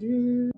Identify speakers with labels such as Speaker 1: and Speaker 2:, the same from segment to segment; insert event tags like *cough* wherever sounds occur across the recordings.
Speaker 1: Like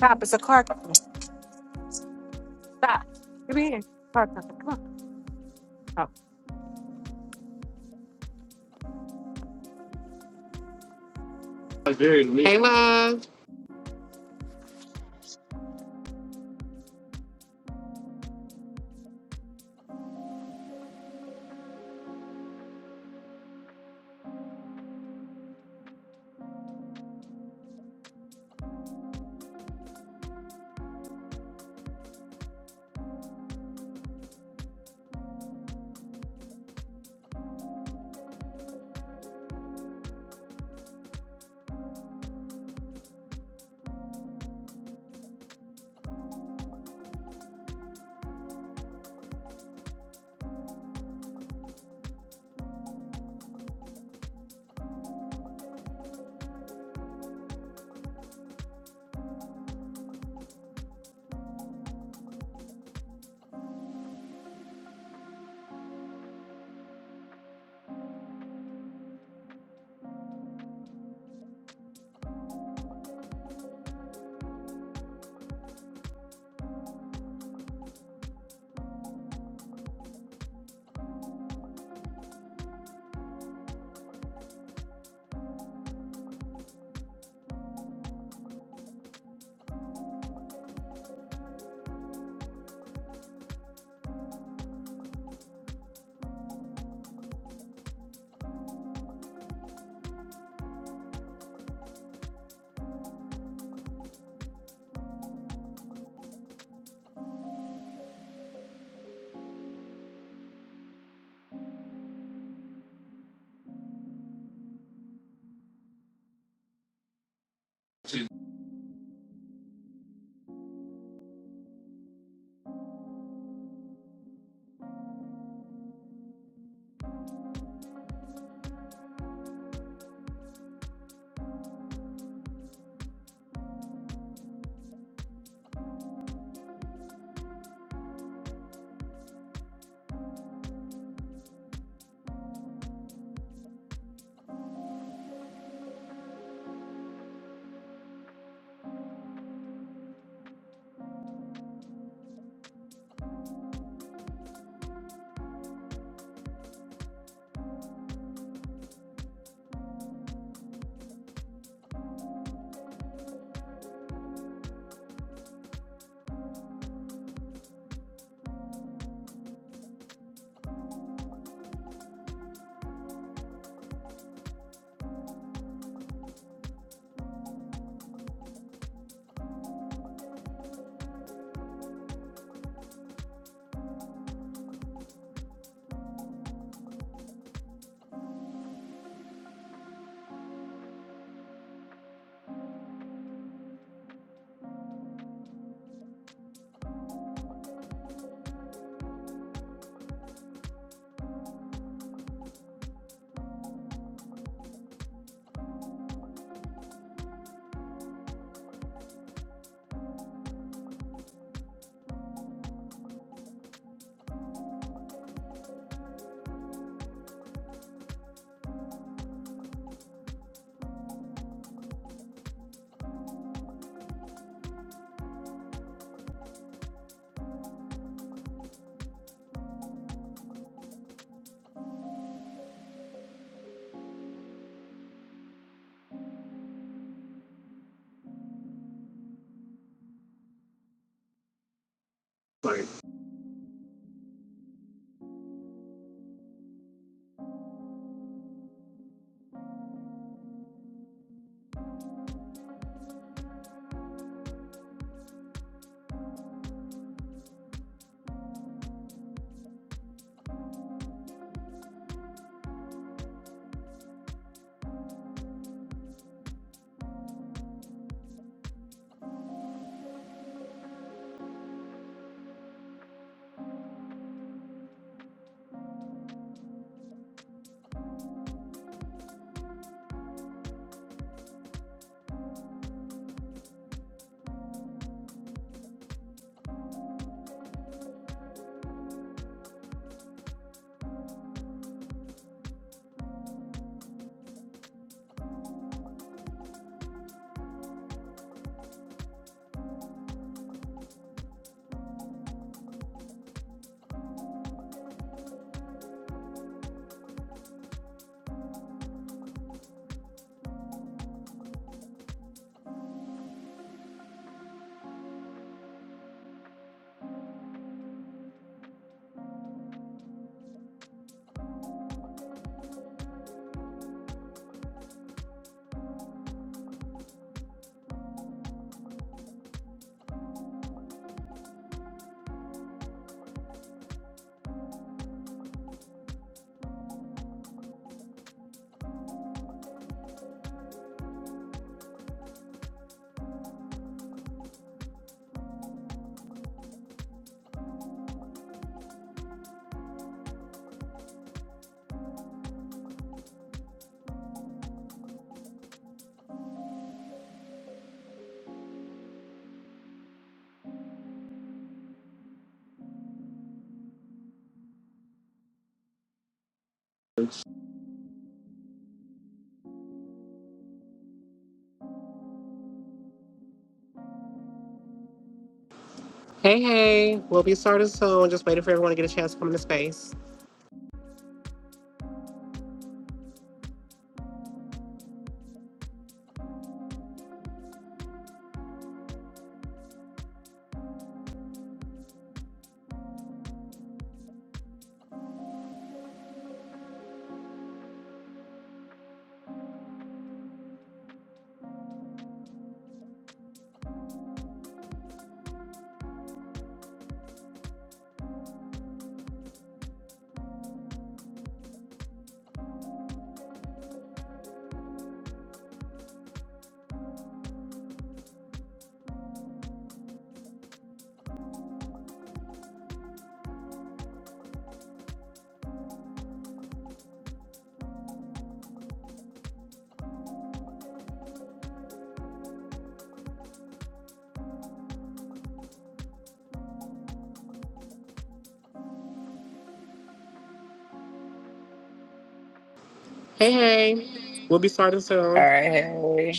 Speaker 2: Stop, it's a car coming. Stop. Come here. Car coming. Come on.
Speaker 1: very Hey, Like hey, hey. We'll be starting soon. Just waiting for everyone to get a chance to come into space. Hey, hey. We'll be starting
Speaker 3: All
Speaker 1: soon.
Speaker 3: right. hey,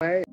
Speaker 1: Wait.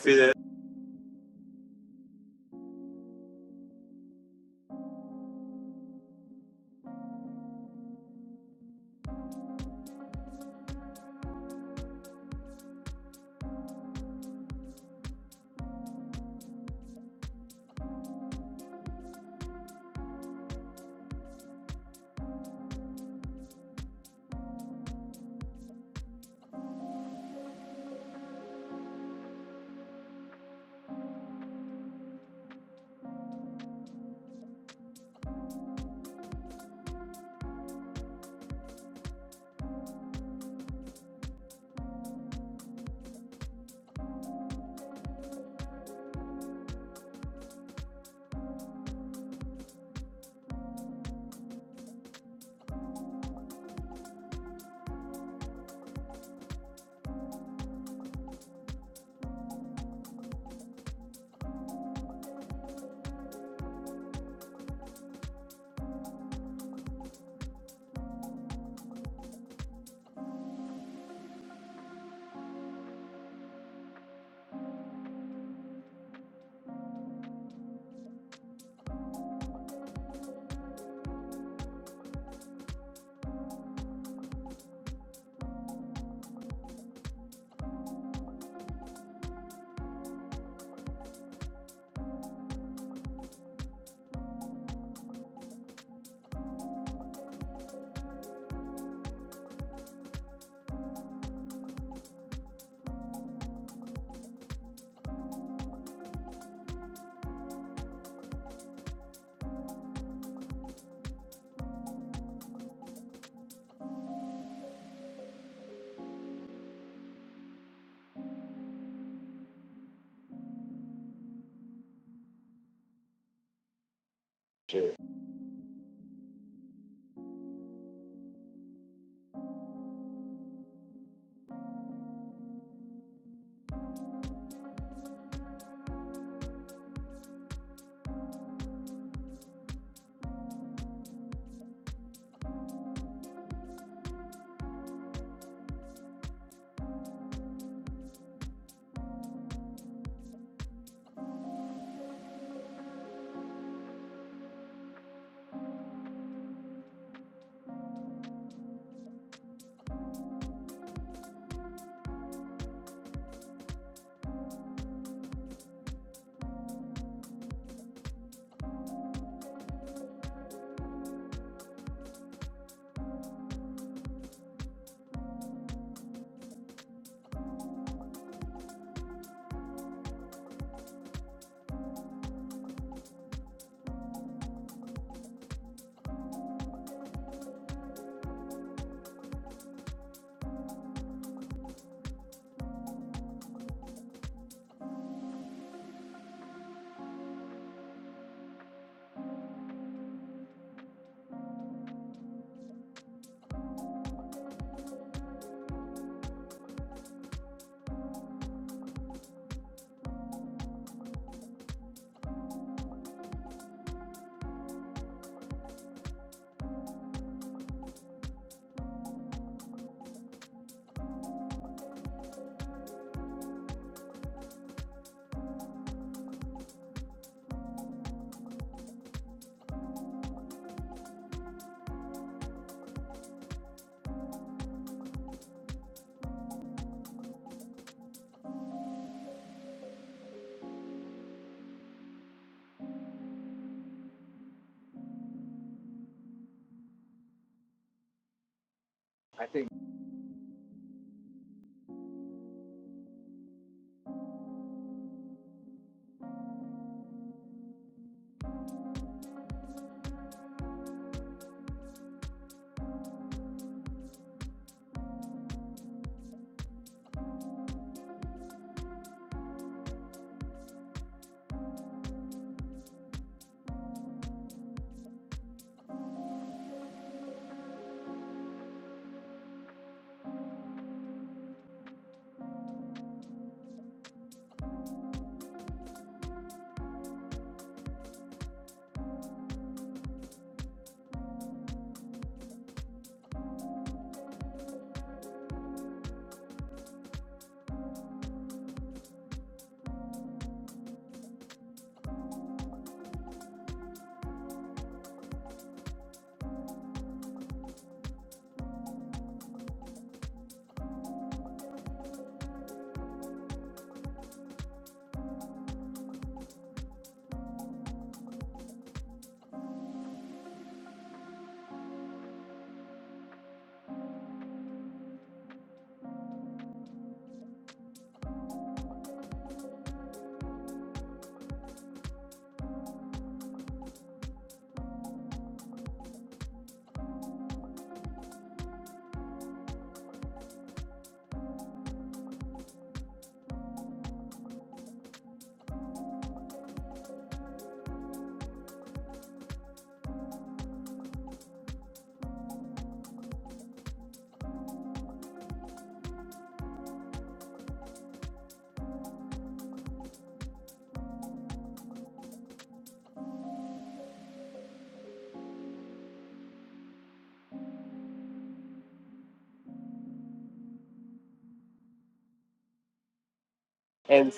Speaker 1: see that shit. And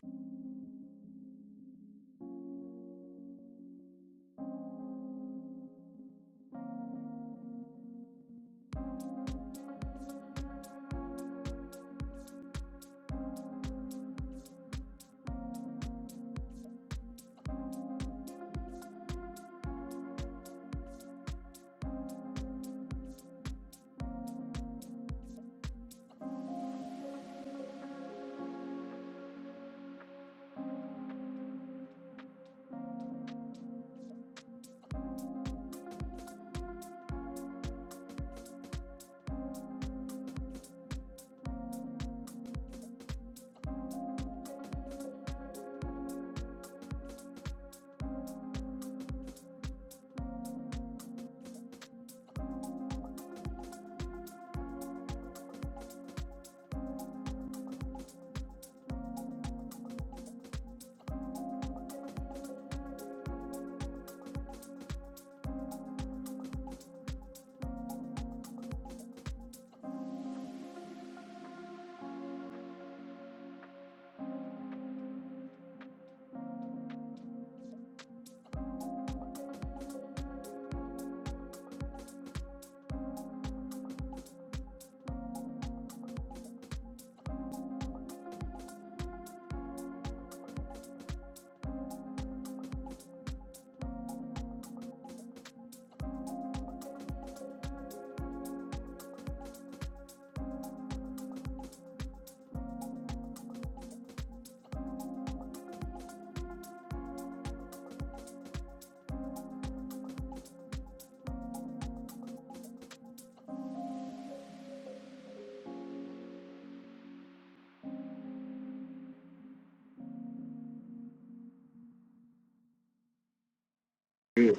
Speaker 1: Yeah.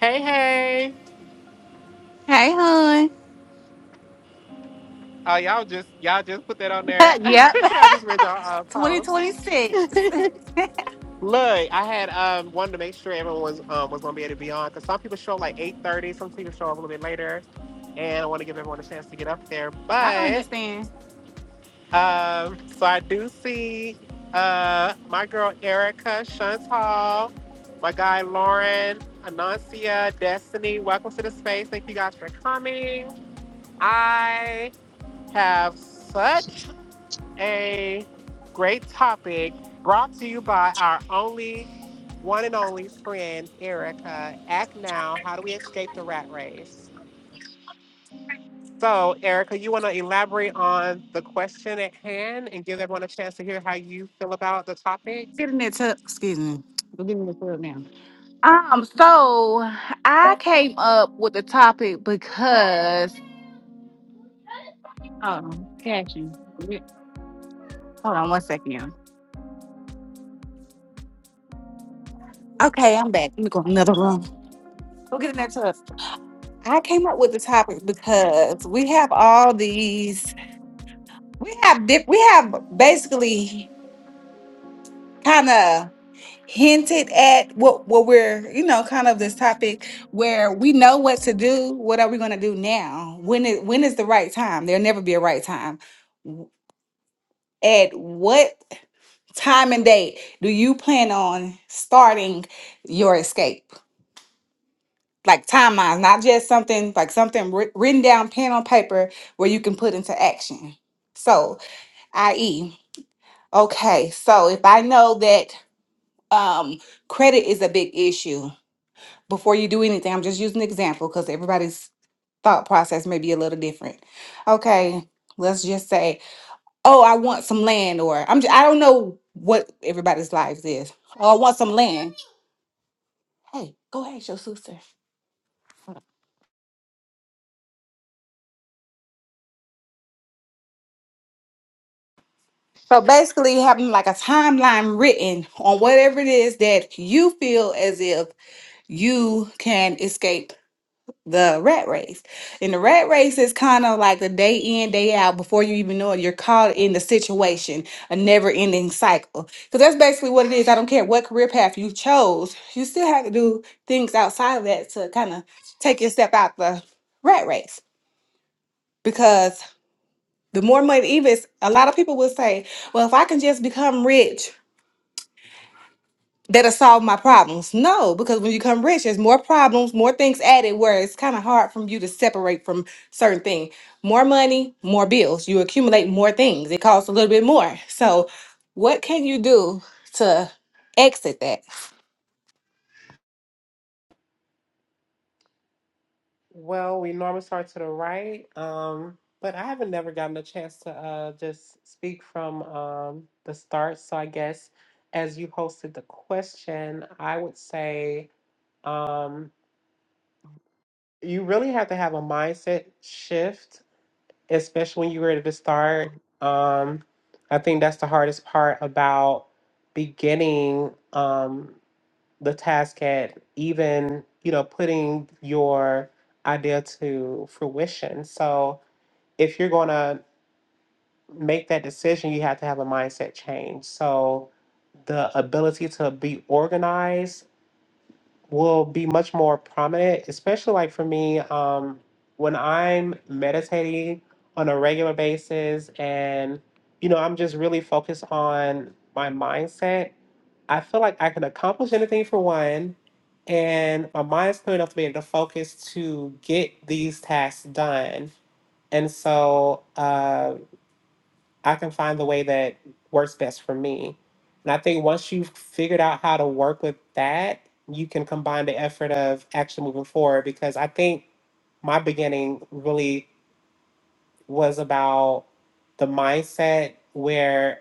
Speaker 1: hey, hey.
Speaker 2: Oh. Hey, hon.
Speaker 1: Oh, uh, y'all just y'all just put that on there.
Speaker 2: *laughs*
Speaker 1: *laughs*
Speaker 2: yep.
Speaker 1: I
Speaker 2: *laughs*
Speaker 1: just read y'all uh, post.
Speaker 2: 2026.
Speaker 1: Look, I had um wanted to make sure everyone was um, was gonna be able to be on because some people show up like eight thirty, some people show up a little bit later, and I want to give everyone a chance to get up there.
Speaker 2: I
Speaker 1: But
Speaker 2: understand.
Speaker 1: Um, so I do see uh, my girl Erica, Shuns Hall, my guy Lauren, Anansia, Destiny. Welcome to the space. Thank you guys for coming. I have such a great topic brought to you by our only one and only friend, Erica. Act now. How do we escape the rat race? So, Erica, you want to elaborate on the question at hand and give everyone a chance to hear how you feel about the topic?
Speaker 2: Get in that tub. Excuse me. Go get in this tub now. Um, so I came up with the topic because um Catching. Yeah. hold on one second. y'all. Okay, I'm back. Let me go in another room. Go get in that tub. I came up with the topic because we have all these we have diff- we have basically kind of hinted at what what we're you know kind of this topic where we know what to do what are we going to do now when is when is the right time there'll never be a right time W- at what time and date do you plan on starting your escape like timelines not just something like something writ- written down pen on paper where you can put into action so i.e okay so if i know that um credit is a big issue before you do anything, I'm just using an example because everybody's thought process may be a little different. Okay, let's just say, oh, I want some land, or I'm just, I don't know what everybody's lives is. Oh, I want some land. Hey, go ahead, your sister. So basically, having like a timeline written on whatever it is that you feel as if you can escape the rat race. And the rat race is kind of like a day in, day out before you even know it. You're caught in the situation, a never ending cycle. Because that's basically what it is. I don't care what career path you chose, you still have to do things outside of that to kind of take your step out the rat race. Because the more money, even a lot of people will say, well, if I can just become rich. that'll solve my problems. No, because when you become rich, there's more problems, more things added where it's kind of hard from you to separate from certain things. More money, more bills. You accumulate more things. It costs a little bit more. So what can you do to exit that?
Speaker 1: Well, we normally start to the right, um, but I haven't never gotten a chance to uh, just speak from um, the start. So, I guess as you hosted the question, I would say um, you really have to have a mindset shift especially when you're ready to start. Um, I think that's the hardest part about beginning um, the task at even, you know, putting your idea to fruition. So if you're going to make that decision, you have to have a mindset change. So the ability to be organized will be much more prominent, especially like for me, um, when I'm meditating on a regular basis and, you know, I'm just really focused on my mindset. I feel like I can accomplish anything for one, and my mind's clear enough to be able to focus to get these tasks done. And so, uh, I can find the way that works best for me. And I think once you've figured out how to work with that, you can combine the effort of actually moving forward. Because I think my beginning really was about the mindset where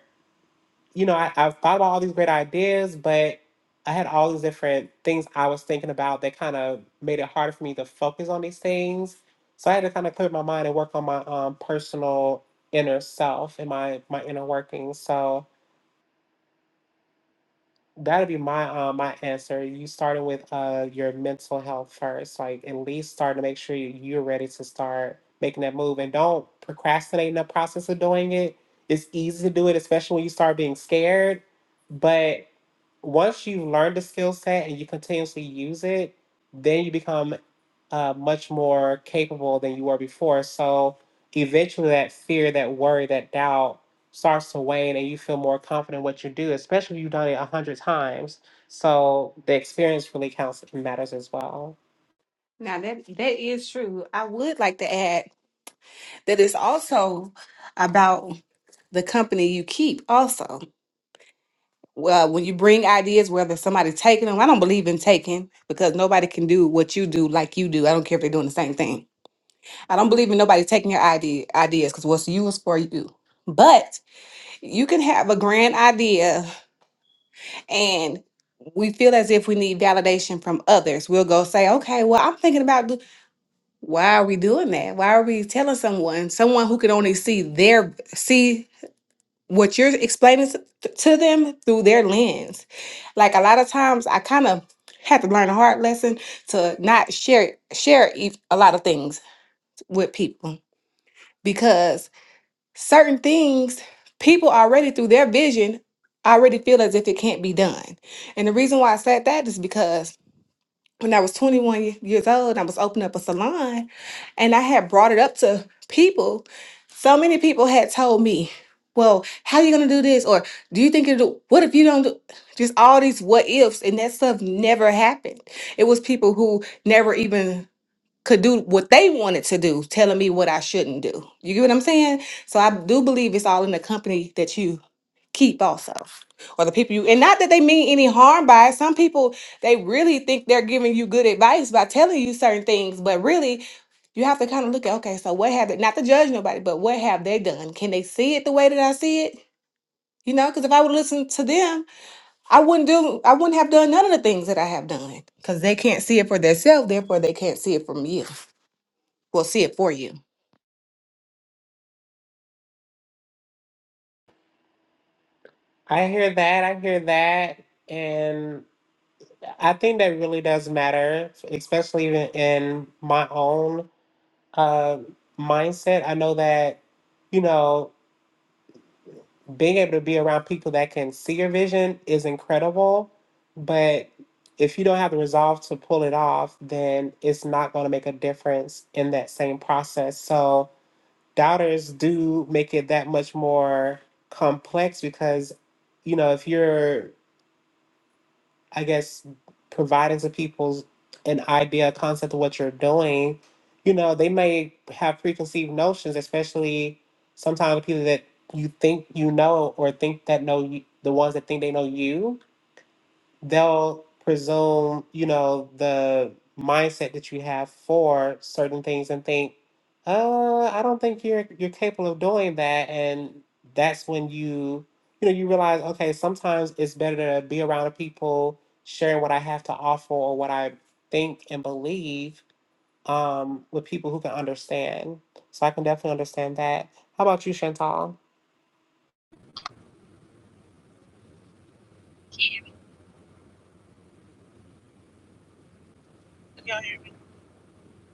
Speaker 1: you know, I, I've thought about all these great ideas, but I had all these different things I was thinking about that kind of made it harder for me to focus on these things. So I had to kind of clear my mind and work on my um, personal inner self and my my inner workings. So that'd be my uh, my answer. You started with uh, your mental health first, like at least start to make sure you- you're ready to start making that move, and don't procrastinate in the process of doing it. It's easy to do it, especially when you start being scared. But once you've learned the skill set and you continuously use it, then you become uh, much more capable than you were before. So eventually, that fear, that worry, that doubt starts to wane and you feel more confident in what you do, especially if you've done it a hundred times. So the experience really counts and matters as well.
Speaker 2: Now that that is true. I would like to add that it's also about the company you keep also. Well, when you bring ideas, whether somebody's taking them, I don't believe in taking because nobody can do what you do like you do. I don't care if they're doing the same thing I don't believe in nobody taking your idea ideas because what's you is for you. But you can have a grand idea and we feel as if we need validation from others. We'll go say, okay, well, I'm thinking about do- why are we doing that? Why are we telling someone, someone who can only see their see what you're explaining to to them through their lens? Like a lot of times I kind of had to learn a hard lesson to not share share e- a lot of things with people because certain things people already through their vision already feel as if it can't be done and the reason why i said that is because when i was 21 ye- years old i was opening up a salon and i had brought it up to people so many people had told me well how you going to do this or do you think you do what if you don't do just all these what ifs and that stuff never happened it was people who never even could do what they wanted to do, telling me what I shouldn't do. You get what I'm saying? So I do believe it's all in the company that you keep also. Or the people you and not that they mean any harm by it. Some people they really think they're giving you good advice by telling you certain things, but really you have to kind of look at okay, so what have they not to judge nobody, but what have they done? Can they see it the way that I see it? You know, because if I would listen to them, I wouldn't do I wouldn't have done none of the things that I have done. Because they can't see it for themselves, therefore they can't see it from you will see it for you.
Speaker 1: I hear that. I hear that. And I think that really does matter, especially even in my own uh, mindset. I know that, you know, being able to be around people that can see your vision is incredible, but if you don't have the resolve to pull it off, then it's not going to make a difference in that same process. So, doubters do make it that much more complex because, you know, if you're I guess, providing to people an idea, a concept of what you're doing, you know, they may have preconceived notions, especially sometimes people that you think you know or think that know you, the ones that think they know you they'll presume, you know, the mindset that you have for certain things and think, uh, I don't think you're you're capable of doing that. And that's when you, you know, you realize, okay, sometimes it's better to be around people sharing what I have to offer or what I think and believe um, with people who can understand. So I can definitely understand that. How about you, Chantal?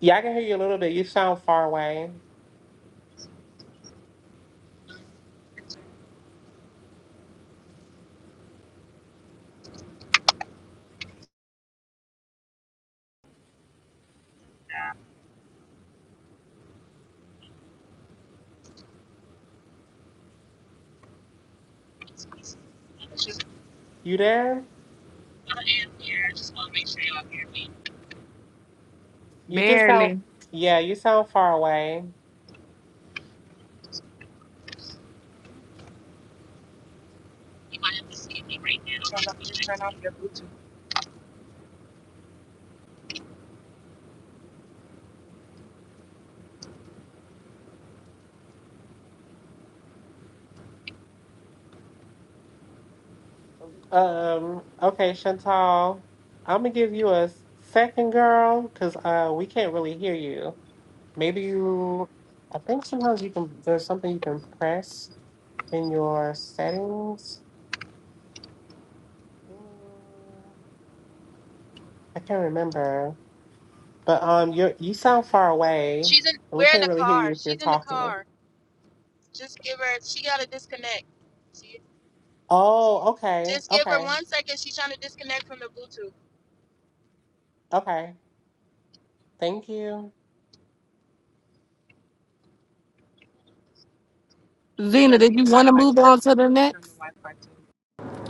Speaker 1: Yeah, I can hear you a little bit. You sound far away. You there? You just sound,
Speaker 2: Really?
Speaker 1: yeah, you sound far away. Um, okay, Chantal, I'm gonna give you a s- second girl because uh, we can't really hear you. Maybe you, I think sometimes you can, there's something you can press in your settings. Mm, I can't remember, but um, you you sound far away, and we can't really hear you if you're talking. Oh, okay, okay, okay. Thank you.
Speaker 2: Zena, did you want to move on to the next?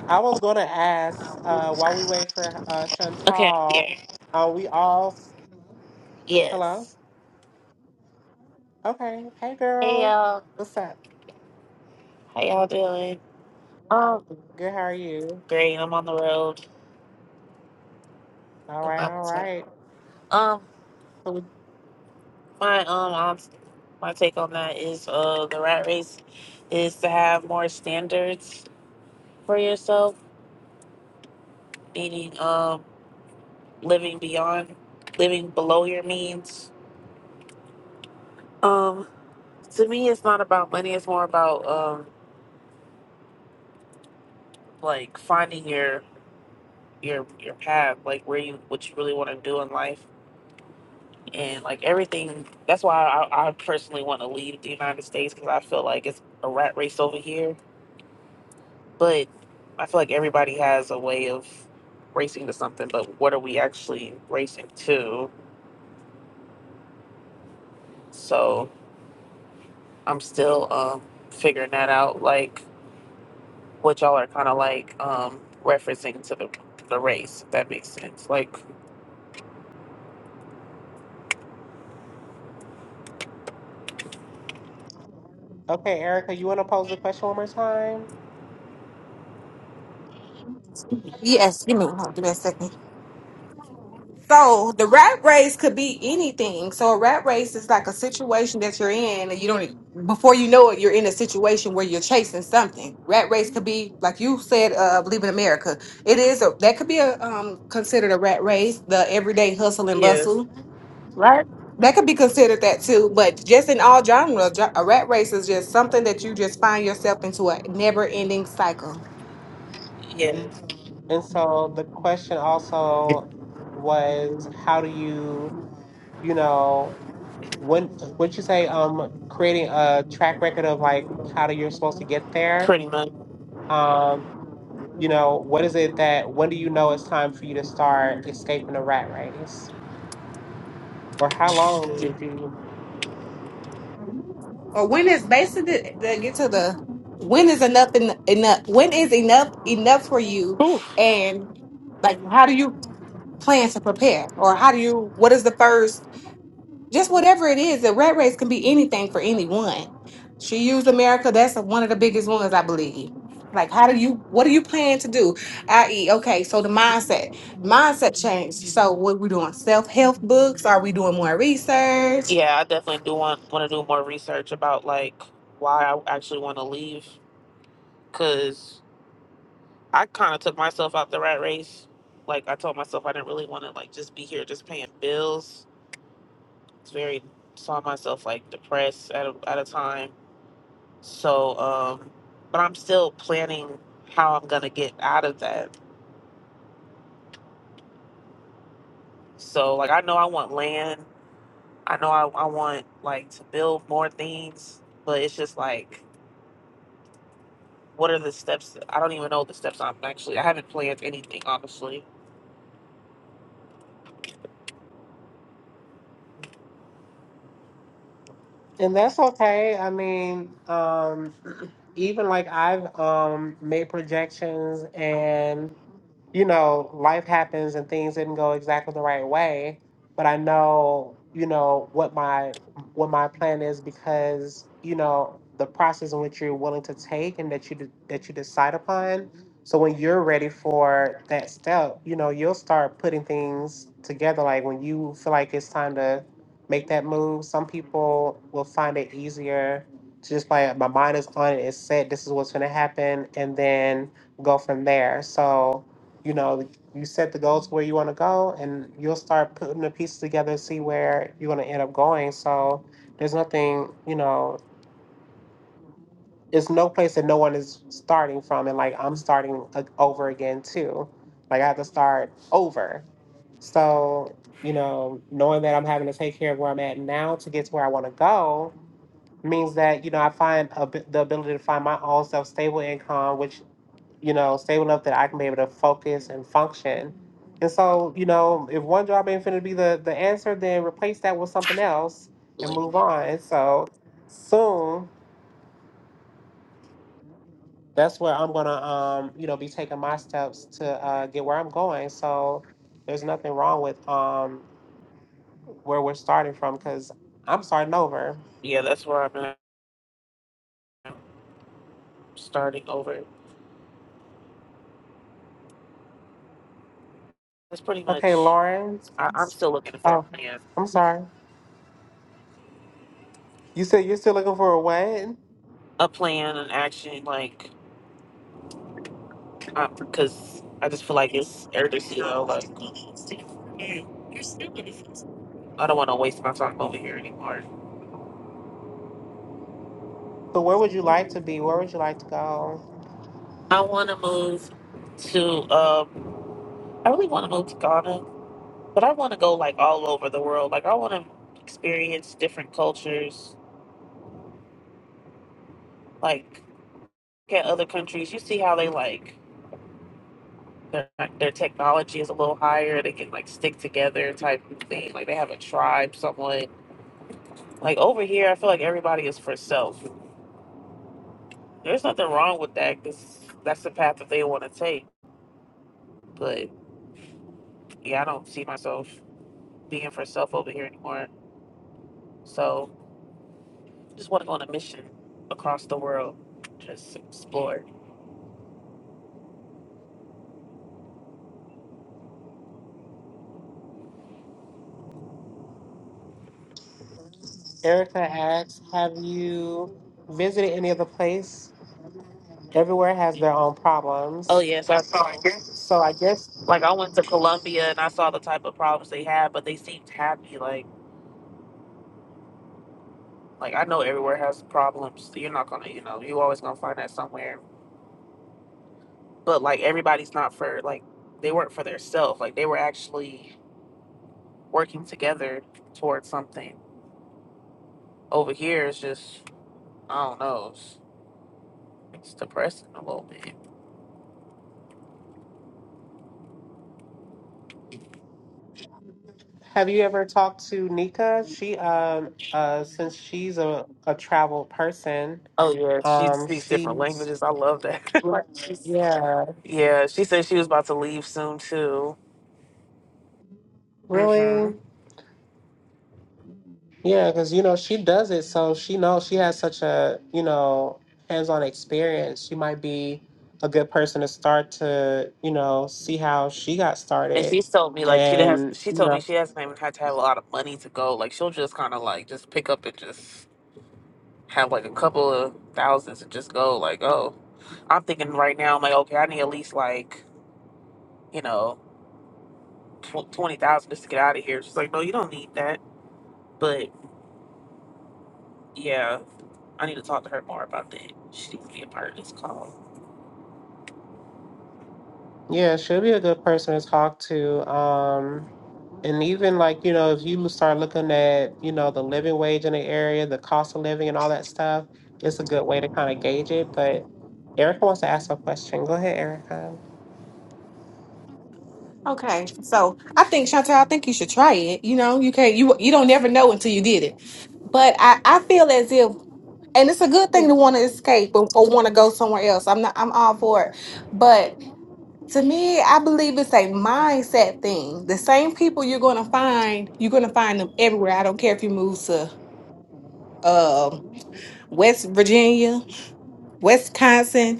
Speaker 1: I was going to ask uh, while we wait for uh,
Speaker 4: Okay,
Speaker 1: Chantal,
Speaker 4: yeah,
Speaker 1: are we all? s- Hello?
Speaker 4: yes.
Speaker 1: Okay. Hey,
Speaker 4: Hey
Speaker 1: girl.
Speaker 4: y'all,
Speaker 1: What's up?
Speaker 4: how y'all doing? Um,
Speaker 1: Good. How are you?
Speaker 4: great. I'm on the road.
Speaker 1: All
Speaker 4: Going
Speaker 1: right.
Speaker 4: out of
Speaker 1: All
Speaker 4: town.
Speaker 1: right.
Speaker 4: Um,
Speaker 1: So we,
Speaker 4: my um, um, my take on that is uh, the rat race is to have more standards for yourself, meaning um, living beyond, living below your means. Um, to me, it's not about money. It's more about um, like finding your your your path, like where you what you really want to do in life and like everything that's why i, I personally want to leave the united states because i feel like it's a rat race over here but i feel like everybody has a way of racing to something but what are we actually racing to so i'm still um figuring that out like what y'all are kind of like um referencing to the the race if that makes sense like
Speaker 1: okay, Erica, you want to pose the question one more time?
Speaker 2: Yes, give me, hold on, give me a second. So the rat race could be anything. So a rat race is like a situation that you're in, and you don't e, before you know it, you're in a situation where you're chasing something. Rat race could be like you said, uh, believe in America. It is a that could be a um considered a rat race, the everyday hustle and
Speaker 4: yes
Speaker 2: bustle. Right. That could be considered that too, but just in all genres, a rat race is just something that you just find yourself into a never-ending cycle.
Speaker 4: yeah
Speaker 1: And so the question also was, how do you, you know, When would you say um creating a track record of like how do you're supposed to get there?
Speaker 4: pretty much
Speaker 1: Um, you know, what is it that when do you know it's time for you to start escaping the rat race? Or how long did you
Speaker 2: Or when is basically to get to the when is enough en- enough? When is enough enough for you?
Speaker 4: Whew.
Speaker 2: And like, how do you plan to prepare? Or how do you? What is the first? Just whatever it is. The rat race can be anything for anyone. She used America. That's one of the biggest ones, I believe. Like, how do you? What do you plan to do? I.e., okay, so the mindset, mindset change. So, what we doing? Self help books? Are we doing more research?
Speaker 4: Yeah, I definitely do want want to do more research about like why I actually want to leave because I kind of took myself out the rat race. Like I told myself I didn't really want to like just be here just paying bills. It's very saw myself like depressed at a, at a time. So, um, but I'm still planning how I'm gonna get out of that. So like I know I want land. I know I, I want like to build more things, but it's just like What are the steps? I don't even know the steps I'm actually. I haven't planned anything honestly.
Speaker 1: and that's okay. I mean, um even like I've um made projections and. you know, life happens and things didn't go exactly the right way, but I know, you know, what my what my plan is because, you know, the process in which you're willing to take and that you de- that you decide upon. So when you're ready for that step, you know, you'll start putting things together like when you feel like it's time to make that move, some people will find it easier to just like my mind is on it, it's set, this is what's going to happen and then go from there. So you know, like, you set the goals where you want to go, and you'll start putting the pieces together, see where you're going to end up going. So there's nothing, you know, it's no place that no one is starting from, and like I'm starting a- over again too. Like I have to start over. So you know, knowing that I'm having to take care of where I'm at now to get to where I want to go means that you know I find a, the ability to find my own self stable income, which you know, stable enough that I can be able to focus and function. And so, you know, if one job ain't finna be the, the answer, then replace that with something else and move on. And so soon that's where I'm gonna um, you know, be taking my steps to uh get where I'm going. So there's nothing wrong with um where we're starting from because I'm starting over.
Speaker 4: Yeah, that's where I'm at. I'm starting over. That's pretty
Speaker 1: Okay,
Speaker 4: much.
Speaker 1: Lauren.
Speaker 4: I, I'm still looking for a
Speaker 1: Oh,
Speaker 4: plan,
Speaker 1: I'm sorry. You said you're still looking for a what?
Speaker 4: a plan, an action, like, because I just feel like it's urgent. You know, like I don't want to waste my time over here anymore.
Speaker 1: So where would you like to be? Where would you like to go?
Speaker 4: I want to move to. Um, I really want to move to Ghana, but I want to go like all over the world. Like I want to experience different cultures. Like at other countries, you see how they like. their, their technology is a little higher. They can like stick together type of thing. Like they have a tribe somewhat. Like over here, I feel like everybody is for self. There's nothing wrong with that. Cause that's the path that they want to take. But yeah, I don't see myself being for self over here anymore. So just want to go on a mission across the world, just explore.
Speaker 1: Erica asks, have you visited any other place? Everywhere has their own
Speaker 4: Oh
Speaker 1: problems.
Speaker 4: yes, I saw.
Speaker 1: So I guess
Speaker 4: Like I went to Colombia and I saw the type of problems they had, but they seemed happy. Like. Like I know everywhere has problems. so You're not gonna, you know, you always gonna find that somewhere. But like everybody's not for like they weren't for their self. Like they were actually working together towards something. Over here, it's just I don't know. It's, it's depressing a little bit.
Speaker 1: have you ever talked to Nika? She um uh since she's a, a travel person,
Speaker 4: Oh yeah, she
Speaker 1: um
Speaker 4: speaks different
Speaker 1: she's
Speaker 4: languages. I love that. *laughs* Right.
Speaker 1: yeah.
Speaker 4: yeah, she said she was about to leave soon too. hmm
Speaker 1: Really? Yeah, because you know she does it, so she knows she has such a you know hands-on experience. She might be a good person to start to you know see how she got
Speaker 4: And
Speaker 1: started,
Speaker 4: she's told me like she has.
Speaker 1: and
Speaker 4: She
Speaker 1: you
Speaker 4: told me
Speaker 1: know
Speaker 4: she hasn't even had to have a lot of money to go. Like she'll just kind of like just pick up and just have like a couple of thousands and just go like, oh, I'm thinking right now, I'm like, okay, I need at least like, you know, tw- 20,000 just to get out of here. She's like, no, you don't need that. But yeah, I need to talk to her more about that. She needs to be a part of this call.
Speaker 1: yeah, she'll be a good person to talk to. Um, and even like you know if you start looking at you know the living wage in the area, the cost of living, and all that stuff, it's a good way to kind of gauge it. But Erica wants to ask a question. Go ahead, Erica.
Speaker 2: Okay, so I think Chantel, I think you should try it. You know, you can't you you don't never know until you did it. But I I feel as if, and it's a good thing to want to escape or, or want to go somewhere else. I'm not I'm all for it. But to me, I believe it's a mindset thing. The same people you're gonna find, you're gonna find them everywhere. I don't care if you move to um West Virginia, Wisconsin.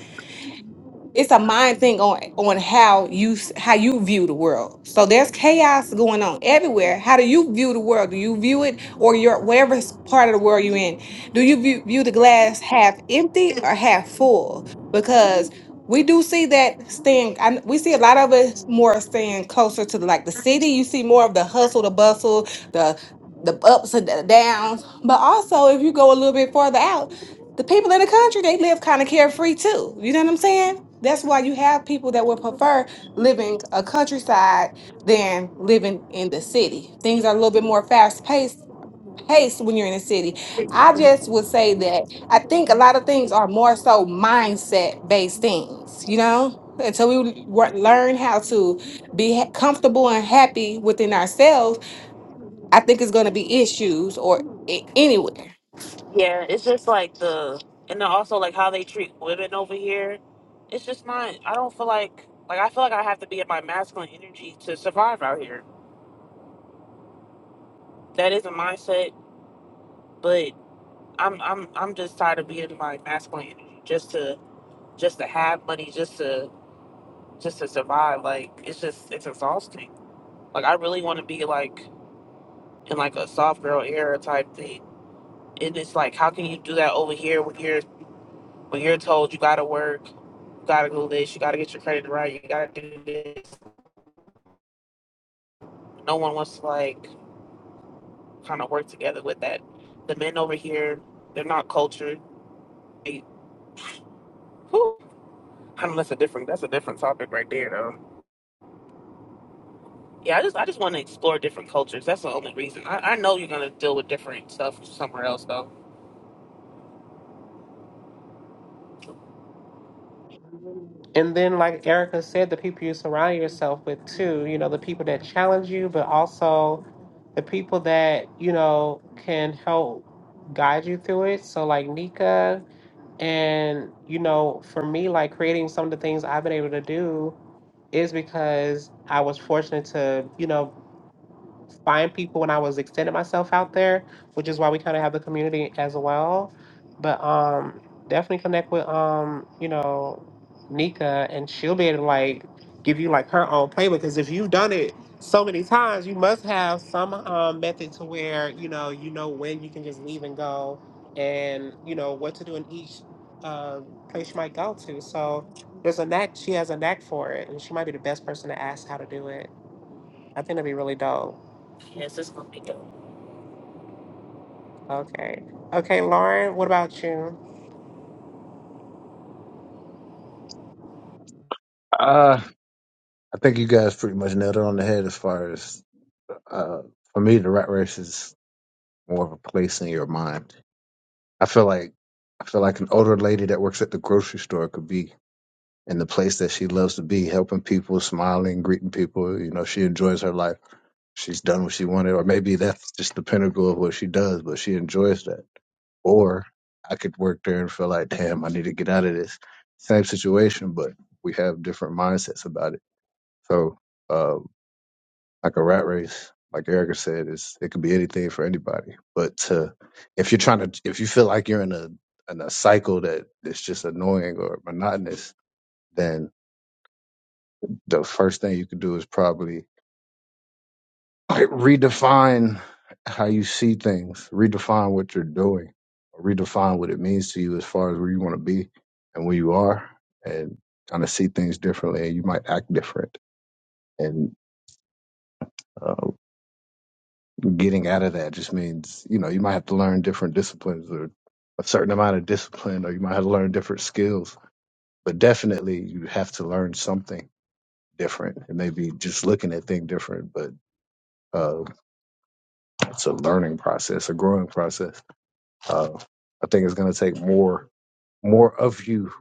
Speaker 2: it's a mind thing on on how you s- how you view the world so there's chaos going on everywhere how do you view the world do you view it or your whatever s- part of the world you're in do you view, view the glass half empty or half full because we do see that staying I, kn- we see a lot of it more staying closer to the, like the city you see more of the hustle the bustle the the ups and the downs but also if you go a little bit farther out the people in the country they live kind of carefree too you know what i'm saying that's why you have people that would prefer living a countryside than living in the city things are a little bit more fast paced paced when you're in the city i just would say that i think a lot of things are more so mindset based things you know until we wor- learn how to be ha- comfortable and happy within ourselves i think it's going to be issues or a- anywhere
Speaker 4: Yeah, it's just like the, and then also like how they treat women over here. It's just not, I don't feel like, like I feel like I have to be in my masculine energy to survive out here. That is a mindset, but I'm, I'm, I'm just tired of being in my masculine energy just to just to have money just to just to survive like it's just it's exhausting like i really want to be like in like a soft girl era type thing and it's like how can you do that over here when you're when you're told you gotta work you gotta do this you gotta get your credit right you gotta do this no one wants to like kind of work together with that the men over here they're not cultured they, whew, I don't know that's a different that's a different topic right there though. Yeah, I just I just want to explore different cultures. That's the only reason. I, I know you're gonna deal with different stuff somewhere else though.
Speaker 1: And then, like Erica said, the people you surround yourself with, too, you know, the people that challenge you, but also the people that, you know, can help guide you through it. So, like Nika, and, you know, for me, like creating some of the things I've been able to do is because I was fortunate to, you know, find people when I was extending myself out there, which is why we kind of have the community as well. But um, definitely connect with um, you know, Nika, and she'll be able to like give you like her own playbook. Because if you've done it so many times, you must have some um method to where you know you know when you can just leave and go, and you know what to do in each um place you might go to. So. There's a knack. She has a knack for it, and she might be the best person to ask how to do it. I think it'd be really dope. Okay. Okay, Lauren, what about you?
Speaker 5: Uh, I think you guys pretty much nailed it on the head as far as uh, for me, the rat race is more of a place in your mind. I feel like I feel like an older lady that works at the grocery store could be in the place that she loves to be, helping people, smiling, greeting people. You know, she enjoys her life. She's done what she wanted, or maybe that's just the pinnacle of what she does, but she enjoys that. Or I could work there and feel like, damn, I need to get out of this. Same situation, but we have different mindsets about it. So. uh, like a rat race. Like Erica said, it's it could be anything for anybody. But to, if you're trying to, if you feel like you're in a in a cycle that that's just annoying or monotonous, then the first thing you could do is probably like redefine how you see things, redefine what you're doing, redefine what it means to you as far as where you want to be and where you are, and kind of see things differently. And you might act different and uh, getting out of that just means you know you might have to learn different disciplines or a certain amount of discipline or you might have to learn different skills but definitely you have to learn something different it may be just looking at things different but uh, it's a learning process a growing process uh, i think it's going to take more more of you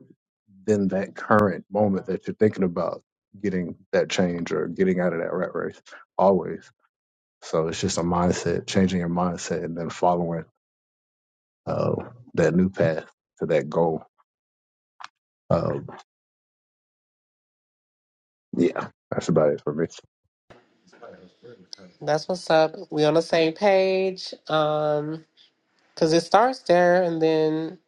Speaker 5: than that current moment that you're thinking about getting that change or getting out of that rat race always so it's just a mindset changing your mindset and then following uh, that new path to that goal. Um, yeah, that's about it for me.
Speaker 1: That's what's up. We on the same page. Um, cause it starts there and then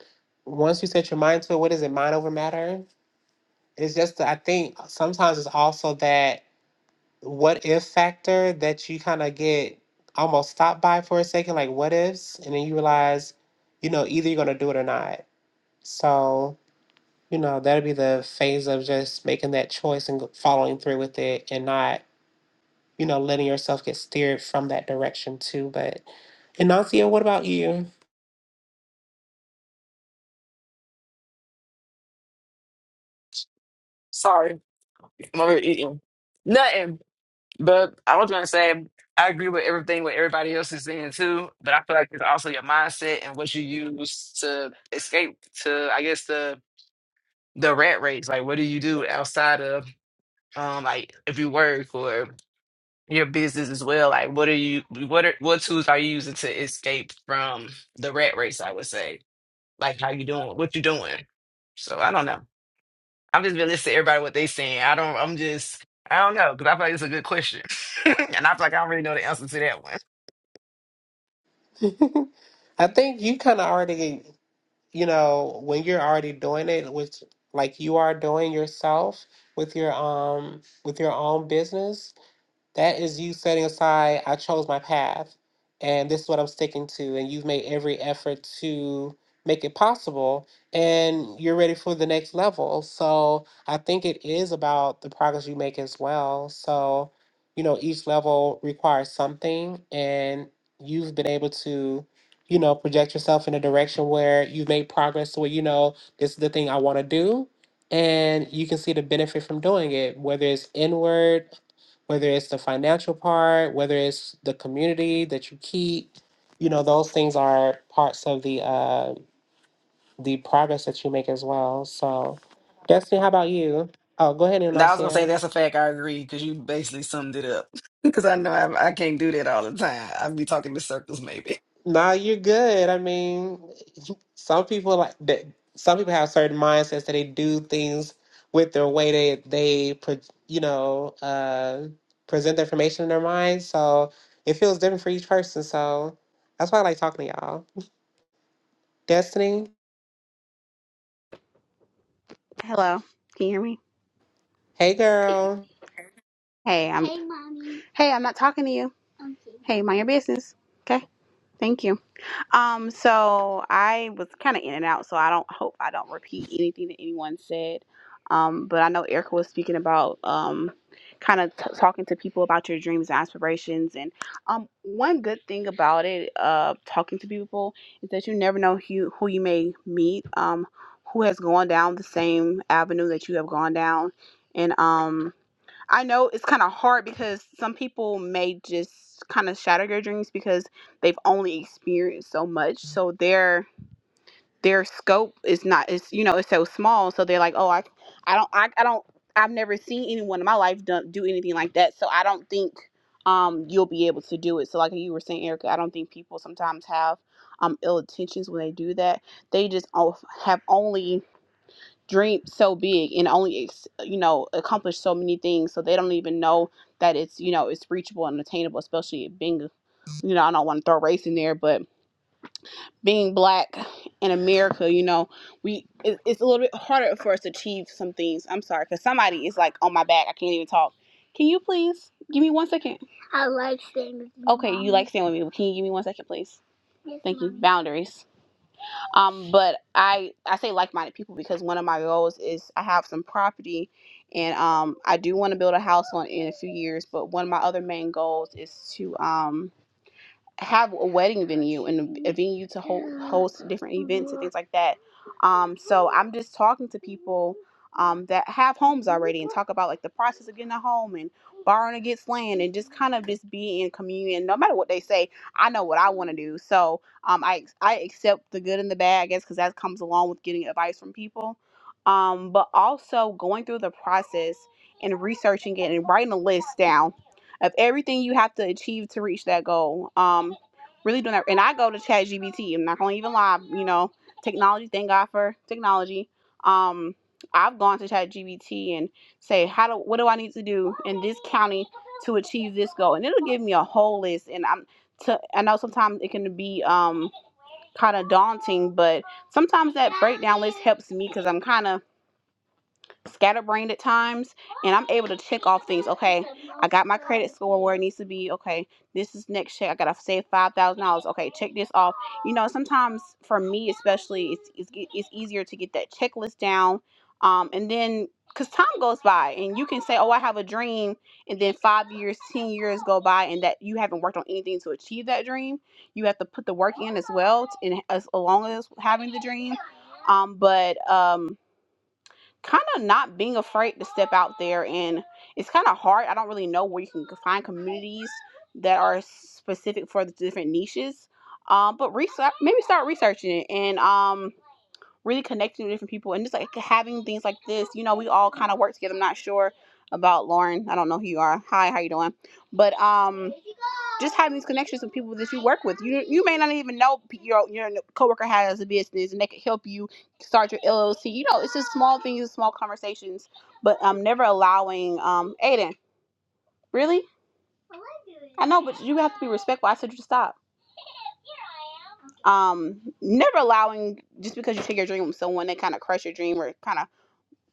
Speaker 1: once you set your mind to it, what is it, mind over matter? It's just that I think sometimes it's also that what if factor that you kind of get almost stopped by for a second, like what ifs, and then you realize, you know, either you're gonna do it or not. So, you know, that'll be the phase of just making that choice and following through with it and not you know, letting yourself get steered from that direction too. But Inancia, what about you?
Speaker 3: Sorry, I'm over here eating. Nothing. But I was gonna say I agree with everything what everybody else is saying too. But I feel like it's also your mindset and what you use to escape to I guess the the rat race. Like what do you do outside of um like if you work or your business as well? Like what are you what are what tools are you using to escape from the rat race, I would say. Like how you doing what you doing. So I don't know. I'm just been listening to everybody what they saying. I don't. I'm just. I don't know because I feel like it's a good question, *laughs* and I feel like I don't really know the answer to that one.
Speaker 1: *laughs* I think you kind of already, you know, when you're already doing it, which like you are doing yourself with your um with your own business, That is you setting aside, I chose my path and this is what I'm sticking to. And you've made every effort to make it possible and you're ready for the next level. So I think it is about the progress you make as well. So, you know, each level requires something and you've been able to, you know, project yourself in a direction where you've made progress to where you know this is the thing I want to do. And you can see the benefit from doing it, whether it's inward whether it's the financial part, whether it's the community that you keep, you know, those things are parts of the uh, the progress that you make as well. So, Destiny, how about you? Oh, go ahead,
Speaker 3: Now I was gonna say
Speaker 1: Inasia.
Speaker 3: that's a fact. I agree because you basically summed it up. *laughs* Because I know I, I can't do that all the time. I'd be talking in circles, maybe.
Speaker 1: Nah, you're good. I mean, *laughs* some people like that. Some people have certain mindsets that they do things with their way they they pre- you know uh, present the information in their mind. So it feels different for each person. So that's why I like talking to y'all. Destiny.
Speaker 6: Hello. Can you hear me?
Speaker 1: Hey girl.
Speaker 6: Hey, I'm Hey mommy. Hey, I'm not talking to you. Hey, mind your business. Okay. Thank you. Um, so I was kinda in and out, so I don't hope I don't repeat anything that anyone said. Um, but I know Erica was speaking about um kind of t- talking to people about your dreams and aspirations and um one good thing about it uh talking to people is that you never know who who you may meet um who has gone down the same avenue that you have gone down and um I know it's kind of hard because some people may just kind of shatter their dreams because they've only experienced so much, so their their scope is not is you know it's so small, so they're like, oh, I I don't I, I don't I've never seen anyone in my life do, do anything like that, so I don't think um you'll be able to do it. So like you were saying, Erica, I don't think people sometimes have um ill intentions when they do that. They just o- have only dream so big and only ex- you know accomplish so many things so they don't even know that it's you know it's reachable and attainable especially being you know i don't want to throw race in there but being black in america you know we it, it's a little bit harder for us to achieve some things i'm sorry because somebody is like on my back i can't even talk can you please give me one second i like staying with you okay mommy. you like staying with me but can you give me one second please Yes, thank mommy. you boundaries um but i i say like-minded people because one of my goals is i have some property and um i do want to build a house on in a few years but one of my other main goals is to um have a wedding venue and a venue to hold, host different events and things like that. Um, so I'm just talking to people um, that have homes already and talk about like the process of getting a home and borrowing against land and just kind of just be in communion. No matter what they say, I know what I want to do. So um, I I accept the good and the bad, I guess, because that comes along with getting advice from people. Um, but also going through the process and researching it and writing a list down of everything you have to achieve to reach that goal. Um, really doing that. And I go to ChatGPT. I'm not gonna even lie. You know, technology. Thank God for technology. Um, I've gone to ChatGPT and say, how do what do I need to do in this county to achieve this goal? And it'll give me a whole list. And I'm to I know sometimes it can be um kind of daunting, but sometimes that breakdown list helps me because I'm kind of scatterbrained at times and I'm able to check off things. Okay, I got my credit score where it needs to be. Okay, this is next check. I gotta save five thousand dollars. Okay, check this off. You know, sometimes for me especially, it's it's, it's easier to get that checklist down. Um, and then because time goes by, and you can say, "Oh, I have a dream," and then five years, ten years go by, and that you haven't worked on anything to achieve that dream. You have to put the work in as well, and as along as having the dream. Um, but um, kind of not being afraid to step out there and it's kind of hard i don't really know where you can find communities that are specific for the different niches um but research maybe start researching it and um really connecting with different people and just like having things like this you know we all kind of work together i'm not sure about lauren i don't know who you are hi how you doing but um just having these connections with people that you work with. You you may not even know your your coworker has a business, and they could help you start your LLC. You know, it's just small things, small conversations, but i um, never allowing um, Aiden really. I know, but you have to be respectful. I said you to stop. Um, never allowing just because you take your dream with someone, they kind of crush your dream or kind of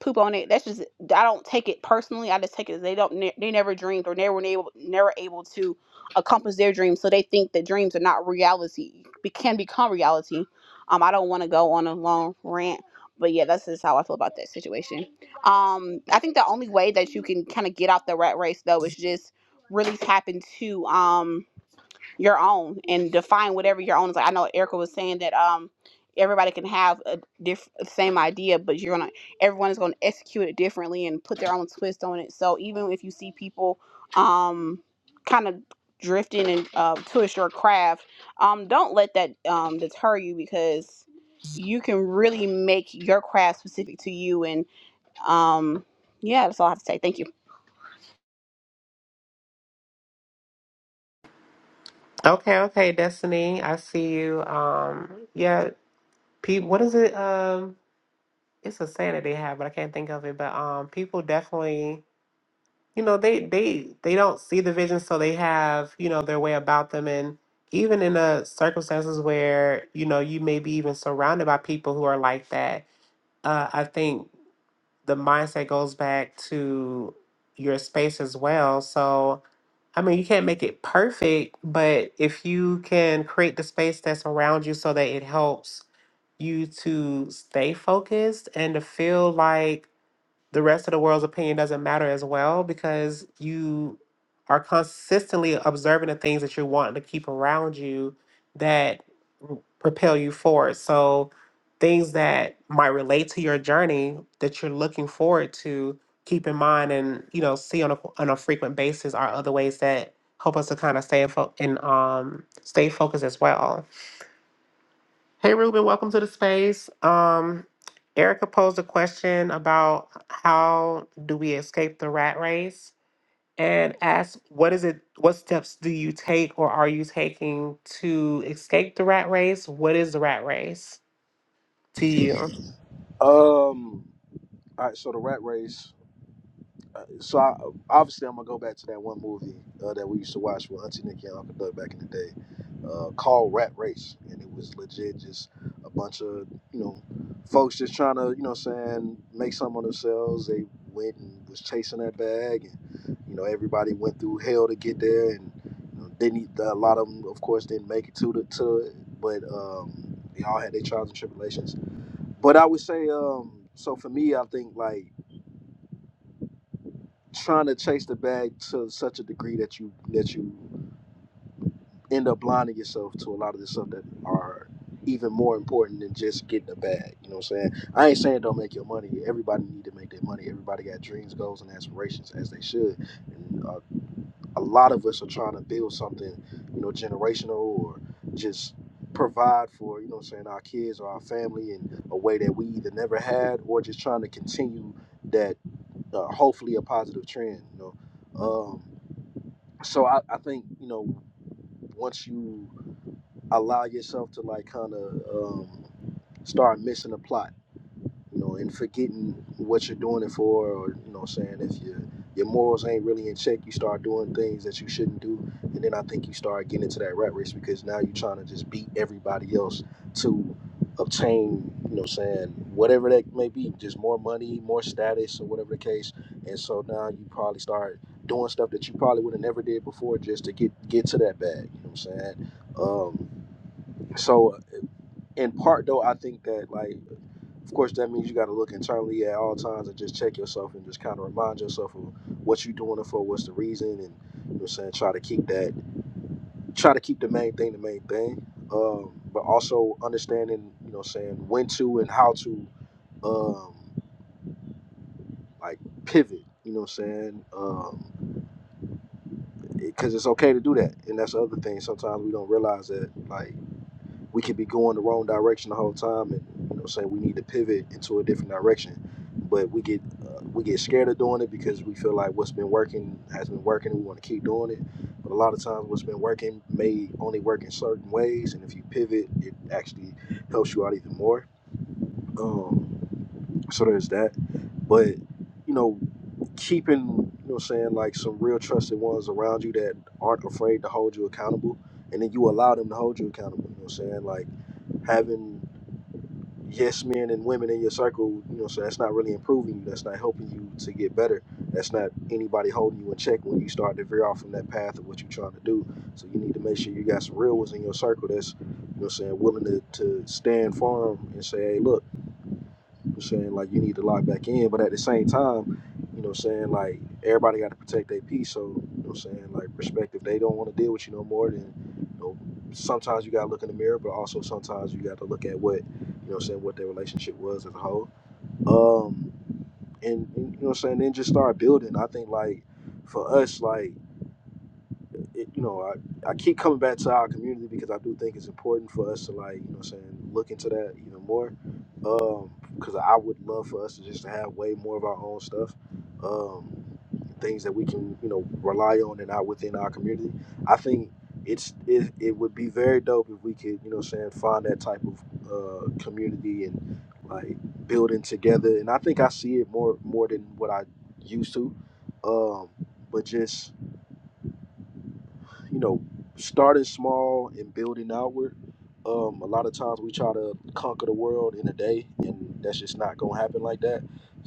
Speaker 6: poop on it. That's just I don't take it personally. I just take it as they don't ne- they never dreamed or never were able never able to accomplish their dreams. So they think that dreams are not reality be, can become reality. Um, I don't want to go on a long rant, but yeah, that's just how I feel about that situation. Um, I think the only way that you can kind of get out the rat race though is just really tap into um your own and define whatever your own is. Like I know Erica was saying that um everybody can have a diff- same idea, but you're gonna everyone is gonna execute it differently and put their own twist on it. So even if you see people um kind of drifting and uh, twist your craft, um don't let that um deter you because you can really make your craft specific to you and um yeah that's all I have to say. Thank you.
Speaker 1: Okay, okay, Destiny. I see you. Um yeah, pe- what is it? Um it's a saying that they have, but I can't think of it. But um people definitely you know, they they they don't see the vision so they have, you know, their way about them and even in the circumstances where, you know, you may be even surrounded by people who are like that, uh, I think the mindset goes back to your space as well. So, I mean, you can't make it perfect, but if you can create the space that's around you so that it helps you to stay focused and to feel like the rest of the world's opinion doesn't matter as well because you are consistently observing the things that you're wanting to keep around you That propel you forward. So things that might relate to your journey that you're looking forward to, keep in mind and you know see on a on a frequent basis are other ways that help us to kind of stay in fo- and um stay focused as well. Hey Ruben, welcome to the space. Um Erica posed a question about how do we escape the rat race and asked what is it what steps do you take or are you taking to escape the rat race? What is the rat race? to you.
Speaker 7: Um. All right. So the Rat Race. uh, So I, obviously, I'm gonna go back to that one movie uh, that we used to watch with Auntie Nikki and Uncle Doug back in the day, uh, called Rat Race, and it was legit just a bunch of you know folks just trying to you know what I'm saying make something of themselves. They went and was chasing that bag, and you know everybody went through hell to get there, and you know, didn't e, a lot of them, of course, didn't make it to the to it, but um, they all had their trials and tribulations but I would say, um, so for me, I think like trying to chase the bag to such a degree that you that you end up blinding yourself to a lot of the stuff that are even more important than just getting a bag. You know what I'm saying? I ain't saying don't make your money. Everybody need to make their money. Everybody got dreams, goals, and aspirations as they should. And uh, a lot of us are trying to build something, you know, generational or just provide for, you know what I'm saying, our kids or our family in a way that we either never had or just trying to continue that uh, hopefully a positive trend you know um so I, I think you know once you allow yourself to like kind of um start missing the plot you know, and forgetting what you're doing it for, or you know, what I'm saying if your your morals ain't really in check, you start doing things that you shouldn't do, and then I think you start getting into that rat race because now you're trying to just beat everybody else to obtain, you know, what I'm saying whatever that may be, just more money, more status, or whatever the case, and so now you probably start doing stuff that you probably would have never did before just to get get to that bag, you know what I'm saying? Um, so in part though, I think that like of course, that means you got to look internally at all times and just check yourself and just kind of remind yourself of what you're doing it for, what's the reason, and you know what I'm saying try to keep that, try to keep the main thing the main thing, um, but also understanding you know what I'm saying when to and how to um, like pivot. You know what I'm saying? Because um, it, it's okay to do that, and that's the other thing. Sometimes we don't realize that like. we could be going the wrong direction the whole time and you know what I'm saying we need to pivot into a different direction but we get uh, we get scared of doing it because we feel like what's been working has been working and we want to keep doing it but a lot of times what's been working may only work in certain ways and if you pivot it actually helps you out even more um, so there's that but you know keeping, you know what I'm saying, like some real trusted ones around you that aren't afraid to hold you accountable. And then you allow them to hold you accountable. You know what I'm saying? Like having yes men and women in your circle, you know, so that's not really improving you. That's not helping you to get better. That's not anybody holding you in check when you start to veer off from that path of what you're trying to do. So you need to make sure you got some real ones in your circle that's, you know what I'm saying, willing to, to stand firm and say, hey, look, I'm saying like you need to lock back in, but at the same time, you know, what I'm saying like everybody got to protect their peace. So you know, what I'm saying like perspective, they don't want to deal with you no more. Then you know, sometimes you got to look in the mirror, but also sometimes you got to look at what you know, what I'm saying what their relationship was as a whole. Um, and, and you know, what I'm saying then just start building. I think like for us, like it, you know, I, I keep coming back to our community because I do think it's important for us to like, you know, what I'm saying look into that even more. Um, because I would love for us to just have way more of our own stuff, um, things that we can, you know, rely on and out within our community. I think it's it, it would be very dope if we could, you know, what I'm saying find that type of uh, community and like building together. And I think I see it more more than what I used to. Um, but just you know, starting small and building outward. Um, a lot of times we try to conquer the world in a day, and that's just not going to happen like that.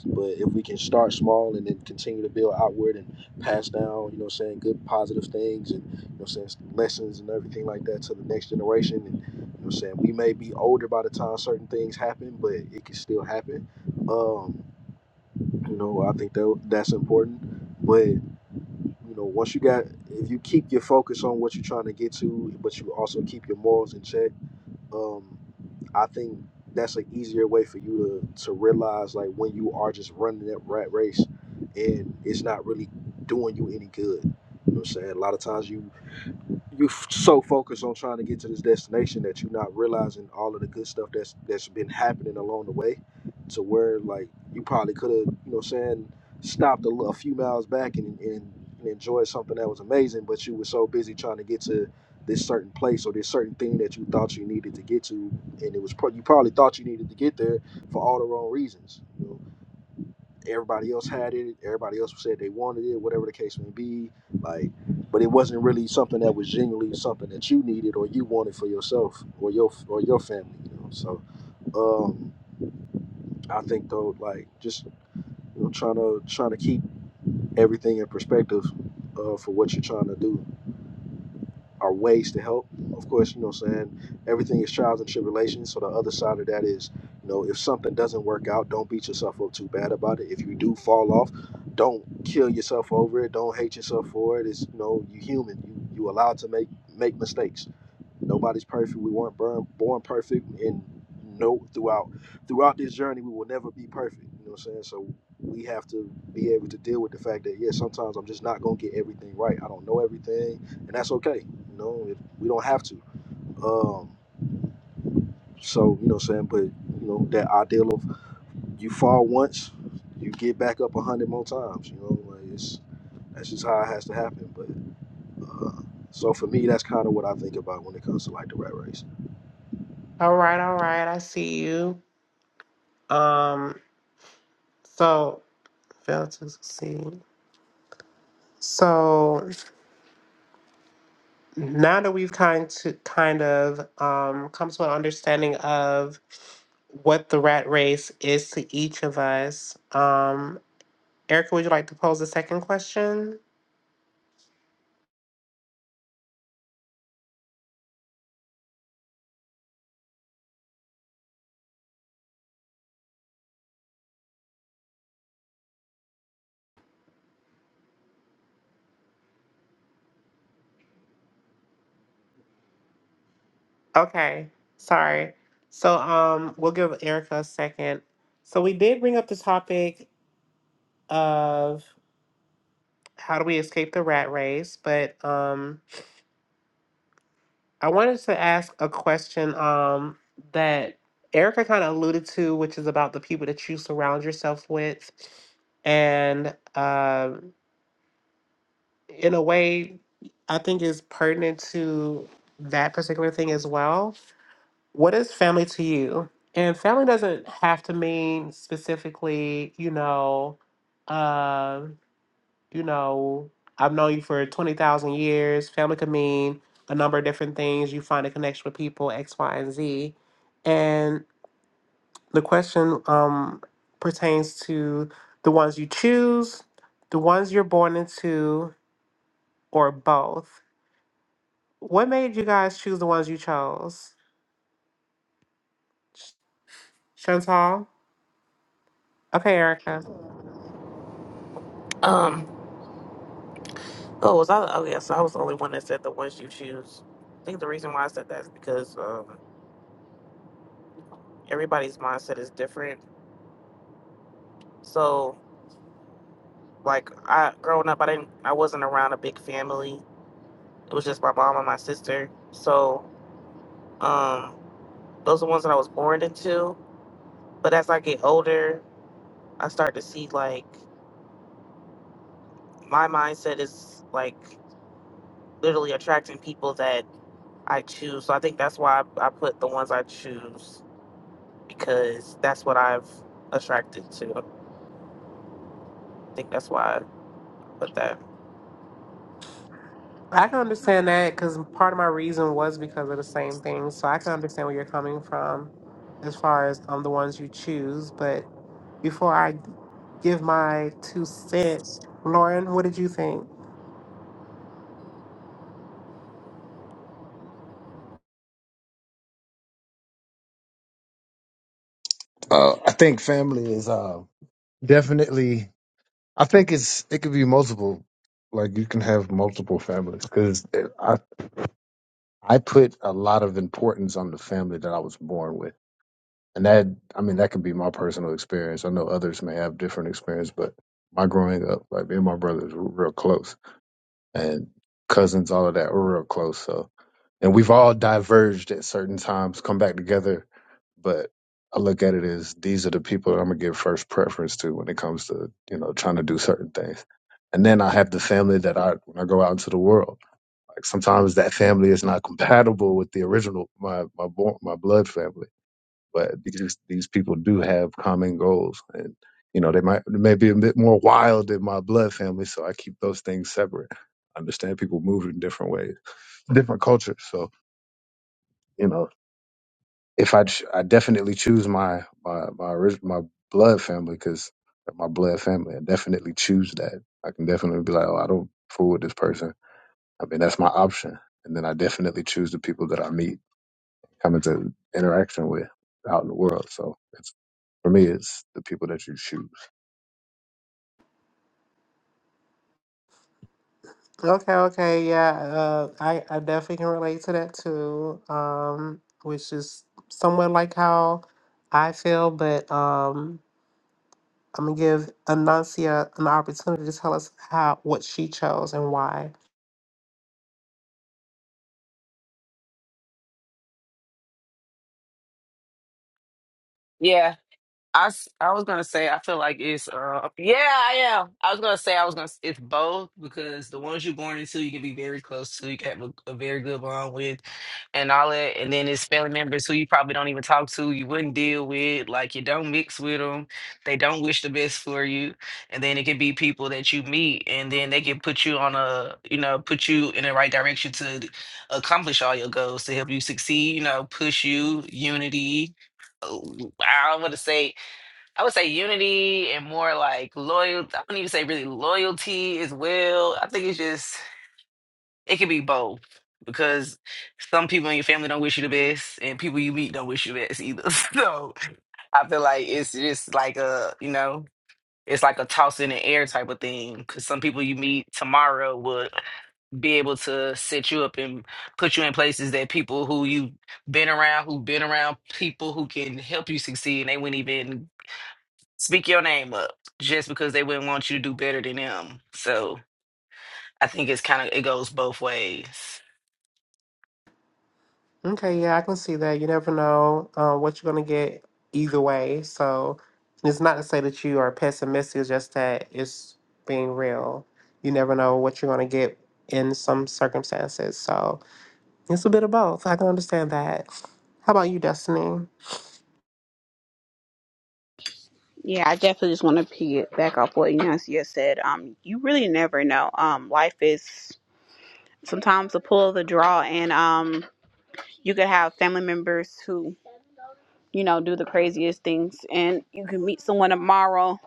Speaker 7: But if we can start small and then continue to build outward and pass down, you know, what I'm saying good positive things and you know, what I'm saying lessons and everything like that to the next generation, and you know, what I'm saying we may be older by the time certain things happen, but it can still happen. Um, you know, I think that that's important, but you know, once you got, if you keep your focus on what you're trying to get to, but you also keep your morals in check, um, I think that's an easier way for you to, to realize like when you are just running that rat race and it's not really doing you any good. You know what I'm saying? A lot of times you you f- so focused on trying to get to this destination that you're not realizing all of the good stuff that's that's been happening along the way to where like you probably could have you know what I'm saying stopped a, li- a few miles back and, and and enjoyed something that was amazing but you were so busy trying to get to this certain place or this certain thing that you thought you needed to get to and it was pro- you probably thought you needed to get there for all the wrong reasons everybody else had it everybody else said they wanted it whatever the case may be like but it wasn't really something that was genuinely something that you needed or you wanted for yourself or your or your family you know so um i think though like just you know trying to trying to keep everything in perspective uh, for what you're trying to do are ways to help. Of course, you know what I'm saying? Everything is trials and tribulations. So the other side of that is, you know, if something doesn't work out, don't beat yourself up too bad about it. If you do fall off, don't kill yourself over it. Don't hate yourself for it. It's you know, you human. You you allowed to make make mistakes. Nobody's perfect. We weren't born, born perfect, and no, throughout throughout this journey, we will never be perfect. You know what I'm saying? So we have to be able to deal with the fact that yeah, sometimes I'm just not gonna get everything right. I don't know everything, and that's okay. You know, if we don't have to. Um, so you know what I'm saying? But you know that ideal of you fall once, you get back up a hundred more times. You know, like it's that's just how it has to happen. But uh, so for me, that's kind of what I think about when it comes to like the rat race.
Speaker 1: All right, all right. I see you. Um, so fail to succeed. So now that we've kind to kind of um, come to an understanding of what the rat race is to each of us, um, Erica, would you like to pose the second question? Okay, sorry. So um, we'll give Erica a second. So we did bring up the topic of how do we escape the rat race, but um, I wanted to ask a question um, that Erica kind of alluded to, which is about the people that you surround yourself with. And um in a way, I think is pertinent to that particular thing as well. What is family to you? And family doesn't have to mean specifically, you know, um you know, I've known you for 20,000 years. Family could mean a number of different things. You find a connection with people, X, Y, and Z. And the question um, pertains to the ones you choose, the ones you're born into, or both. What made you guys choose the ones you chose? Chantal? Okay, Erica.
Speaker 4: Um. Oh, was I? Oh, yes. I was the only one that said the ones you choose. I think the reason why I said that is because um, everybody's mindset is different. So, like, I growing up, I didn't, I wasn't around a big family. It was just my mom and my sister. So, um, those are ones that I was born into. But as I get older, I start to see like my mindset is like literally attracting people that I choose. So I think that's why I, I put the ones I choose because that's what I've attracted to. I think that's why I put that.
Speaker 1: I can understand that because part of my reason was because of the same thing. So I can understand where you're coming from as far as um the ones you choose. But before I g- give my two cents, Lauren, what did you think?
Speaker 5: Uh, I think family is uh, definitely. I think it's it could be multiple. Like you can have multiple families because I I put a lot of importance on the family that I was born with, and that I mean that could be my personal experience. I know others may have different experience, but my growing up, like me and my brothers were real close and cousins, all of that. We're real close. So, and we've all diverged at certain times, come back together. But I look at it as these are the people that I'm gonna give first preference to when it comes to you know trying to do certain things. And then I have the family that I when I go out into the world. Like sometimes that family is not compatible with the original my my born, my blood family but these these people do have common goals, and you know they might they may be a bit more wild than my blood family, so I keep those things separate. I understand people move in different ways, different cultures. So you know, if I ch- I definitely choose my my my orig- my blood family because my blood family, I definitely choose that. I can definitely be like, oh, I don't fool with this person. I mean, that's my option, and then I definitely choose the people that I meet, come into interaction with out in the world. So For me, it's the people that you choose.
Speaker 1: Okay, okay, yeah, uh, I I definitely can relate to that too. Um, which is somewhat like how I feel, but um, I'm gonna give Anancia an opportunity to tell us how what she chose and why.
Speaker 3: Yeah, I, s- I was gonna say I feel like it's uh yeah I am I was gonna say I was gonna s- it's both because the ones you're born into you can be very close to you can have a, a very good bond with and all that and then it's family members who you probably don't even talk to you wouldn't deal with like you don't mix with them they don't wish the best for you and then it could be people that you meet and then they can put you on a you know put you in the right direction to accomplish all your goals to help you succeed you know push you unity uh, I don't want to say I would say unity and more like loyalty. I wouldn't even say really loyalty as well. I think it's just it can be both because some people in your family don't wish you the best and people you meet don't wish you the best either. *laughs* So I feel like it's just like a you know it's like a toss in the air type of thing because some people you meet tomorrow would be able to set you up and put you in places that people who you've been around who've been around people who can help you succeed and they wouldn't even speak your name up just because they wouldn't want you to do better than them. So I think it's kind of it goes both ways.
Speaker 1: Okay, yeah, I can see that. You never know uh, what you're gonna get either way. So it's not to say that you are pessimistic, it's just that it's being real. You never know what you're gonna get in some circumstances. So it's a bit of both. I can understand that. How about you, Destiny?
Speaker 6: Yeah, I definitely just want to piggyback off what Yancia said. Um, you really never know. Um, life is sometimes a pull of the draw, and um, you could have family members who you know do the craziest things, and you can meet someone tomorrow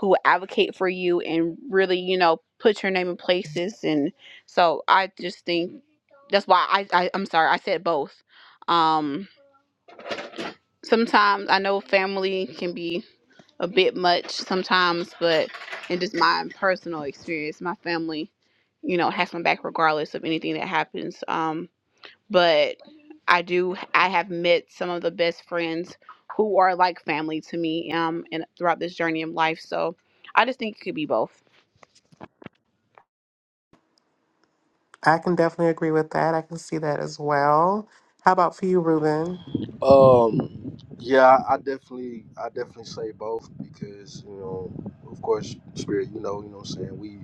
Speaker 6: who will advocate for you and really you know put your name in places. And so I just think that's why I, I I'm sorry I said both. Um, sometimes I know family can be a bit much sometimes, but in just my personal experience, my family, you know, has my back regardless of anything that happens. Um, but I do, I have met some of the best friends who are like family to me um, and throughout this journey of life. So I just think it could be both.
Speaker 1: I can definitely agree with that. I can see that as well. How about for you, Ruben?
Speaker 7: Um, yeah, I definitely, I definitely say both because you know, of course, spirit. You know, you know, what I'm saying we,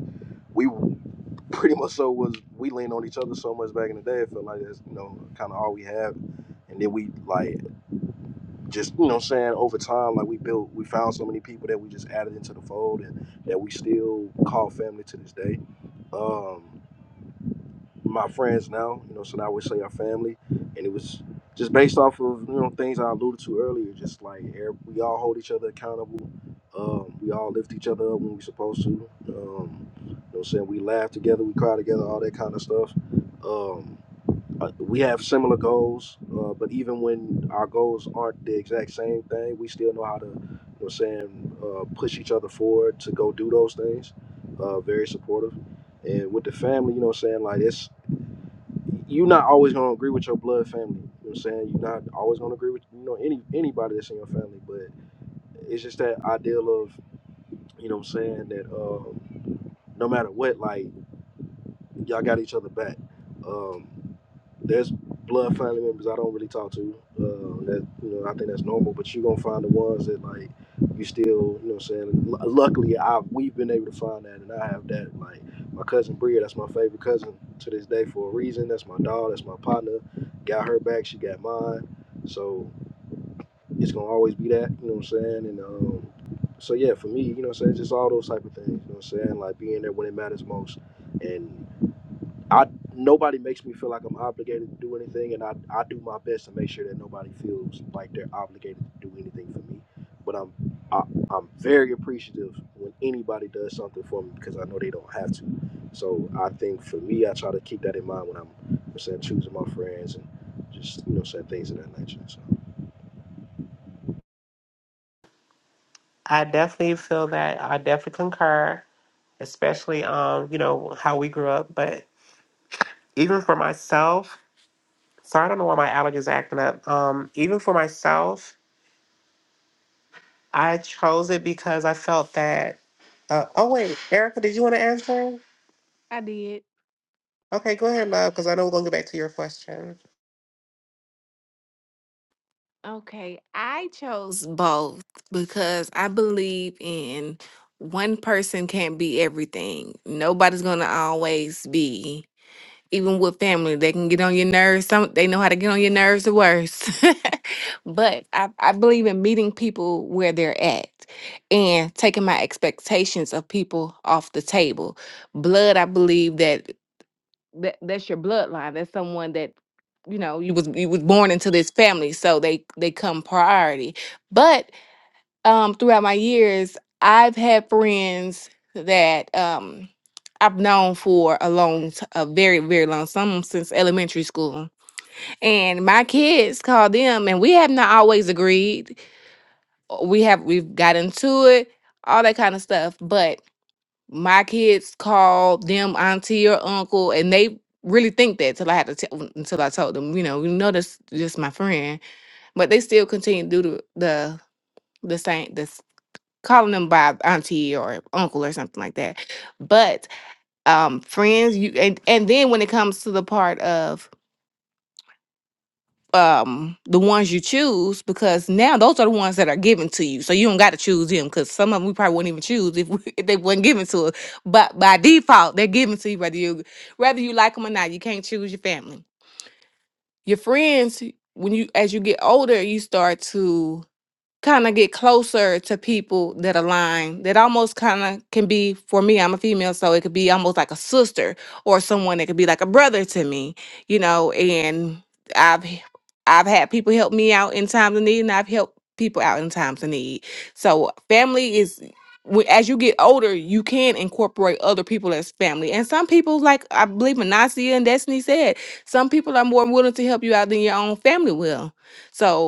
Speaker 7: we pretty much so was we leaned on each other so much back in the day. I felt like that's you know kind of all we have, and then we like just you know, what I'm saying over time, like we built, we found so many people that we just added into the fold and that we still call family to this day. Um, my friends now, you know, so now we say our family. And it was just based off of, you know, things I alluded to earlier, just like every- we all hold each other accountable. Um, we all lift each other up when we're supposed to. Um, you know what I'm saying? We laugh together, we cry together, all that kind of stuff. Um, uh, we have similar goals, uh, but even when our goals aren't the exact same thing, we still know how to, you know what I'm saying, uh, push each other forward to go do those things. Uh, very supportive. And with the family, you know what I'm saying, like it's you're not always gonna agree with your blood family. You know what I'm saying? You're not always gonna agree with you know any anybody that's in your family, but it's just that ideal of you know what I'm saying that um, no matter what, like y'all got each other back. Um, there's blood family members I don't really talk to. Uh, that you know, I think that's normal. But you are gonna find the ones that like you still, you know, what I'm saying. Lu luckily, I we've been able to find that, and I have that. Like my cousin Bria, that's my favorite cousin to this day for a reason. That's my dog. That's my partner. Got her back. She got mine. So it's gonna always be that. You know what I'm saying? And um, so yeah, for me, you know, what I'm saying, just all those type of things. You know, what I'm saying, like being there when it matters most, and I nobody makes me feel like I'm obligated to do anything, and I, I do my best to make sure that nobody feels like they're obligated to do anything for me. But I'm I, I'm very appreciative when anybody does something for me because I know they don't have to. So I think for me, I try to keep that in mind when I'm, you know, saying choosing my friends and just you know saying things of that nature. So
Speaker 1: I definitely feel that. I definitely concur, especially um, you know, how we grew up, but even for myself So I don't know why my allergies are acting up. Um, even for myself, I chose it because I felt that. Uh, oh wait, Erica, did you want to answer?
Speaker 2: I did.
Speaker 1: Okay, go ahead, love, because I know we're gonna get back to your question.
Speaker 2: Okay, I chose both because I believe in one person can't be everything. Nobody's gonna always be, even with family, they can get on your nerves. Some they know how to get on your nerves the worst. *laughs* But I, I believe in meeting people where they're at and taking my expectations of people off the table. Blood, I believe that that that's your bloodline. That's someone that you know you was you was born into this family, so they they come priority. But um, throughout my years, I've had friends that um, I've known for a long, t- a very very long, some since elementary school, and my kids call them, and we have not always agreed. We have we've got into it, all that kind of stuff, but my kids call them auntie or uncle, and they really think that till I had to tell until I told them, you know, you know, that's just my friend, but they still continue to do the the, the same this calling them by auntie or uncle or something like that. But um friends, you and and then when it comes to the part of um the ones you choose because now those are the ones that are given to you so you don't got to choose them because some of them we probably wouldn't even choose if, we, *laughs* if they weren't given to us but by default they're given to you whether you whether you like them or not you can't choose your family your friends when you as you get older you start to kind of get closer to people that align that almost kind of can be for me i'm a female so it could be almost like a sister or someone that could be like a brother to me you know and i've h- i've had people help me out in times of need and i've helped people out in times of need so family is wh- as you get older you can incorporate other people as family and some people like i believe Manasseh and destiny said some people are more willing to help you out than your own family will so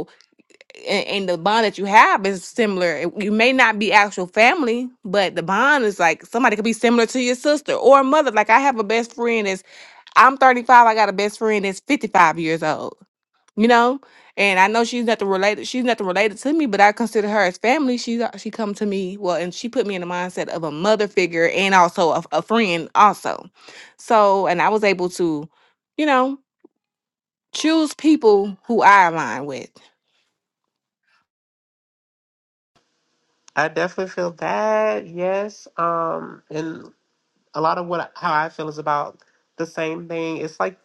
Speaker 2: a- and the bond that you have is similar. It- You may not be actual family, but the bond is like somebody could be similar to your sister or mother. Like I have a best friend that's I'm 35. I got a best friend that's 55 years old. You know, and I know she's nothing related. She's nothing related to me, but I consider her as family. She she come to me well, and she put me in the mindset of a mother figure and also a, a friend also. So, and I was able to, you know, choose people who I align with.
Speaker 1: I definitely feel that. Yes, um, and a lot of what how I feel is about the same thing. It's like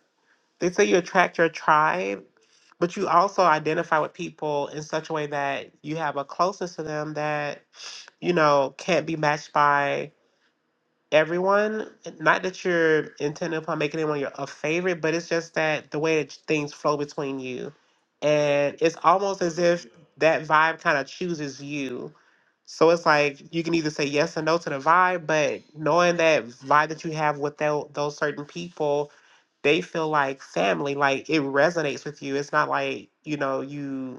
Speaker 1: they say you attract your tribe, but you also identify with people in such a way that you have a closeness to them that you know can't be matched by everyone. Not that you're intending upon making anyone your a favorite, but it's just that the way that things flow between you, and it's almost as if that vibe kind of chooses you. So it's like you can either say yes or no to the vibe, but knowing that vibe that you have with tho- those certain people, they feel like family. Like it resonates with you. It's not like you know you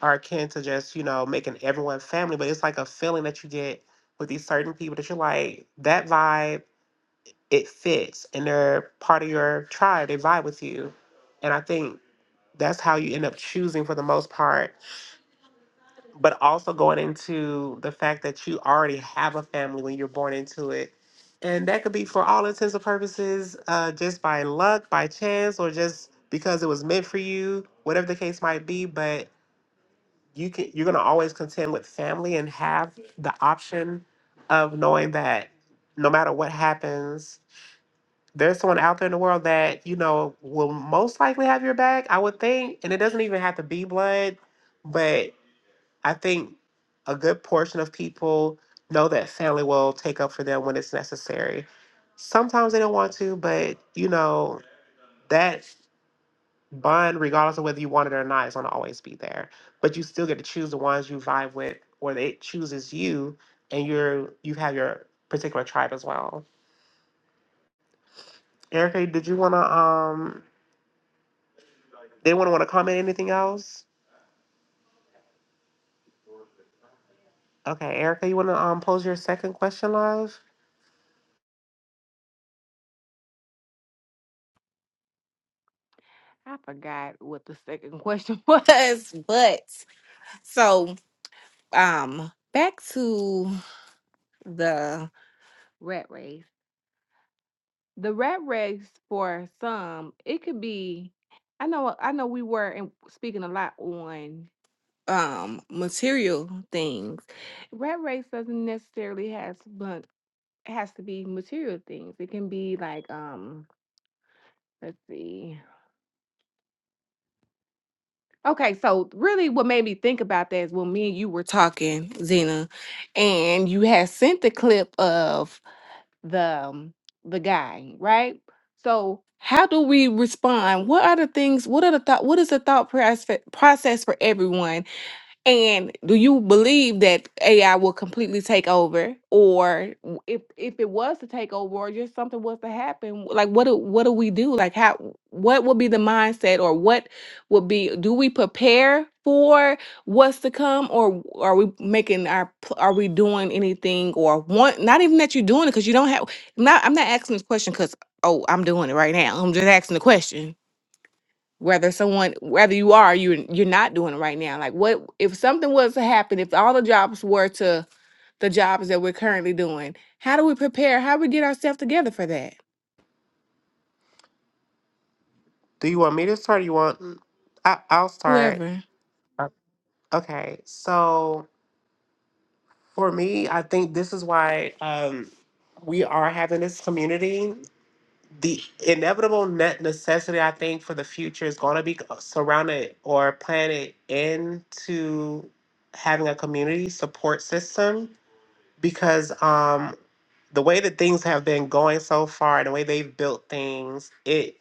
Speaker 1: are akin to just, you know, making everyone family, but it's like a feeling that you get with these certain people that you're like, that vibe, it fits and they're part of your tribe. They vibe with you. And I think that's how you end up choosing for the most part. But also going into the fact that you already have a family when you're born into it. And that could be for all intents and purposes, uh, just by luck, by chance, or just because it was meant for you, whatever the case might be. But you can you're gonna always contend with family and have the option of knowing that no matter what happens, there's someone out there in the world that you know will most likely have your back. I would think, and it doesn't even have to be blood, but I think a good portion of people know that family will take up for them when it's necessary. Sometimes they don't want to, but you know that bun, regardless of whether you want it or not, is going to always be there. But you still get to choose the ones you vibe with, or that it chooses you, and you're you have your particular tribe as well. Erica, did you want to um? They want to want to comment anything else? Okay, Erica, you want to um pose your second question, love?
Speaker 2: I forgot what the second question *laughs* was, but so um back to the rat race. The rat race for some, it could be I know I know we were in, speaking a lot on um material things. Rat race doesn't necessarily has but has to be material things. It can be like um let's see. Okay, so really what made me think about that is when me and you were talking, Zena, and you had sent the clip of the um, the guy, right? So how do we respond? What are the things? What are the thought? What is the thought process process for everyone And do you believe that AI will completely take over, or w- if if it was to take over, or just something was to happen, like what do what do we do? Like how what would be the mindset, or what would be? Do we prepare for what's to come, or are we making our pl- are we doing anything, or want not even that you're doing it because you don't have. Not I'm not asking this question because oh I'm doing it right now. I'm just asking the question whether someone whether you are you you're not doing it right now like what if something was to happen if all the jobs were to the jobs that we're currently doing how do we prepare how do we get ourselves together for that
Speaker 1: Do you want me to start? Or you want? mm, I I'll start.
Speaker 2: whoever
Speaker 1: Uh, Okay, so for me, I think this is why um we are having this community the inevitable ne- necessity I think for the future is going to be surrounded or planted into having a community support system because um, the way that things have been going so far and the way they've built things, it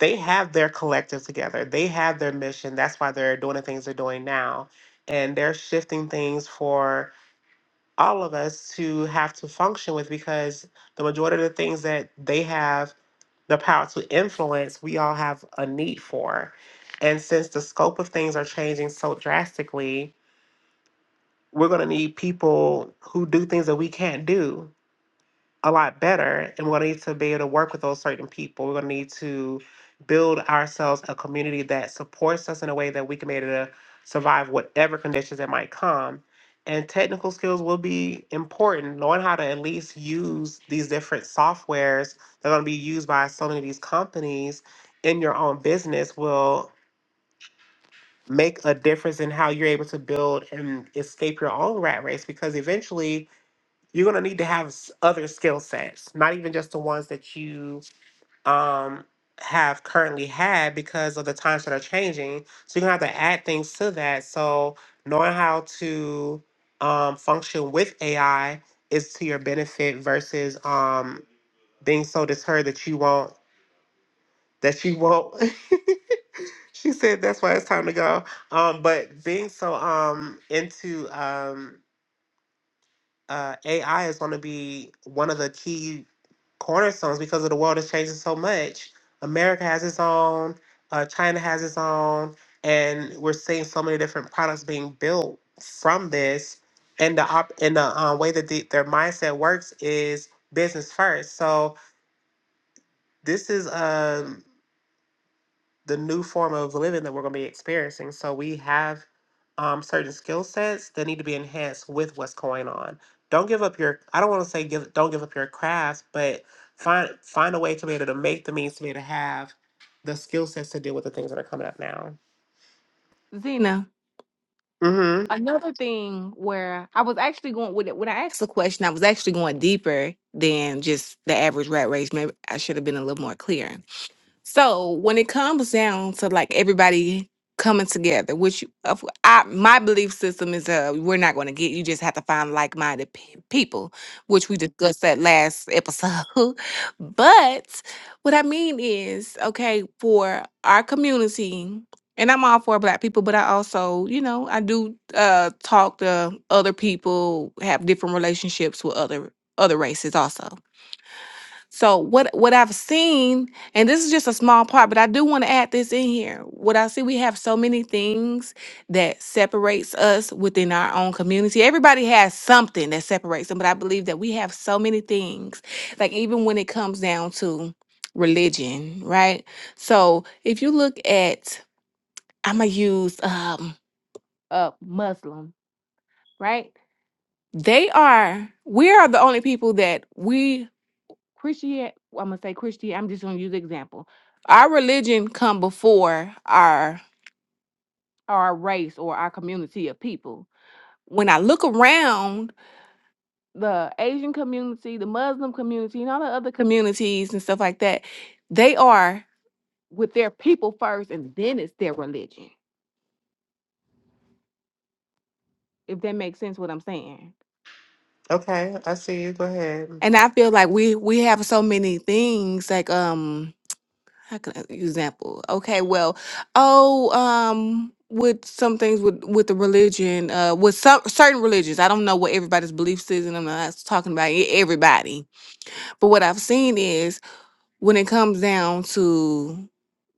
Speaker 1: they have their collective together. They have their mission. That's why they're doing the things they're doing now, and they're shifting things for all of us to have to function with because the majority of the things that they have the power to influence we all have a need for. And since the scope of things are changing so drastically, we're going to need people who do things that we can't do a lot better and we're going to need to be able to work with those certain people we're going to need to build ourselves a community that supports us in a way that we can be able to survive whatever conditions that might come and technical skills will be important knowing how to at least use these different softwares that are going to be used by so many of these companies in your own business will make a difference in how you're able to build and escape your own rat race because eventually you're going to need to have s- other skill sets, not even just the ones that you um, have currently had because of the times that are changing. So you're going to have to add things to that. So knowing how to um, function with AI is to your benefit versus um, being so deterred that you won't, that you won't. *laughs* she said that's why it's time to go. Um, but being so um, into, um, uh, AI is going to be one of the key cornerstones because of the world is changing so much. America has its own, uh, China has its own, and we're seeing so many different products being built from this. And the op- and the uh, way that the, their mindset works is business first. So this is um, the new form of living that we're going to be experiencing. So we have um, certain skill sets that need to be enhanced with what's going on. Don't give up your. I don't want to say give. Don't give up your craft, but find find a way to be able to make the means to be able to have the skill sets to deal with the things that are coming up now.
Speaker 2: Zena
Speaker 1: Mm-hmm.
Speaker 2: another thing where I was actually going with it when I asked the question I was actually going deeper than just the average rat race maybe I should have been a little more clear So when it comes down to like everybody coming together, which of- I, my belief system is, uh, we're not going to get. You just have to find like-minded pe- people, which we discussed that last episode. *laughs* but what I mean is, okay, for our community. And I'm all for black people, but I also, you know, I do uh talk to other people, have different relationships with other other races also. So what what I've seen, and this is just a small part, but I do want to add this in here. What I see, we have so many things that separates us within our own community. Everybody has something that separates them, but I believe that we have so many things, like even when it comes down to religion, right? So if you look at, I'm gonna use um a Muslim, right? They are we are the only people that we Christian, I'm gonna say Christian. I'm just gonna use example. Our religion come before our our race or our community of people. When I look around the Asian community, the Muslim community, and all the other communities and stuff like that, they are with their people first, and then it's their religion. If that makes sense, what I'm saying.
Speaker 1: Okay, I see you. Go ahead.
Speaker 2: And I feel like we we have so many things like um how can I example? Okay, well, oh, um, with some things with with the religion, uh, with some certain religions, I don't know what everybody's beliefs is, and I'm not talking about e- everybody. But what I've seen is when it comes down to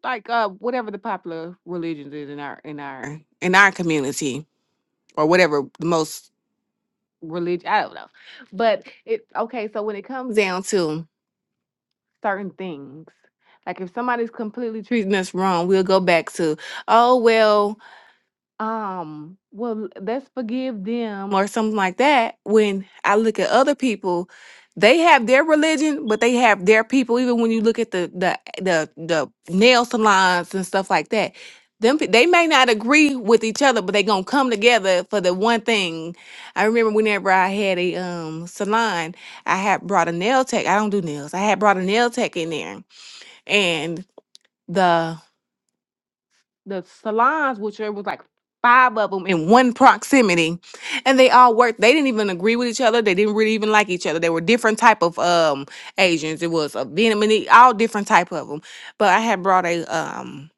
Speaker 2: like uh whatever the popular religions is in our in our in our community or whatever the most religion I don't know, but it okay. So when it comes down to certain things. Like if somebody's completely treating us wrong, we'll go back to, oh well, um well let's forgive them or something like that when i look at other people they have their religion but they have their people even when you look at the the the, the nail salons and stuff like that them pe- they may not agree with each other but they gonna come together for the one thing i remember whenever i had a um salon i had brought a nail tech i don't do nails i had brought a nail tech in there and the the salons, which there was like five of them in one proximity, and they all worked. They didn't even agree with each other. They didn't really even like each other. They were different type of um Asians. It was a Vietnamese, all different type of them. But I had brought a um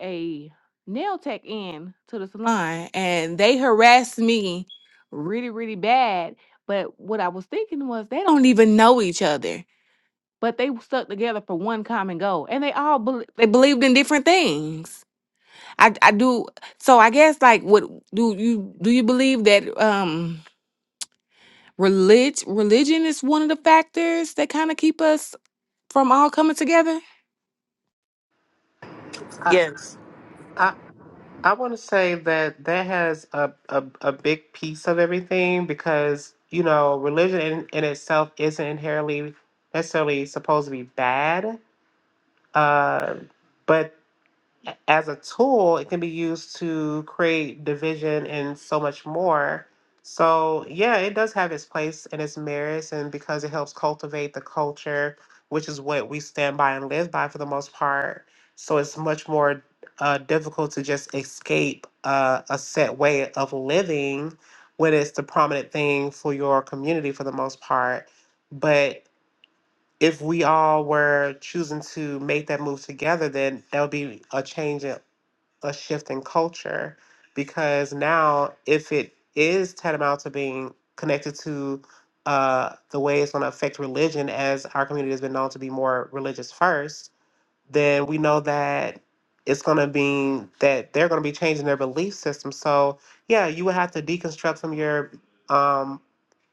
Speaker 2: a nail tech in to the salon, and they harassed me really really bad. But what I was thinking was they don't even know each other. But they stuck together for one common goal, and they all bel they believed in different things. I I do so I guess like what do you do you believe that um relig religion is one of the factors that kind of keep us from all coming together?
Speaker 1: I,
Speaker 4: Yes.
Speaker 1: I I want to say that that has a, a, a big piece of everything because, you know, religion in, in itself isn't inherently necessarily supposed to be bad. Uh, but a- as a tool, it can be used to create division and so much more. So, yeah, it does have its place and its merits, and because it helps cultivate the culture, which is what we stand by and live by for the most part. So, it's much more uh, difficult to just escape uh, a set way of living when it's the prominent thing for your community for the most part. But if we all were choosing to make that move together, then that would be a change in a shift in culture because now if it is tantamount to being connected to uh, the way it's going to affect religion as our community has been known to be more religious first then we know that it's going to be that they're going to be changing their belief system so yeah you would have to deconstruct from your um,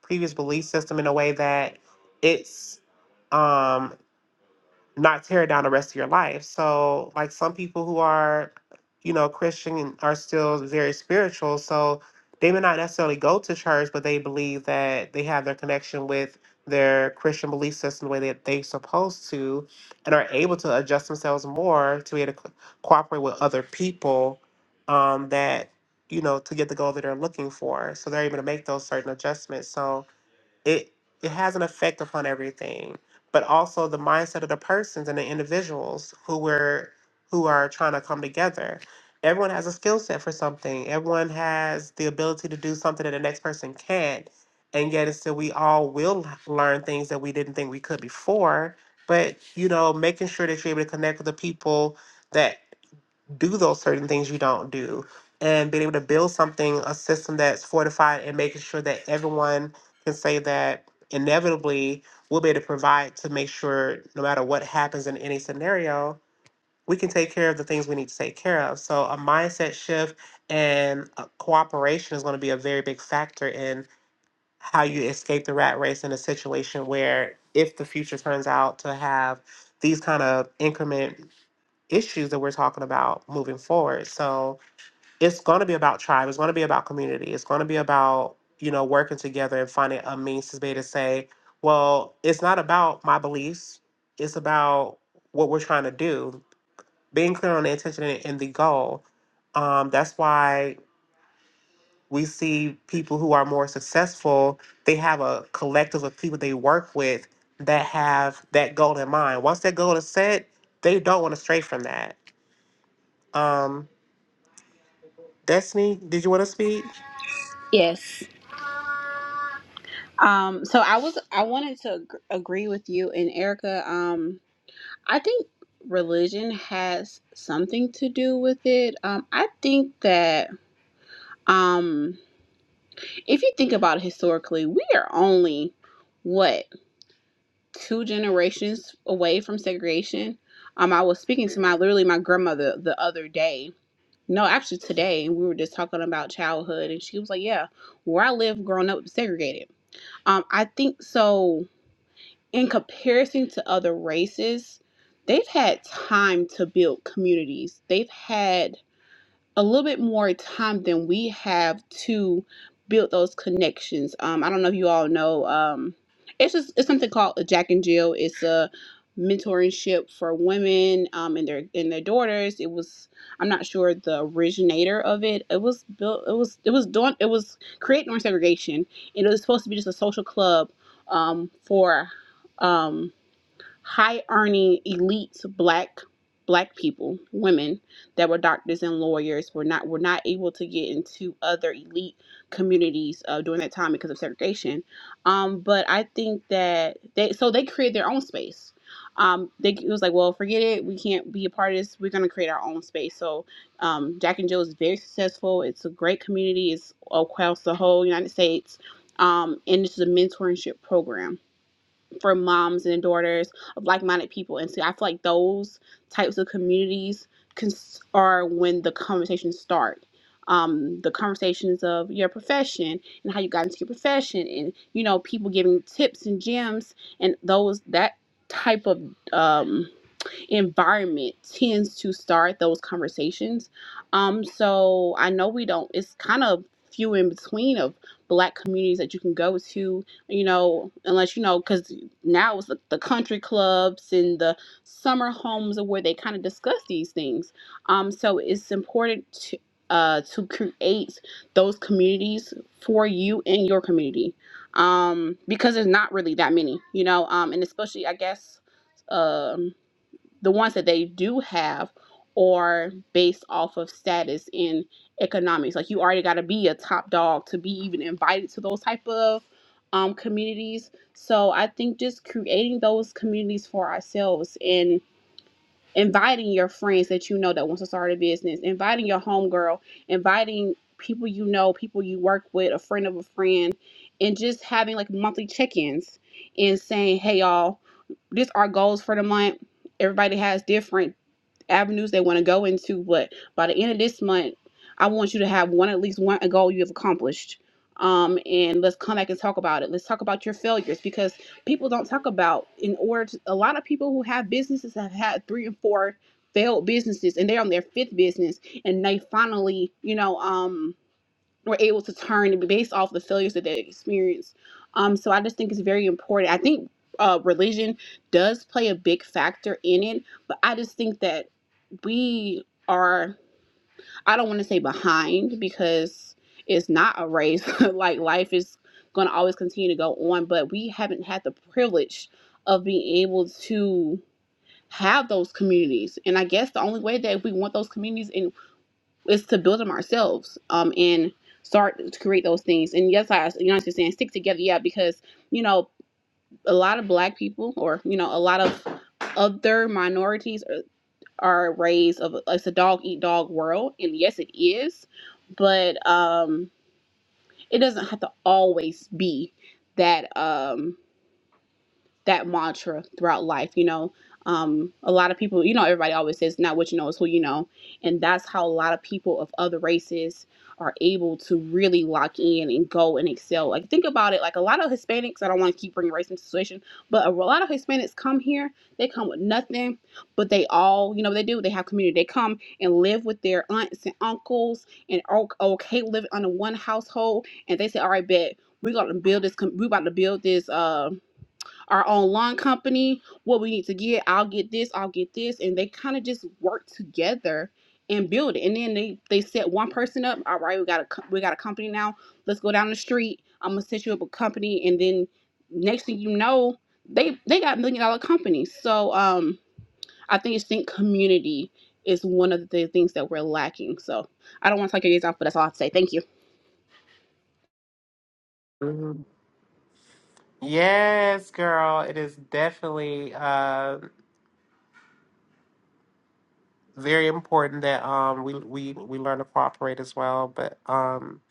Speaker 1: previous belief system in a way that it's um, not tear it down the rest of your life. So, like some people who are, you know, Christian and are still very spiritual. So they may not necessarily go to church, but they believe that they have their connection with their Christian belief system the way that they're supposed to and are able to adjust themselves more to be able to co- cooperate with other people um, that, you know, to get the goal that they're looking for. So they're able to make those certain adjustments. So, it it has an effect upon everything but also the mindset of the persons and the individuals who were who are trying to come together everyone has a skill set for something everyone has the ability to do something that the next person can't and yet it's still we all will learn things that we didn't think we could before but you know making sure that you're able to connect with the people that do those certain things you don't do and being able to build something a system that's fortified and making sure that everyone can say that inevitably we'll be able to provide to make sure no matter what happens in any scenario we can take care of the things we need to take care of so a mindset shift and uh, cooperation is going to be a very big factor in how you escape the rat race in a situation where if the future turns out to have these kind of increment issues that we're talking about moving forward. So it's going to be about tribe. It's going to be about community. It's going to be about you know working together and finding a means to be able to say, well, it's not about my beliefs. It's about what we're trying to do. Being clear on the intention and and the goal. Um, that's why we see people who are more successful. They have a collective of people they work with that have that goal in mind. Once that goal is set, they don't want to stray from that. Um, Destiny, did you want to speak?
Speaker 6: Yes. Um, so I was I wanted to ag- agree with you and Erica. Um, I think religion has something to do with it. Um, I think that um if you think about it historically, we are only what two generations away from segregation. Um, I was speaking to my literally my grandmother the other day. No, actually today we were just talking about childhood, and she was like, "Yeah, where I lived growing up was segregated." Um, I think so. In comparison to other races, they've had time to build communities. They've had a little bit more time than we have to build those connections. Um, I don't know if you all know. Um, it's just it's something called a Jack and Jill. It's a mentorship for women um, and their and their daughters. It was I'm not sure the originator of it. It was built. It was it was doing it was creating segregation, and it was supposed to be just a social club um, for. um, high earning elite black black people, women that were doctors and lawyers were not were not able to get into other elite communities uh, during that time because of segregation. Um, but I think that they so they created their own space. Um, they it was like, well, forget it. We can't be a part of this. We're gonna create our own space. So, um, Jack and Jill is very successful. It's a great community. It's across the whole United States. Um, and this is a mentorship program for moms and daughters of like-minded people and so i feel like those types of communities cons- are when the conversations start um, the conversations of your profession and how you got into your profession and you know people giving tips and gems and those that type of um, environment tends to start those conversations. Um, so I know we don't. It's kind of few in between of black communities that you can go to. You know, unless you know, because now it's the, the country clubs and the summer homes are where they kind of discuss these things. Um, so it's important to uh, to create those communities for you in your community um, because there's not really that many, you know, um, and especially I guess um the ones that they do have are based off of status in economics. Like you already got to be a top dog to be even invited to those type of um, communities. So I think just creating those communities for ourselves and inviting your friends that you know that wants to start a business, inviting your homegirl, inviting people you know, people you work with, a friend of a friend, and just having like monthly check-ins and saying, "Hey y'all, these are goals for the month. Everybody has different avenues they want to go into. But by the end of this month, I want you to have one at least one goal you have accomplished. Um, and let's come back and talk about it. Let's talk about your failures because people don't talk about in order to, a lot of people who have businesses have had three and four failed businesses and they're on their fifth business and they finally, you know, um were able to turn and be based off the failures that they experienced. Um, so I just think it's very important. I think uh, religion does play a big factor in it, but I just think that we are, I don't want to say behind because it's not a race. *laughs* like life is going to always continue to go on, but we haven't had the privilege of being able to have those communities. And I guess the only way that we want those communities and it's to build them ourselves um, and start to create those things. And yes, I, you know, what I'm saying stick together, yeah, because you know a lot of Black people or you know a lot of other minorities are, are raised of it's a dog eat dog world, and yes, it is, but um, it doesn't have to always be that. Um, that mantra throughout life you know um a lot of people you know everybody always says not what you know is who you know and that's how a lot of people of other races are able to really lock in and go and excel like think about it like a lot of hispanics i don't want to keep bringing race into the situation but a lot of hispanics come here they come with nothing but they all you know they do they have community they come and live with their aunts and uncles and "Oh, okay live under one household and they say all right bet we're gonna build this We're about to build this uh, our own lawn company, what we need to get, I'll get this, I'll get this. And they kind of just work together and build it. And then they, they set one person up. All right, we got a co- we got a company now. Let's go down the street. I'm gonna set you up a company. And then next thing you know, they they got million dollar companies. So um I think it's think community is one of the things that we're lacking. So I don't want to talk your days off, but that's all I have to say. Thank you.
Speaker 1: Mhm. Yes, girl. It is definitely uh, very important that um, we we we learn to cooperate as well. But um,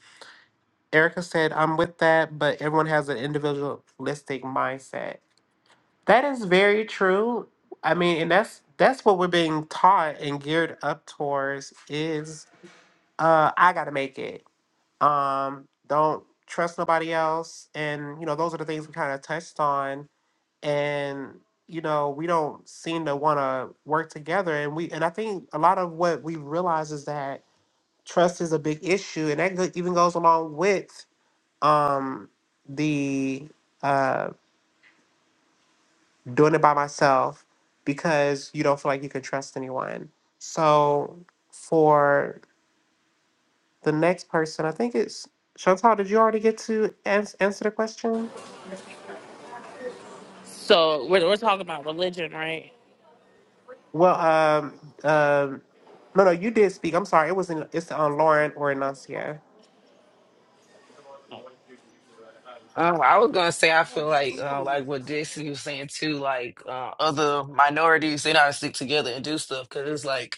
Speaker 1: Erica said, "I'm with that," but everyone has an individualistic mindset. That is very true. I mean, and that's that's what we're being taught and geared up towards is uh I gotta make it. Um, don't trust nobody else. And you know, those are the things we kind of touched on. And you know, we don't seem to wanna work together. And we and I think a lot of what we realize is that trust is a big issue, and that go- even goes along with um the uh, doing it by myself because you don't feel like you can trust anyone. So for the next person, I think it's Chantal. Did you already get to ans- answer the question?
Speaker 4: So we're, we're talking about religion, right?
Speaker 1: Well, um, um, no, no, you did speak. I'm sorry, it wasn't. It's on Lauren or Enuncia.
Speaker 3: Um, I was gonna say I feel like uh, like what Dixie was saying too, like uh, other minorities they know how to stick together and do stuff. Cause it's like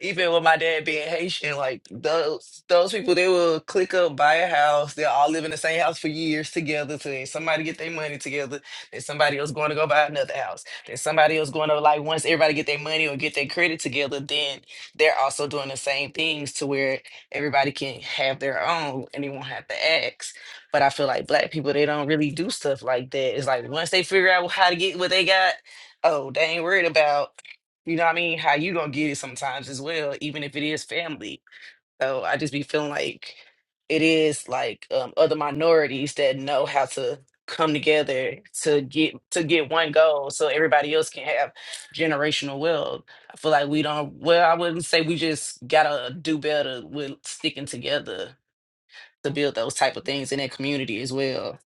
Speaker 3: even with my dad being Haitian, like those those people they will click up, buy a house, they'll all live in the same house for years together. So then somebody get their money together, then somebody else going to go buy another house, then somebody else going to like once everybody get their money or get their credit together, then they're also doing the same things to where everybody can have their own and they won't have to ask. But I feel like black people, they don't really do stuff like that. It's like once they figure out how to get what they got, oh, they ain't worried about, you know what I mean, how you gonna get it sometimes as well, even if it is family. So I just be feeling like it is like um, other minorities that know how to come together to get to get one goal so everybody else can have generational wealth. I feel like we don't well, I wouldn't say we just gotta do better with sticking together to build those type of things in that community as well.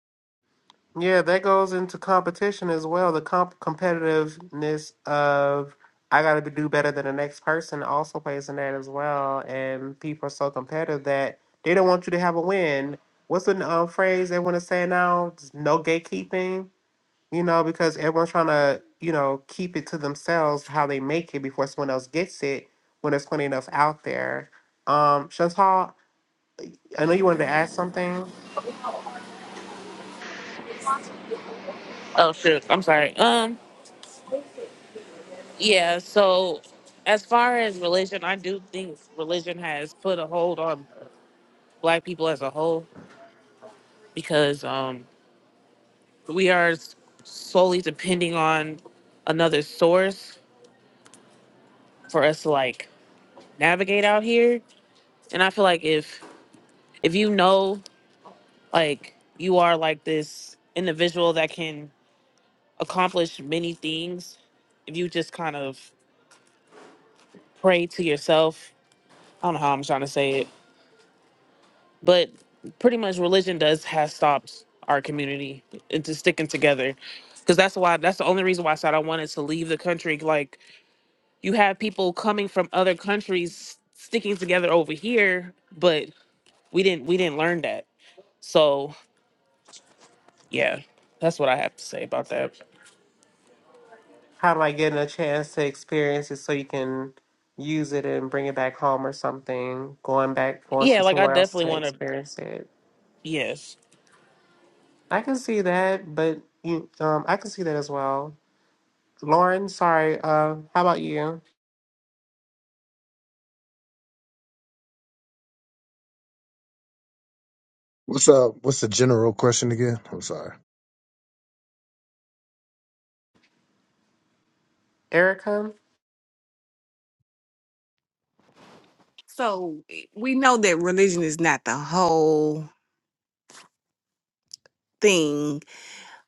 Speaker 1: Yeah, that goes into competition as well. The comp competitiveness of I gotta do better than the next person also plays in that as well. And people are so competitive that they don't want you to have a win. What's the um, phrase they want to say now? Just no gatekeeping, you know, because everyone's trying to, you know, keep it to themselves how they make it before someone else gets it when there's plenty enough out there. Um, Chantal, I know you wanted to add something.
Speaker 4: Oh shoot, I'm sorry. Um, yeah. So as far as religion, I do think religion has put a hold on Black people as a whole because um we are s- solely depending on another source for us to like navigate out here And I feel like if if you know like you are like this individual that can accomplish many things, if you just kind of pray to yourself, I don't know how I'm trying to say it, but pretty much religion does has stopped our community into sticking together. Cause that's why that's the only reason why I said I wanted to leave the country. Like you have people coming from other countries sticking together over here, but we didn't we didn't learn that. So Yeah, that's what I have to say about that.
Speaker 1: How am I getting a chance to experience it so you can use it and bring it back home or something? Going back, going
Speaker 4: Yeah,
Speaker 1: to
Speaker 4: like I
Speaker 1: somewhere else
Speaker 4: definitely
Speaker 1: to
Speaker 4: want to.
Speaker 1: experience it.
Speaker 4: Yes.
Speaker 1: I can see that, but you, um, I can see that as well. Lauren, sorry. Uh, how about you,
Speaker 5: What's up? What's the general question again? I'm sorry.
Speaker 1: Erica?
Speaker 2: So we know that religion is not the whole thing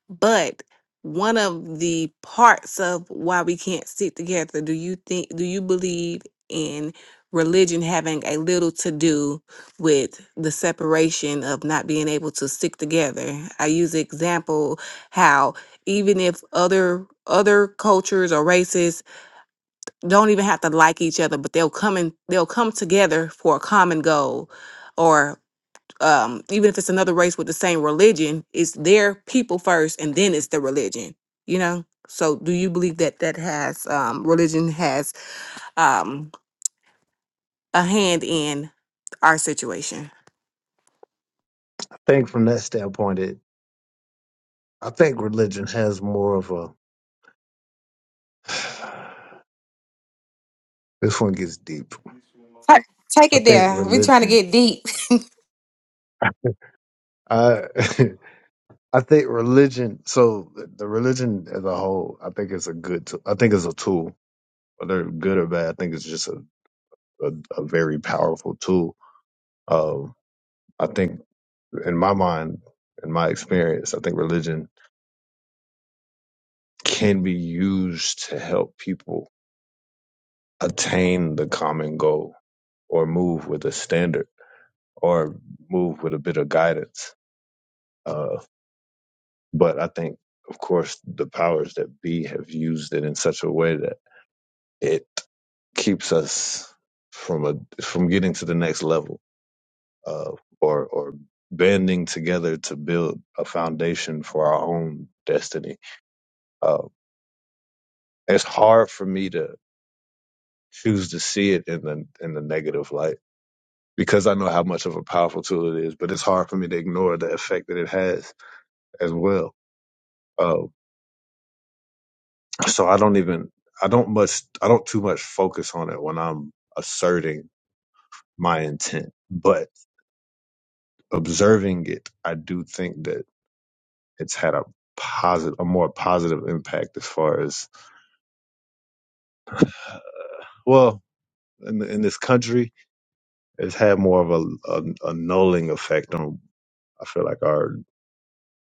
Speaker 2: But one of the parts of why we can't sit together, do you think, do you believe in religion having a little to do with the separation of not being able to stick together? I use the example how even if other other cultures or races don't even have to like each other, but they'll come and they'll come together for a common goal or um, even if it's another race with the same religion, it's their people first, and then it's the religion. You know. So, do you believe that that has um, religion has um, a hand in our situation?
Speaker 5: I think from that standpoint, it I think religion has more of a. *sighs* This one gets deep.
Speaker 2: Ta- Take
Speaker 5: I
Speaker 2: it
Speaker 5: think
Speaker 2: there. We're trying to
Speaker 5: religion.
Speaker 2: get deep.
Speaker 5: I *laughs* I think religion. So the religion as a whole, I think it's a good. tool. I think it's a tool, whether good or bad. I think it's just a a, a very powerful tool. Um, I think in my mind, in my experience, I think religion can be used to help people attain the common goal or move with a standard or move with a bit of guidance. Uh, but I think, of course, the powers that be have used it in such a way that it keeps us from a from getting to the next level uh, or or banding together to build a foundation for our own destiny. Uh, it's hard for me to choose to see it in the in the negative light because I know how much of a powerful tool it is, but it's hard for me to ignore the effect that it has as well. Uh, so I don't even, I don't much, I don't too much focus on it when I'm asserting my intent, but observing it, I do think that it's had a positive, a more positive impact as far as, well, in, in this country, it's had more of a, a, a nulling effect on, I feel like our,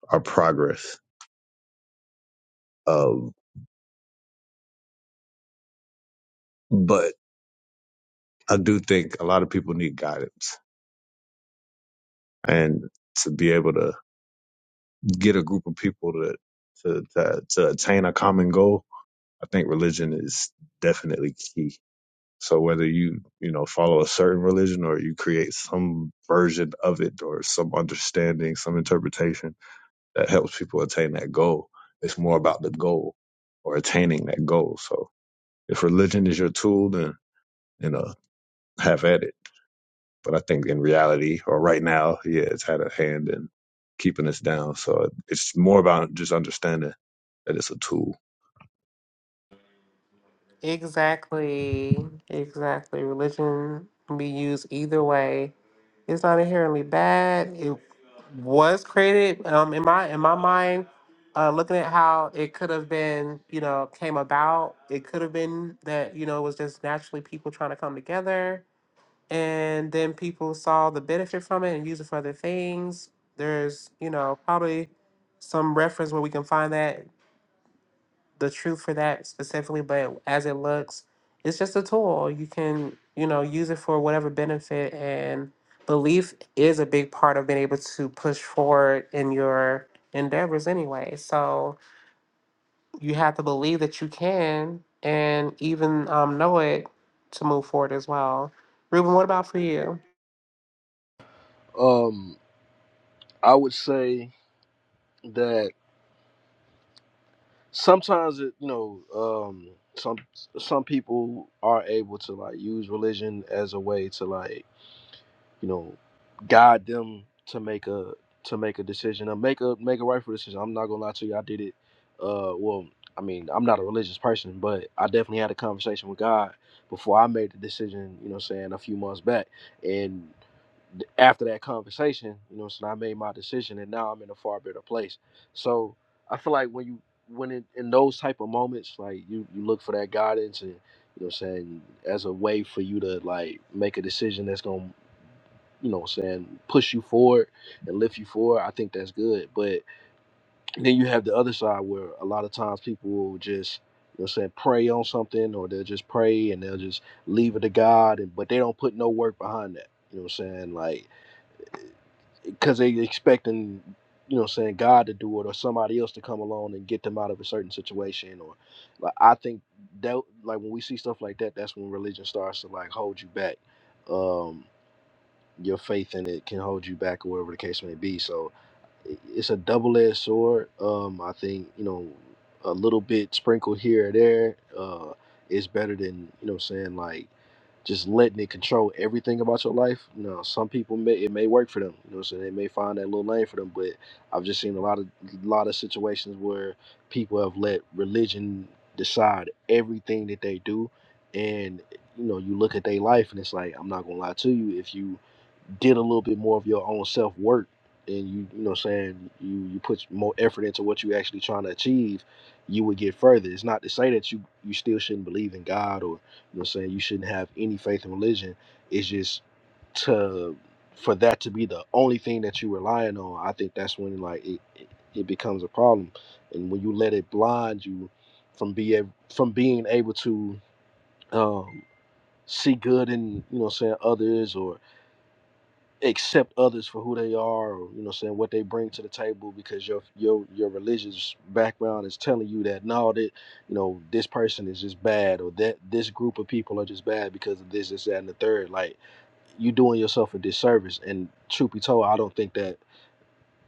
Speaker 5: our progress. Um, but I do think a lot of people need guidance and to be able to get a group of people to to to, to attain a common goal, I think religion is definitely key. So whether you you know follow a certain religion or you create some version of it or some understanding, some interpretation that helps people attain that goal, it's more about the goal or attaining that goal. So if religion is your tool, then you know have at it. But I think in reality, or right now, yeah, it's had a hand in keeping us down. So it's more about just understanding that it's a tool.
Speaker 1: Exactly, exactly. Religion can be used either way It's not inherently bad. It was created um, in my in my mind. Uh, looking at how it could have been, you know, came about. It could have been that you know it was just naturally people trying to come together, and then people saw the benefit from it and used it for other things. There's, you know, probably some reference where we can find that the truth for that specifically, but as it looks, it's just a tool. You can, you know, use it for whatever benefit and belief is a big part of being able to push forward in your endeavors anyway. So you have to believe that you can and even um, know it to move forward as well. Ruben, what about for you?
Speaker 7: Um, I would say that. sometimes it, you know um some some people are able to like use religion as a way to like you know guide them to make a to make a decision or make a make a rightful decision i'm not gonna lie to you i did it uh well i mean i'm not a religious person but i definitely had a conversation with god before i made the decision you know what I'm saying a few months back and after that conversation, you know, so I made my decision, and now I'm in a far better place. So I feel like when you when in, in those type of moments, like you you look for that guidance, and you know, what I'm saying as a way for you to like make a decision that's gonna you know what I'm saying, push you forward and lift you forward. I think that's good. But then you have the other side where a lot of times people will just, you know what I'm saying, pray on something or they'll just pray and they'll just leave it to God and but they don't put no work behind that. You know what I'm saying? Like because they expecting you know saying god to do it or somebody else to come along and get them out of a certain situation or like i think that like when we see stuff like that that's when religion starts to like hold you back um your faith in it can hold you back or whatever the case may be so it's a double-edged sword. Um, I think you know a little bit sprinkled here or there uh, is better than you know what I'm saying like just letting it control everything about your life. You know, some people may it may work for them. You know, what I'm saying they may find that little lane for them. But I've just seen a lot of lot of situations where people have let religion decide everything that they do, and you know, you look at their life and it's like I'm not gonna lie to you if you did a little bit more of your own self work and you you know what I'm saying you you put more effort into what you actually trying to achieve you would get further it's not to say that you you still shouldn't believe in god or you know what I'm saying you shouldn't have any faith in religion it's just to for that to be the only thing that you're relying on i think that's when like it, it, it becomes a problem and when you let it blind you from being from being able to um see good in you know what I'm saying others or accept others for who they are, or, you know, saying what they bring to the table because your your your religious background is telling you that no, that you know this person is just bad, or that this group of people are just bad because of this, this, that, and the third. Like you doing yourself a disservice. And truth be told, I don't think that.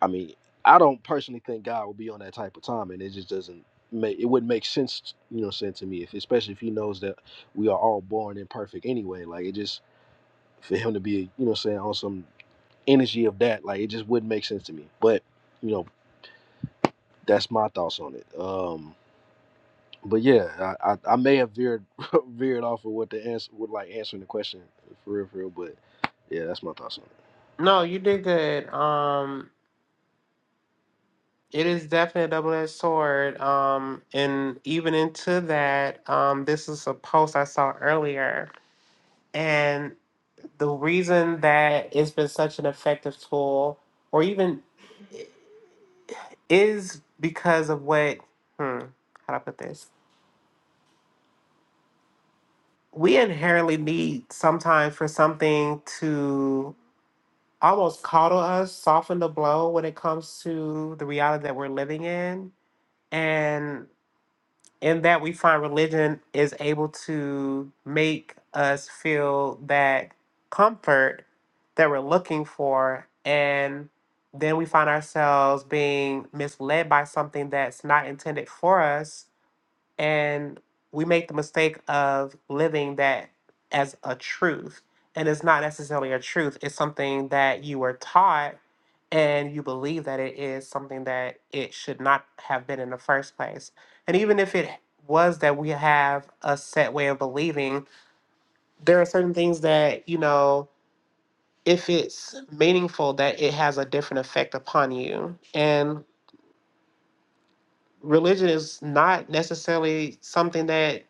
Speaker 7: I mean, I don't personally think God will be on that type of time, and it just doesn't make it wouldn't make sense. You know, saying to me, if especially if he knows that we are all born imperfect anyway. Like it just for him to be, you know, saying on some energy of that. Like it just wouldn't make sense to me. But you know, that's my thoughts on it. Um, but yeah, I, I, I may have veered *laughs* veered off of what the answer would like answering the question for real, for real. But yeah, that's my thoughts on it.
Speaker 1: No, you did good. Um, It is definitely a double-edged sword. Um, and even into that, um, this is a post I saw earlier. And the reason that it's been such an effective tool, or even is because of what, hmm, how do I put this? We inherently need sometimes for something to almost coddle us, soften the blow when it comes to the reality that we're living in. and. in that we find religion is able to make us feel that comfort that we're looking for and then we find ourselves being misled by something that's not intended for us and we make the mistake of living that as a truth and it's not necessarily a truth it's something that you were taught and you believe that it is something that it should not have been in the first place and even if it was that we have a set way of believing there are certain things that you know if it's meaningful that it has a different effect upon you and religion is not necessarily something that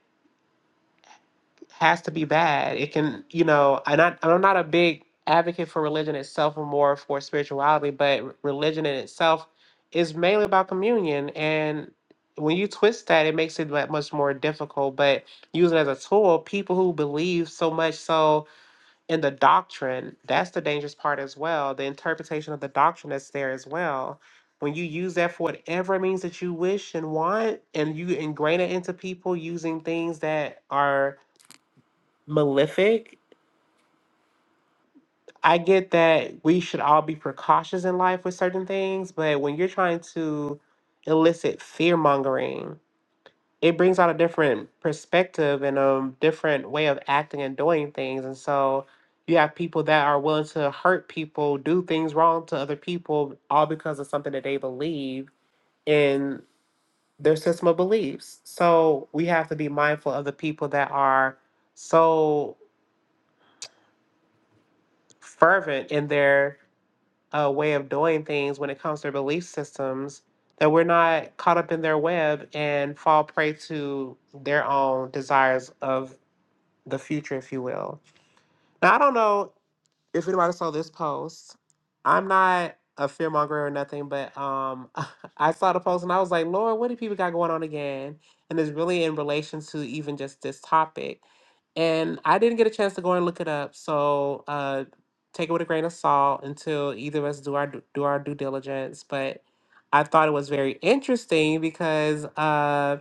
Speaker 1: has to be bad. It can, you know, I'm not, I'm not a big advocate for religion itself or more for spirituality, but r- religion in itself is mainly about communion. And when you twist that, it makes it that much more difficult. But use it as a tool, people who believe so much so in the doctrine, that's the dangerous part as well. The interpretation of the doctrine that's there as well. When you use that for whatever means that you wish and want, and you ingrain it into people using things that are malefic. I get that we should all be precautious in life with certain things, but when you're trying to elicit fear mongering, it brings out a different perspective and a different way of acting and doing things. And so you have people that are willing to hurt people, do things wrong to other people, all because of something that they believe in their system of beliefs. So we have to be mindful of the people that are so fervent in their A way of doing things when it comes to their belief systems that we're not caught up in their web and fall prey to their own desires of the future if you will now i don't know if anybody saw this post, I'm not a fearmonger or nothing, but um, *laughs* I saw the post and I was like, Lord, what do people got going on again? And it's really in relation to even just this topic. And I didn't get a chance to go and look it up, so uh, take it with a grain of salt until either of us do our do our due diligence. But I thought it was very interesting because uh,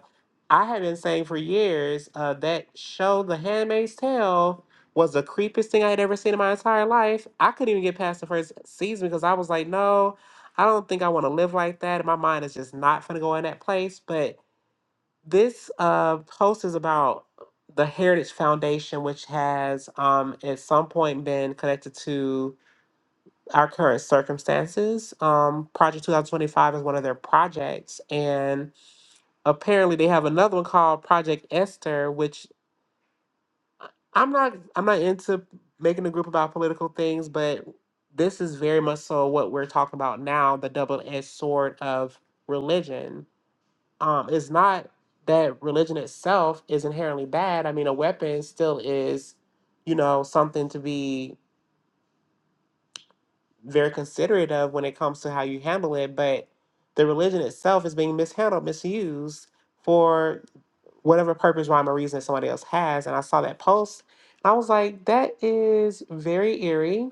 Speaker 1: I had been saying for years uh, that show, The Handmaid's Tale, was the creepiest thing I had ever seen in my entire life. I couldn't even get past the first season because I was like, no, I don't think I want to live like that. And my mind is just not going to go in that place. But this uh, post is about the Heritage Foundation, which has um, at some point been connected to our current circumstances. Um, Project 2025 is one of their projects. And apparently they have another one called Project Esther, which I- I'm not I'm not into making a group about political things, but this is very much so what we're talking about now, the double-edged sword of religion. Um, it's not that religion itself is inherently bad. I mean, a weapon still is, you know, something to be very considerate of when it comes to how you handle it, but the religion itself is being mishandled, misused, for whatever purpose, rhyme, or reason somebody else has. And I saw that post. And I was like, that is very eerie.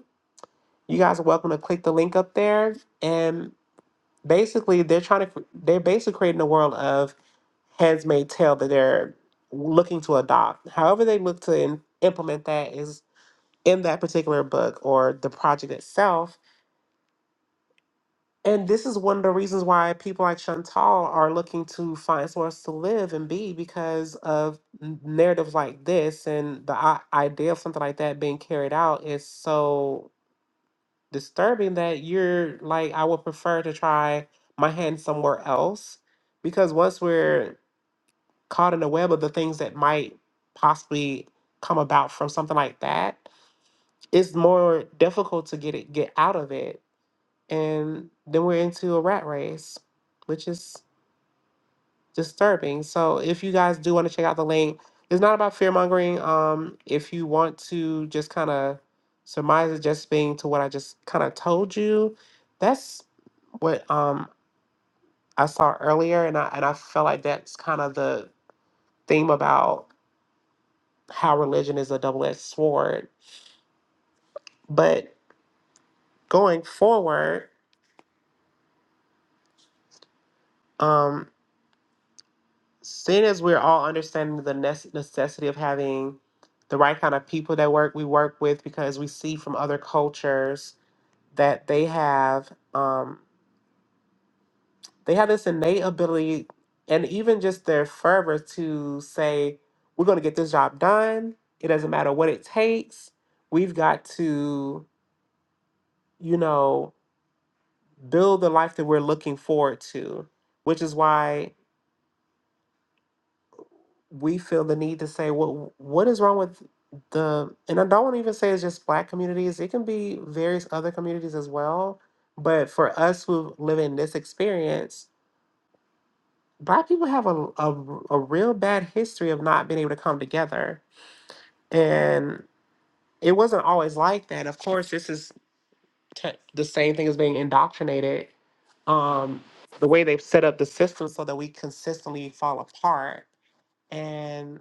Speaker 1: You guys are welcome to click the link up there. And basically, they're trying to, they're basically creating a world of heads may tell that they're looking to adopt. However, they look to im- implement that is in that particular book or the project itself And this is one of the reasons why people like Chantal are looking to find source to live and be because of n- narratives like this and the I- idea of something like that being carried out is so disturbing that you're like, I would prefer to try my hand somewhere else because once we're caught in the web of the things that might possibly come about from something like that, it's more difficult to get it get out of it and then we're into a rat race, which is disturbing. So if you guys do want to check out the link, it's not about fear mongering. Um, if you want to just kind of surmise it just being to what I just kind of told you, that's what um I saw earlier, and I and I felt like that's kind of the theme about how religion is a double edged sword. But going forward. um, seeing as we're all understanding the nece- necessity of having the right kind of people that work we work with because we see from other cultures that they have um, they have this innate ability and even just their fervor to say we're going to get this job done it doesn't matter what it takes we've got to you know build the life that we're looking forward to which is why we feel the need to say what what is wrong with the and I don't want to even say it's just black communities. It can be various other communities as well. But for us who live in this experience, black people have a, a, a real bad history of not being able to come together. And it wasn't always like that. Of course, this is te- the same thing as being indoctrinated. Um, the way they've set up the system so that we consistently fall apart. And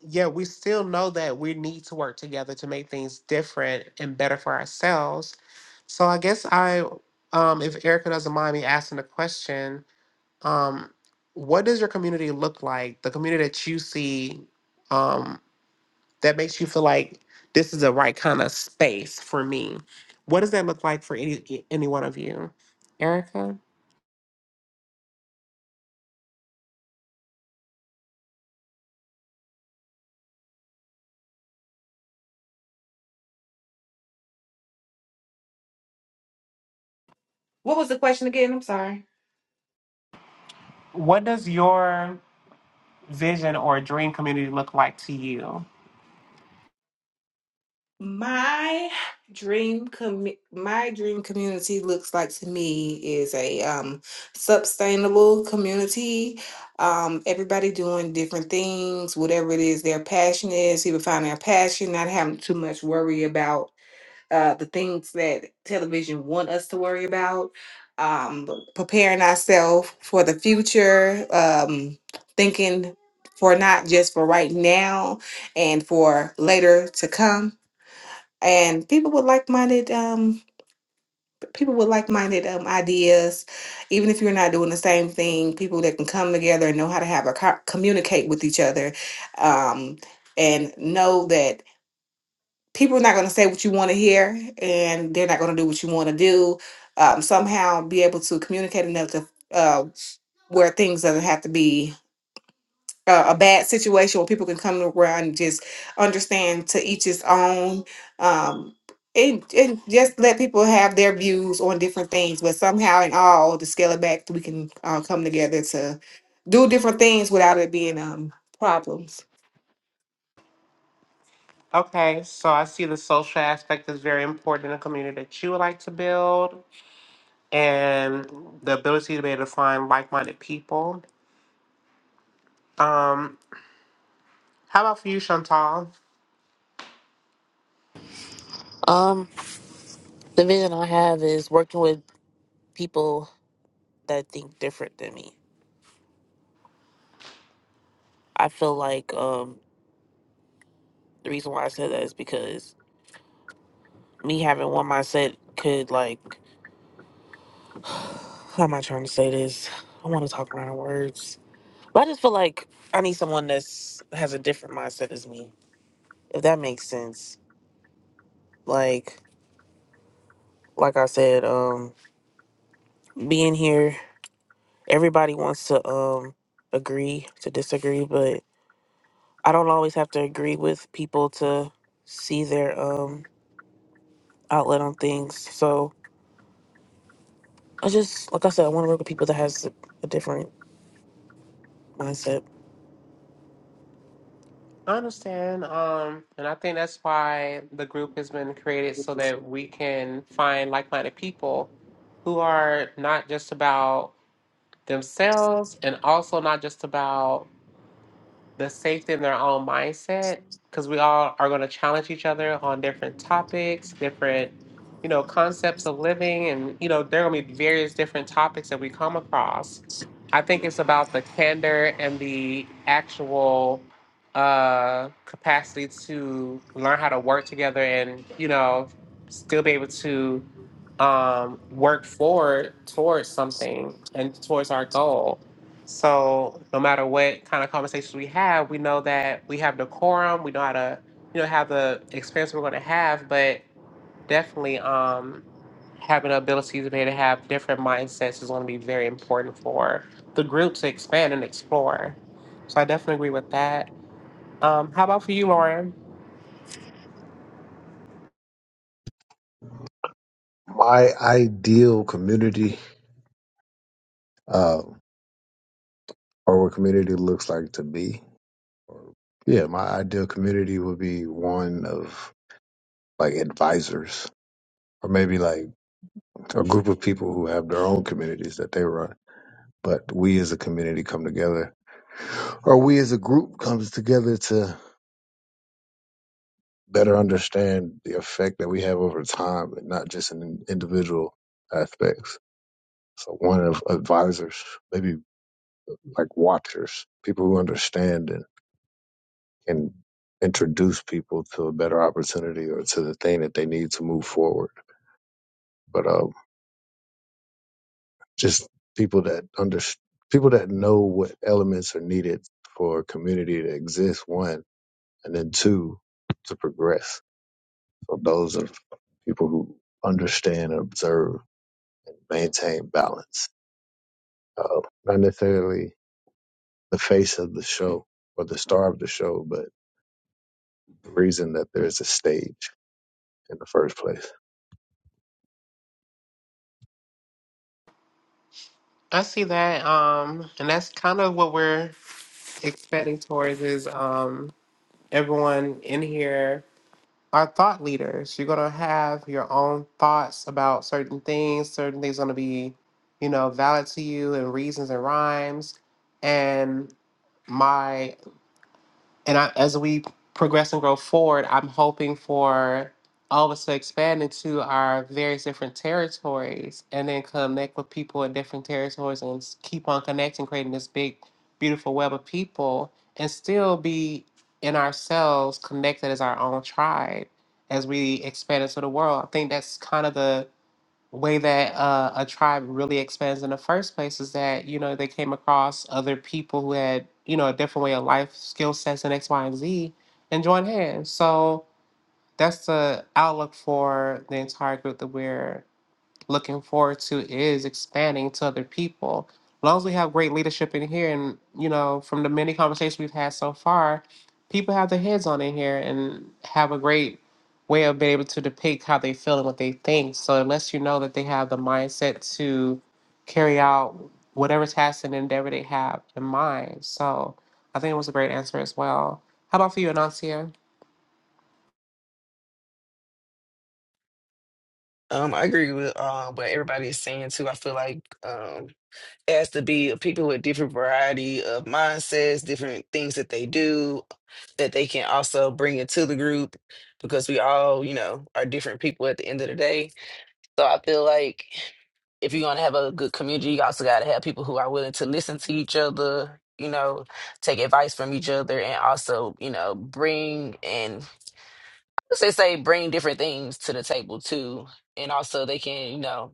Speaker 1: yeah, we still know that we need to work together to make things different and better for ourselves. So I guess I, um, if Erica doesn't mind me asking the question, um, what does your community look like? The community that you see um, that makes you feel like this is the right kind of space for me. What does that look like for any e, any one of you, Erica?
Speaker 2: What was the question again? I'm sorry.
Speaker 1: What does your vision or dream community look like to you?
Speaker 2: My dream com my dream community looks like to me is a um sustainable community. Um, everybody doing different things, whatever it is their passion is, people finding their passion, not having too much worry about uh the things that television want us to worry about. Um, preparing ourselves for the future, um, thinking for not just for right now and for later to come and people with like-minded um people with like-minded um ideas even if you're not doing the same thing people that can come together and know how to have a co- communicate with each other um and know that people are not going to say what you want to hear and they're not going to do what you want to do um somehow be able to communicate enough to uh where things doesn't have to be a, a bad situation where people can come to where and just understand to each his own. Um, and, and just let people have their views on different things, but somehow and all, to scale it back, we can uh, come together to do different things without it being um problems.
Speaker 1: Okay, so I see the social aspect is very important in a community that you would like to build and the ability to be able to find like minded people. Um, how about for you, Chantal?
Speaker 4: Um, the vision I have is working with people that think different than me. I feel like um the reason why I said that is because me having one mindset could like how am I trying to say this? I want to talk around in words, but I just feel like I need someone that's has a different mindset as me. If that makes sense, like like I said, um, being here everybody wants to um agree to disagree, but I don't always have to agree with people to see their um outlet on things. So I just like I said, I want to work with people that has a, a different mindset.
Speaker 1: I understand. Um, and I think that's why the group has been created so that we can find like minded people who are not just about themselves and also not just about the safety in their own mindset because we all are going to challenge each other on different topics different you know concepts of living and you know there are going to be various different topics that we come across i think it's about the candor and the actual uh capacity to learn how to work together and you know still be able to um work forward towards something and towards our goal so no matter what kind of conversations we have, we know that we have decorum. We know how to, you know, have the experience we're going to have. But definitely, um, having the ability to be able to have different mindsets is going to be very important for the group to expand and explore. So I definitely agree with that. Um, how about for you, Lauren?
Speaker 5: my ideal community uh, or what community looks like to be yeah my ideal community would be one of like advisors or maybe like a group of people who have their own communities that they run but we as a community come together or we as a group comes together to. better understand the effect that we have over time and not just in individual aspects. So one of advisors, maybe like watchers, people who understand and can introduce people to a better opportunity or to the thing that they need to move forward. But um, just people that under people that know what elements are needed for a community to exist. One, and then two, to progress. So those are people who understand and observe and maintain balance. Uh, not necessarily the face of the show or the star of the show, but the reason that there's a stage in the first place.
Speaker 1: I see that, um, and that's kind of what we're expecting towards is um, everyone in here are thought leaders. You're gonna have your own thoughts about certain things. Certain things gonna be, you know, valid to you and reasons and rhymes. And my and I, as we progress and grow forward, I'm hoping for all of us to expand into our various different territories and then connect with people in different territories and s- keep on connecting, creating this big, beautiful web of people and still be in ourselves connected as our own tribe as we expand into the world. I think that's kind of the way that uh, a tribe really expands in the first place is that you know they came across other people who had you know a different way of life skill sets and x y and z and joined hands so that's the outlook for the entire group that we're looking forward to is expanding to other people. As long as we have great leadership in here, and you know, from the many conversations we've had so far, people have their heads on in here and have a great way of being able to depict how they feel and what they think. So it lets you know that they have the mindset to carry out whatever task and endeavor they have in mind. So I think it was a great answer as well. How about for you, Anancia?
Speaker 3: Um, I agree with uh, what everybody is saying too. I feel like um, it has to be people with different variety of mindsets, different things that they do, that they can also bring into the group because we all, you know, are different people at the end of the day. So I feel like if you're gonna have a good community, you also gotta have people who are willing to listen to each other, you know, take advice from each other and also, you know, bring and since say bring different things to the table too, and also they can, you know,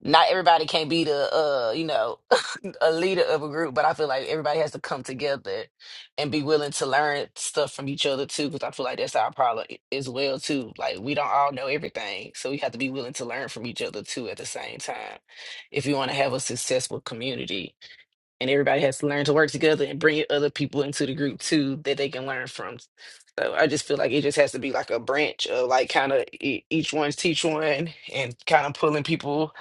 Speaker 3: not everybody can be the, uh, you know, *laughs* a leader of a group, but I feel like everybody has to come together and be willing to learn stuff from each other too, because I feel like that's our problem i- as well too. Like we don't all know everything, so we have to be willing to learn from each other too at the same time, if you want to have a successful community and everybody has to learn to work together and bring other people into the group too that they can learn from. So I just feel like it just has to be like a branch of like kind of each one's teach one and kind of pulling people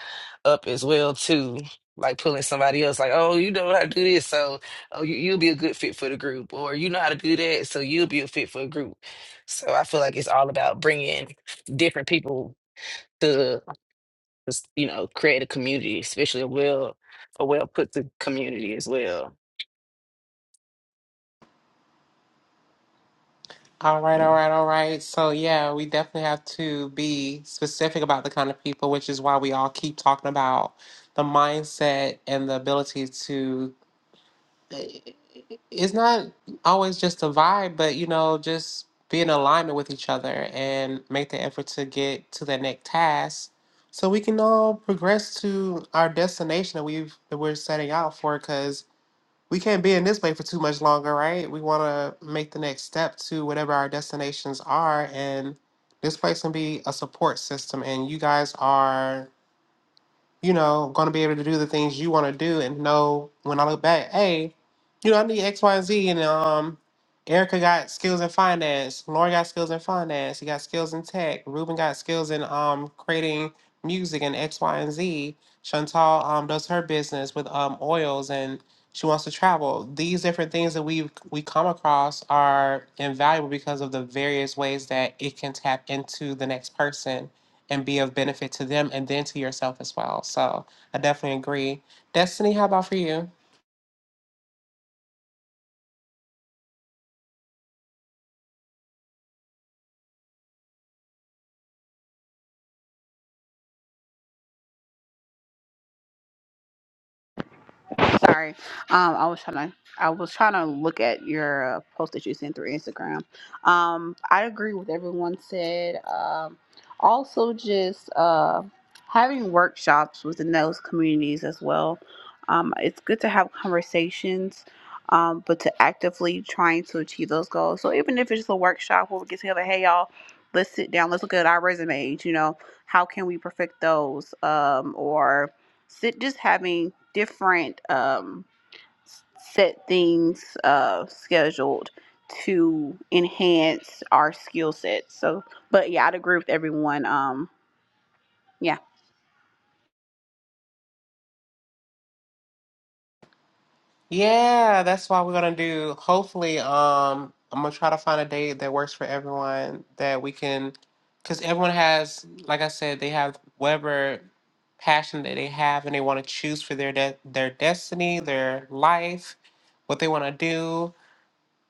Speaker 3: up as well too. Like pulling somebody else, like, oh, you know how to do this, so oh, you, you'll be a good fit for the group, or you know how to do that, so you'll be a fit for a group. So I feel like it's all about bringing different people to, you know, create a community, especially a well, a well put to community as well.
Speaker 1: All right, all right, all right. So, yeah, we definitely have to be specific about the kind of people, which is why we all keep talking about the mindset and the ability to. eh, It's not always just a vibe, but you know, just be in alignment with each other and make the effort to get to the next task so we can all progress to our destination that we've that we're setting out for. because we can't be in this way for too much longer, right? We want to make the next step to whatever our destinations are, and this place can be a support system. And you guys are you know, going to be able to do the things you want to do and know when I look back, hey, you know, I need X, Y, and Z. And um, Erica got skills in finance. Lauren got skills in finance. He got skills in tech. Ruben got skills in um creating music and X, Y, and Z. Chantal um does her business with um oils and she wants to travel. These different things that we we come across are invaluable because of the various ways that it can tap into the next person and be of benefit to them and then to yourself as well. So I definitely agree. Destiny, how about for you?
Speaker 6: Sorry, um, I was trying to I was trying to look at your uh, post that you sent through Instagram. Um, I agree with everyone said. Um, also, just uh, having workshops within those communities as well. Um, it's good to have conversations, um, but to actively trying to achieve those goals. So even if it's just a workshop where we get together, hey y'all, let's sit down, let's look at our resumes. You know, how can we perfect those? Um, or sit just having different um set things uh scheduled to enhance our skill sets so but yeah i'd agree with everyone um yeah
Speaker 1: Yeah, that's why we're gonna do. Hopefully, um, I'm gonna try to find a date that works for everyone that we can, because everyone has, like I said, they have whatever passion that they have and they want to choose for their de- their destiny, their life, what they want to do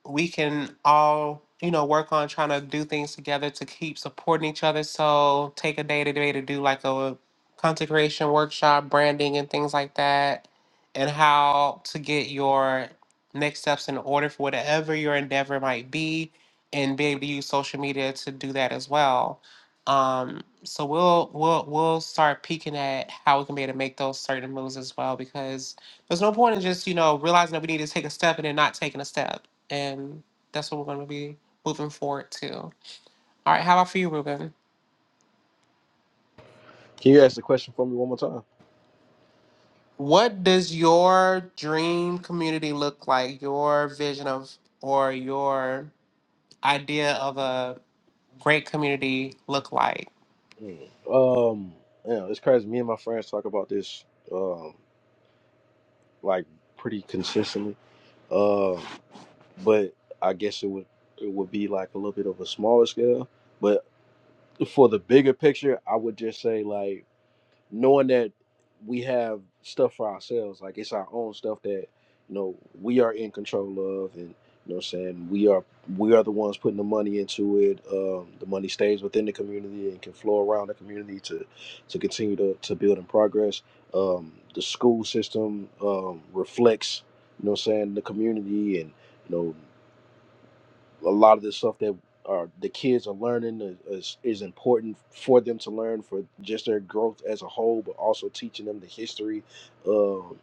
Speaker 1: we can all you know work on trying to do things together to keep supporting each other so take a day today to do like a content creation workshop branding and things like that and how to get your next steps in order for whatever your endeavor might be and be able to use social media to do that as well um, so we'll we'll we'll start peeking at how we can be able to make those certain moves as well because there's no point in just you know realizing that we need to take a step and then not taking a step and that's what we're going to be moving forward to. All right, how about for you, Ruben?
Speaker 7: Can you ask the question for me one more time?
Speaker 1: What does your dream community look like? Your vision of or your idea of a great community look like?
Speaker 7: Mm. Um, yeah, it's crazy. Me and my friends talk about this um like pretty consistently. Um, but I guess it would it would be like a little bit of a smaller scale. But for the bigger picture, I would just say like knowing that we have stuff for ourselves, like it's our own stuff that you know we are in control of, and you know, what I'm saying we are we are the ones putting the money into it. Um, the money stays within the community and can flow around the community to to continue to to build and progress. Um, the school system um, reflects, you know, what I'm saying the community and you know a lot of the stuff that are the kids are learning is, is important for them to learn for just their growth as a whole, but also teaching them the history um,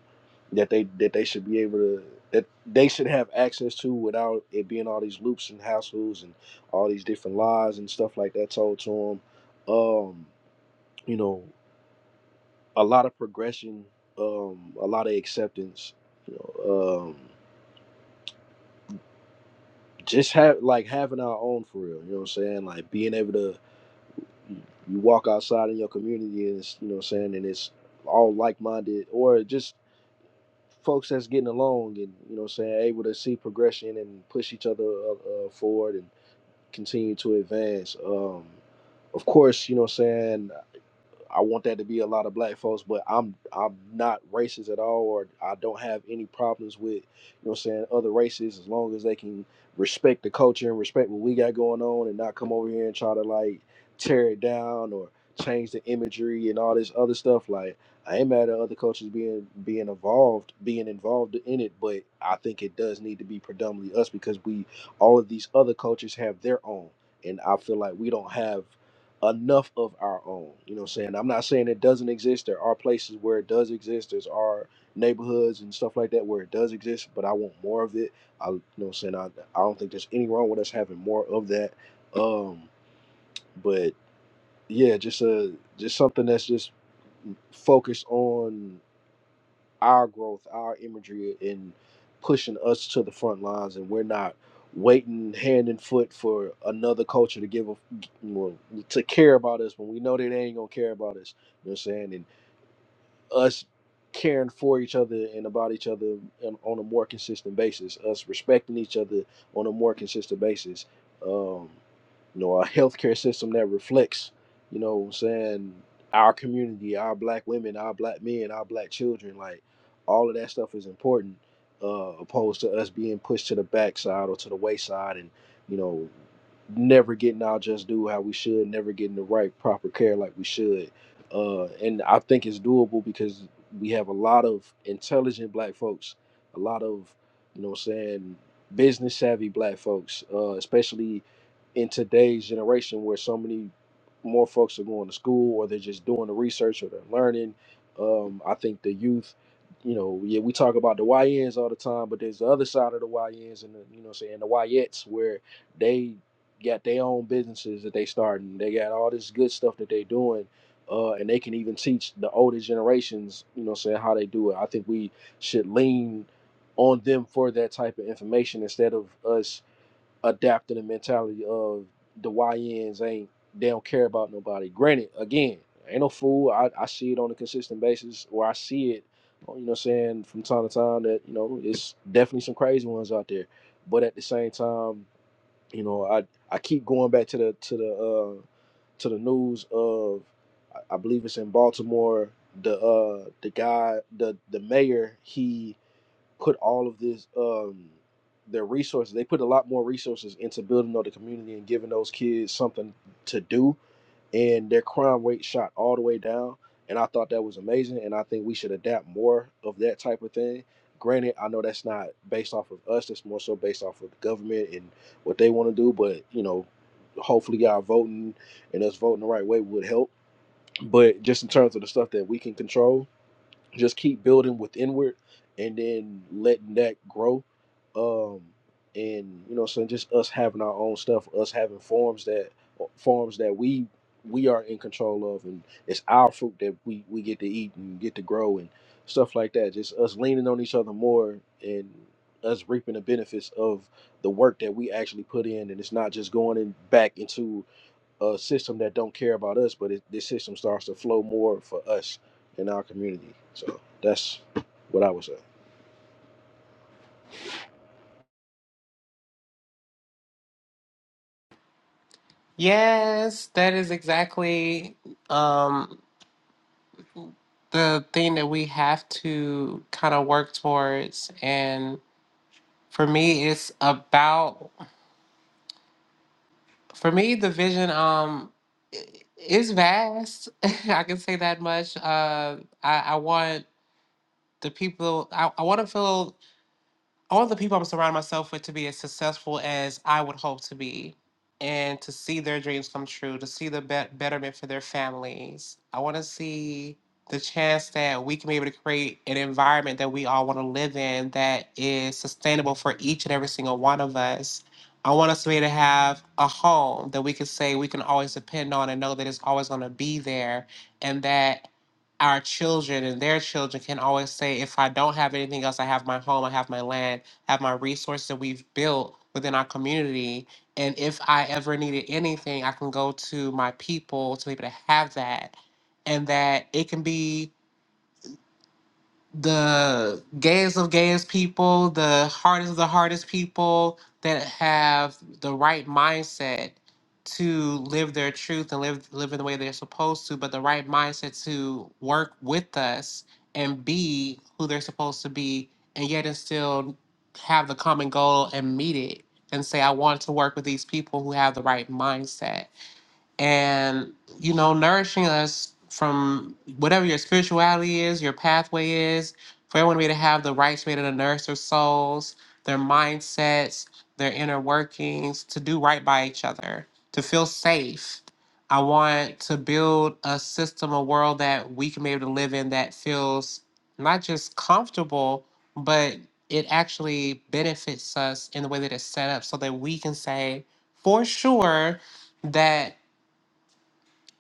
Speaker 7: that they that they should be able to that they should have access to without it being all these loops and households and all these different lies and stuff like that told to them. Um, you know, a lot of progression, um, a lot of acceptance. You know, um, just have like having our own for real. You know what I'm saying? Like being able to you you walk outside in your community and it's you know what I'm saying and it's all like minded or just folks that's getting along and you know what I'm saying able to see progression and push each other uh, uh, forward and continue to advance. Um, of course, you know what I'm saying I want that to be a lot of black folks, but I'm I'm not racist at all, or I don't have any problems with you know what I'm saying other races as long as they can respect the culture and respect what we got going on, and not come over here and try to like tear it down or change the imagery and all this other stuff. Like I ain't mad at other cultures being being involved, being involved in it, but I think it does need to be predominantly us because we all of these other cultures have their own, and I feel like we don't have enough of our own. You know what I'm saying? I'm not saying it doesn't exist. There are places where it does exist. There's our neighborhoods and stuff like that where it does exist, but I want more of it. I you know what I'm saying I, I don't think there's any wrong with us having more of that. Um but yeah, just a just something that's just focused on our growth, our imagery, and pushing us to the front lines, and we're not waiting hand and foot for another culture to give a well, to care about us when we know that they ain't gonna care about us. You know what I'm saying? And us caring for each other and about each other on on a more consistent basis, us respecting each other on a more consistent basis. Um, you know, a *laughs* healthcare system that reflects, you know what I'm saying, our community, our black women, our black men, our black children, like all of that stuff is important, uh, opposed to us being pushed to the backside or to the wayside and, you know, never getting our just due how we should, never getting the right proper care like we should uh, and I think it's doable because we have a lot of intelligent black folks, a lot of you know what I'm saying business savvy black folks, uh, especially in today's generation where so many more folks are going to school or they're just doing the research or they're learning. Um, I think the youth, you know, yeah, we talk about the YNs all the time, but there's the other side of the YNs and the, you know, what I'm saying the YETs where they got their own businesses that they starting. They got all this good stuff that they doing uh, and they can even teach the older generations, you know, saying how they do it. I think we should lean on them for that type of information instead of us adapting the mentality of the YNs ain't they don't care about nobody. Granted, again, ain't no fool. I, I see it on a consistent basis, or I see it, you know, what I'm saying from time to time that you know it's definitely some crazy ones out there. But at the same time, you know i i keep going back to the to the uh to the news of i I believe it's in baltimore the uh the guy the the mayor he put all of this um their resources they put a lot more resources into building up the community and giving those kids something to do and their crime rate shot all the way down. And I thought that was amazing. And I think we should adapt more of that type of thing. Granted, I know that's not based off of us, that's more so based off of the government and what they want to do. But, you know, hopefully, y'all voting and us voting the right way would help. But just in terms of the stuff that we can control, just keep building with inward and then letting that grow um and you know so just us having our own stuff us having forms that uh, forms that we we are in control of and it's our fruit that we we get to eat and get to grow and stuff like that just us leaning on each other more and us reaping the benefits of the work that we actually put in and it's not just going in back into a system that don't care about us, but it, this system starts to flow more for us in our community. So that's what I would say.
Speaker 1: Yes, that is exactly um, the thing that we have to kind of work towards. And for me, it's about For me, the vision um i- is vast. *laughs* I can say that much. Uh, I, I want the people. I, I want to feel all the people I'm surrounding myself with to be as successful as I would hope to be and to see their dreams come true, to see the bet betterment for their families. I want to see the chance that we can be able to create an environment that we all want to live in that is sustainable for each and every single one of us. I want us to be able to have a home that we can say we can always depend on and know that it's always going to be there and that our children and their children can always say, if I don't have anything else, I have my home, I have my land, I have my resources that we've built within our community. And if I ever needed anything, I can go to my people to be able to have that. And that it can be the gayest of gayest people, the hardest of the hardest people that have the right mindset to live their truth and live live in the way they're supposed to, but the right mindset to work with us and be who they're supposed to be, and yet and still have the common goal and meet it and say, I want to work with these people who have the right mindset and you know nourishing us from whatever your spirituality is your pathway is for everyone to be to have the right spirit to nourish their souls their mindsets their inner workings to do right by each other to feel safe i want to build a system a world that we can be able to live in that feels not just comfortable but it actually benefits us in the way that it's set up so that we can say for sure that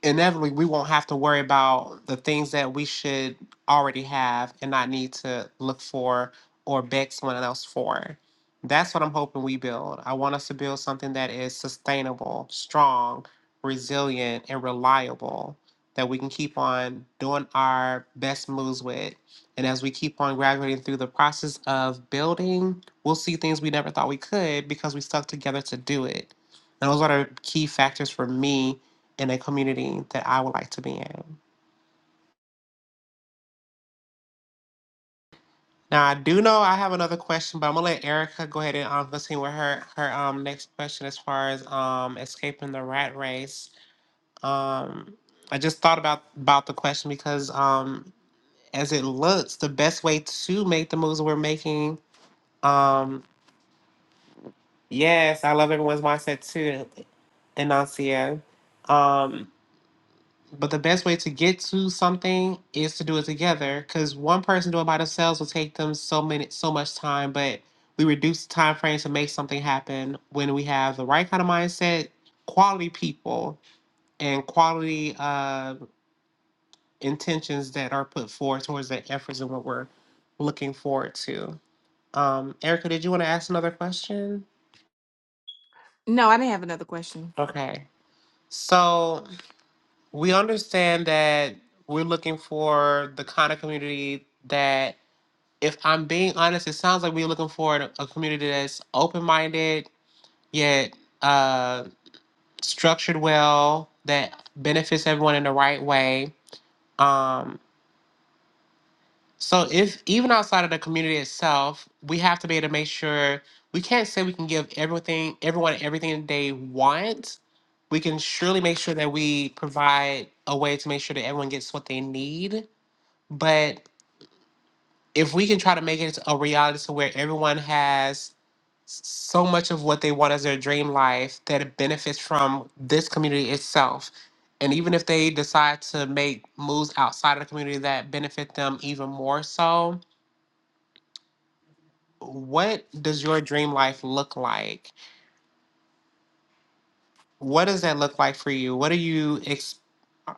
Speaker 1: inevitably we won't have to worry about the things that we should already have and not need to look for or beg someone else for. That's what I'm hoping we build. I want us to build something that is sustainable, strong, resilient, and reliable that we can keep on doing our best moves with. And as we keep on graduating through the process of building, we'll see things we never thought we could because we stuck together to do it. And those are the key factors for me in a community that I would like to be in. Now I do know I have another question, but I'm gonna let Erica go ahead and um, continue with her her um next question as far as um escaping the rat race. Um, I just thought about about the question because um as it looks, the best way to make the moves we're making. Um, yes, I love everyone's mindset too, Enuncia. Um, But the best way to get to something is to do it together because one person doing it by themselves will take them so many so much time, but we reduce the time frame to make something happen when we have the right kind of mindset, quality people, and quality uh, intentions that are put forward towards the efforts and what we're looking forward to. Um, Erica, did you want to ask another question?
Speaker 2: No, I didn't have another question.
Speaker 1: Okay. So we understand that we're looking for the kind of community that if I'm being honest, it sounds like we're looking for a, a community that's open minded, yet uh, structured well, that benefits everyone in the right way. Um, so, if even outside of the community itself, we have to be able to make sure we can't say we can give everything, everyone everything they want. We can surely make sure that we provide a way to make sure that everyone gets what they need. But if we can try to make it a reality to where everyone has so much of what they want as their dream life that it benefits from this community itself. And even if they decide to make moves outside of the community that benefit them even more so, what does your dream life look like? What does that look like for you? What are you ex-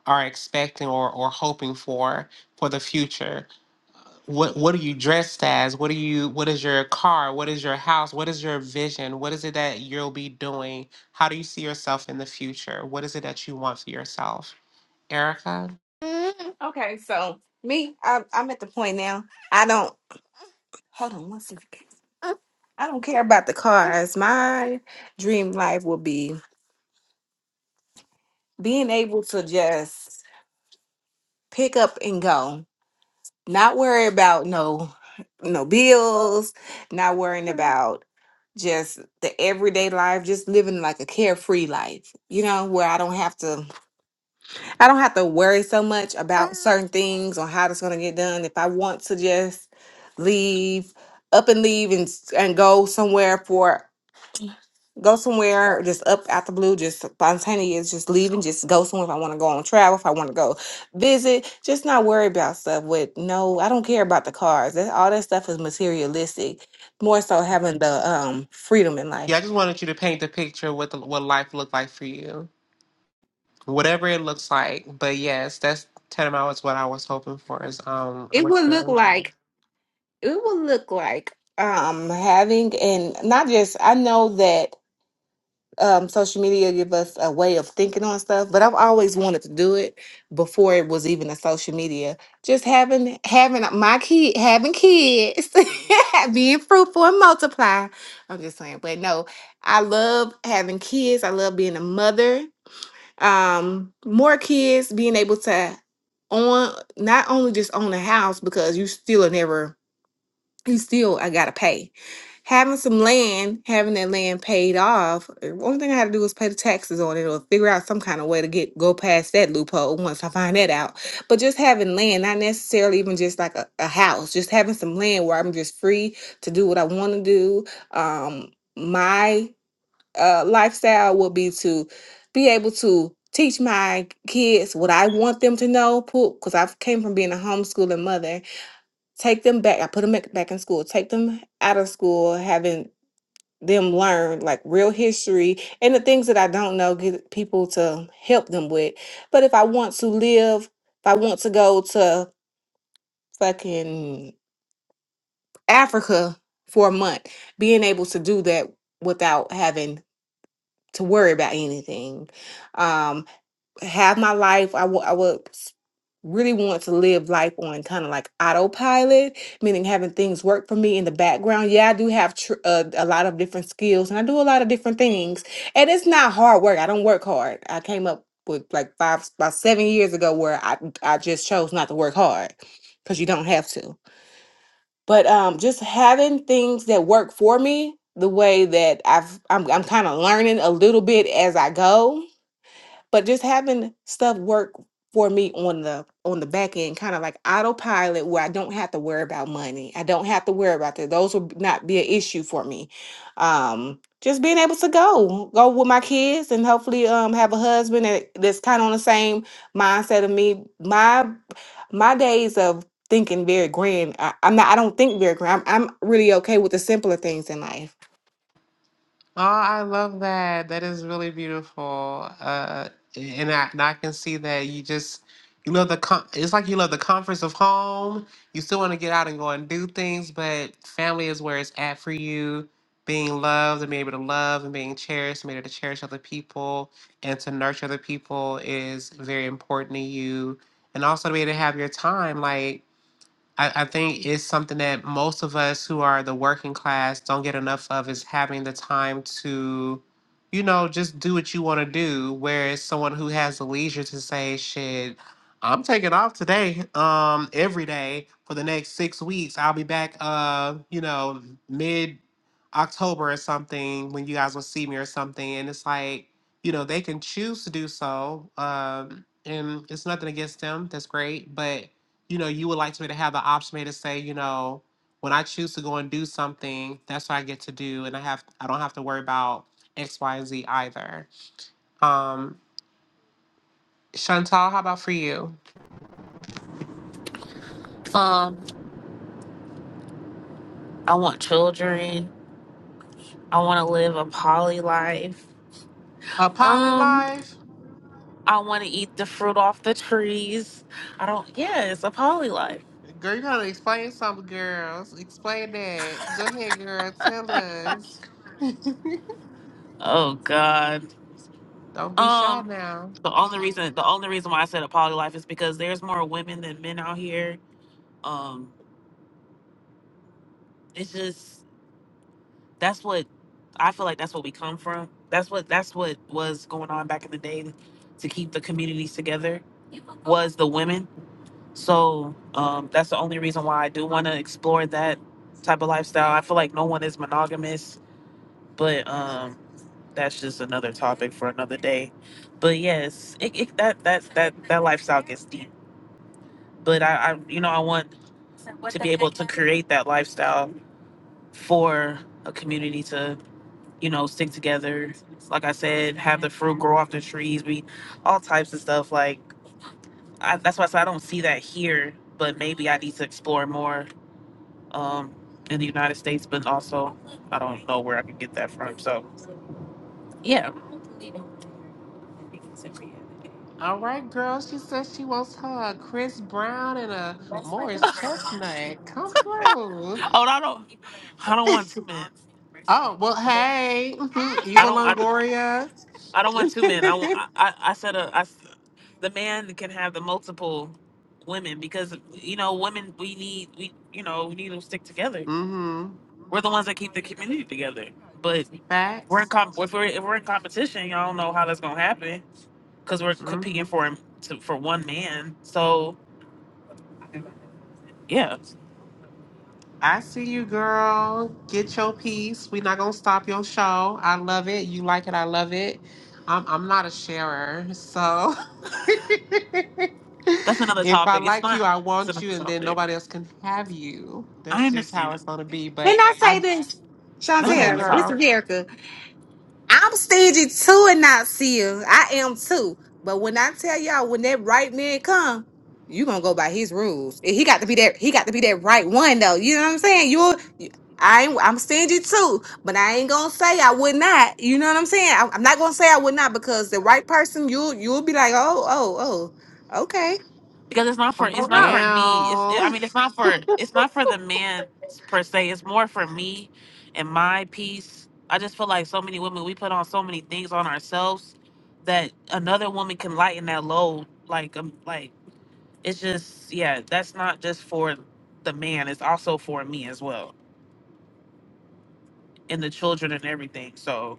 Speaker 1: are expecting or, or hoping for for the future? what what are you dressed as what are you what is your car what is your house what is your vision what is it that you'll be doing how do you see yourself in the future what is it that you want for yourself erica
Speaker 2: Mm, okay, so me, I, I'm at the point now. I don't hold on one second. I don't care about the cars. My dream life will be being able to just pick up and go. Not worry about no no bills, not worrying about just the everyday life, just living like a carefree life, you know, where I don't have to I don't have to worry so much about certain things or how it's gonna get done. If I want to just leave, up and leave and s- and go somewhere for go somewhere just up out the blue just spontaneous just leaving just go somewhere if i want to go on travel if i want to go visit just not worry about stuff with no i don't care about the cars that all that stuff is materialistic more so having the um freedom in
Speaker 1: yeah i
Speaker 2: life
Speaker 1: just wanted you to paint the picture of what the, what life looked like for you whatever it looks like but yes that's tantamount is what i was hoping for is um
Speaker 2: it
Speaker 1: what's
Speaker 2: would look
Speaker 1: your life
Speaker 2: like it would look like um having and not just i know that um social media give us a way of thinking on stuff but i've always wanted to do it before it was even a social media just having having my kid having kids *laughs* being fruitful and multiply i'm just saying but no i love having kids i love being a mother um more kids being able to own not only just own a house because you still are never you still i gotta pay having some land, having that land paid off, the only thing I had to do was pay the taxes on it or figure out some kind of way to get go past that loophole once I find that out. But just having land, not necessarily even just like a, a house, just having some land where I'm just free to do what I want to do. Um, my uh, lifestyle will be to be able to teach my kids what I want them to know, because I've came from being a homeschooling mother take them back. I put them back back in school. Take them out of school, having them learn like real history and the things that I don't know, get people to help them with. But if I want to live, if I want to go to fucking Africa for a month, being able to do that without having to worry about anything. Um, have my life. I wa- I would s- really want to live life on kind of like autopilot, meaning having things work for me in the background. Yeah, I do have tr- uh, a lot of different skills and I do a lot of different things. And it's not hard work. I don't work hard. I came up with like five, about seven years ago where I, I just chose not to work hard because you don't have to. But um, just having things that work for me the way that I've, I'm, I'm kind of learning a little bit as I go but just having stuff work for me on the on the back end kind of like autopilot where i don't have to worry about money i don't have to worry about that those would not be an issue for me um just being able to go go with my kids and hopefully um have a husband that, that's kind of on the same mindset of me my my days of thinking very grand I, i'm not i don't think very grand I'm, I'm really okay with the simpler things in life
Speaker 1: Oh, I love that. That is really beautiful. Uh, and I, and I can see that you just you love the com- it's like you love the comforts of home. You still want to get out and go and do things, but family is where it's at for you. Being loved and being able to love and being cherished, being able to cherish other people and to nurture other people is very important to you. And also to be able to have your time, like I, I think it's something that most of us who are the working class don't get enough of is having the time to, you know, just do what you want to do. Whereas someone who has the leisure to say, shit, I'm taking off today, um, every day for the next six weeks. I'll be back, uh, you know, mid October or something when you guys will see me or something. And it's like, you know, they can choose to do so. Um, and it's nothing against them. That's great. But you know, you would like me to have the option to say, you know, when I choose to go and do something, that's what I get to do, and I have I don't have to worry about X, Y, and Z either. Um, Chantal, how about for you?
Speaker 4: Um, I want children. I want to live a poly life.
Speaker 1: A poly
Speaker 4: Um,
Speaker 1: life,
Speaker 4: I want to eat the fruit off the trees. I don't. Yeah, it's a poly life.
Speaker 1: girl. You gotta explain something, girls. Explain that. Go ahead, girl. Tell us. *laughs*
Speaker 4: Oh God.
Speaker 1: don't be shy
Speaker 4: Um,
Speaker 1: now.
Speaker 4: the only reason the only reason why I said a poly life is because there's more women than men out here. Um, it's just that's what I feel like that's what we come from. That's what that's what was going on back in the day to keep the communities together was the women. So um, that's the only reason why I do want to explore that type of lifestyle. I feel like no one is monogamous, but um, that's just another topic for another day. But yes, it, it, that that that that lifestyle gets deep. but I, I you know I want to be able to create that lifestyle for a community to you know stick together. Like I said, have the fruit grow off the trees, be all types of stuff. Like I, that's why I said I don't see that here, but maybe I need to explore more um, in the United States. But also, I don't know where I can get that from. So yeah.
Speaker 1: All right, girl. She says she wants her a Chris Brown and a Morris Chestnut. Come through.
Speaker 4: Oh, no, I don't. I don't want
Speaker 1: *laughs*
Speaker 4: two men.
Speaker 1: Oh, well, hey, mhm,
Speaker 4: I
Speaker 1: Eva
Speaker 4: don't. I,
Speaker 1: Longoria.
Speaker 4: I don't want two men. I want.
Speaker 1: *laughs*
Speaker 4: I I I said a. I the man can have the multiple women because you know women we need we you know we need to stick together
Speaker 1: mm-hmm.
Speaker 4: we're the ones that keep the community together but we're in
Speaker 1: Facts.
Speaker 4: comp if we're, if we're in competition y'all don't know how that's gonna happen because we're
Speaker 1: Mhm.
Speaker 4: competing for him to, for one man so yeah
Speaker 1: I see you, girl. Get your piece. We're not going to stop your show. I love it. You like it. I love it. I'm, I'm not a sharer. So *laughs*
Speaker 4: that's another
Speaker 1: if I
Speaker 4: topic it's
Speaker 1: like you,
Speaker 4: not
Speaker 1: I
Speaker 4: it's
Speaker 1: want you,
Speaker 4: another
Speaker 1: and then
Speaker 4: topic
Speaker 1: nobody else can have you.
Speaker 4: i
Speaker 1: That's just
Speaker 4: understand
Speaker 1: how
Speaker 4: it
Speaker 1: it's going to be. But
Speaker 2: can i
Speaker 1: I
Speaker 2: say this
Speaker 1: go
Speaker 4: that's
Speaker 1: ahead,
Speaker 4: another
Speaker 2: Shantae, this
Speaker 4: topic
Speaker 1: girl.
Speaker 2: is Erica. I'm stingy too and not see you. I am too. But when I tell y'all, when that right man come, you gonna go by his rules. And He got to be that. He got to be that right one though. You know what I'm saying? You, you- I ain't. I'm stingy too, but I ain't gonna say I would not. You know what I'm saying? I, I'm not gonna say I would not because the right person, you'll you'll be like, oh, oh, oh, okay.
Speaker 4: because it's not
Speaker 2: I
Speaker 4: for it's
Speaker 2: don't
Speaker 4: not
Speaker 2: know.
Speaker 4: for me. It's I
Speaker 1: Ow.
Speaker 4: mean it's not for it's not for the man per se. It's more for me and my peace. I just feel like so many women we put on so many things on ourselves that another woman can lighten that load. Like um, like it's just yeah. That's not just for the man. It's also for me as well and the children and everything. So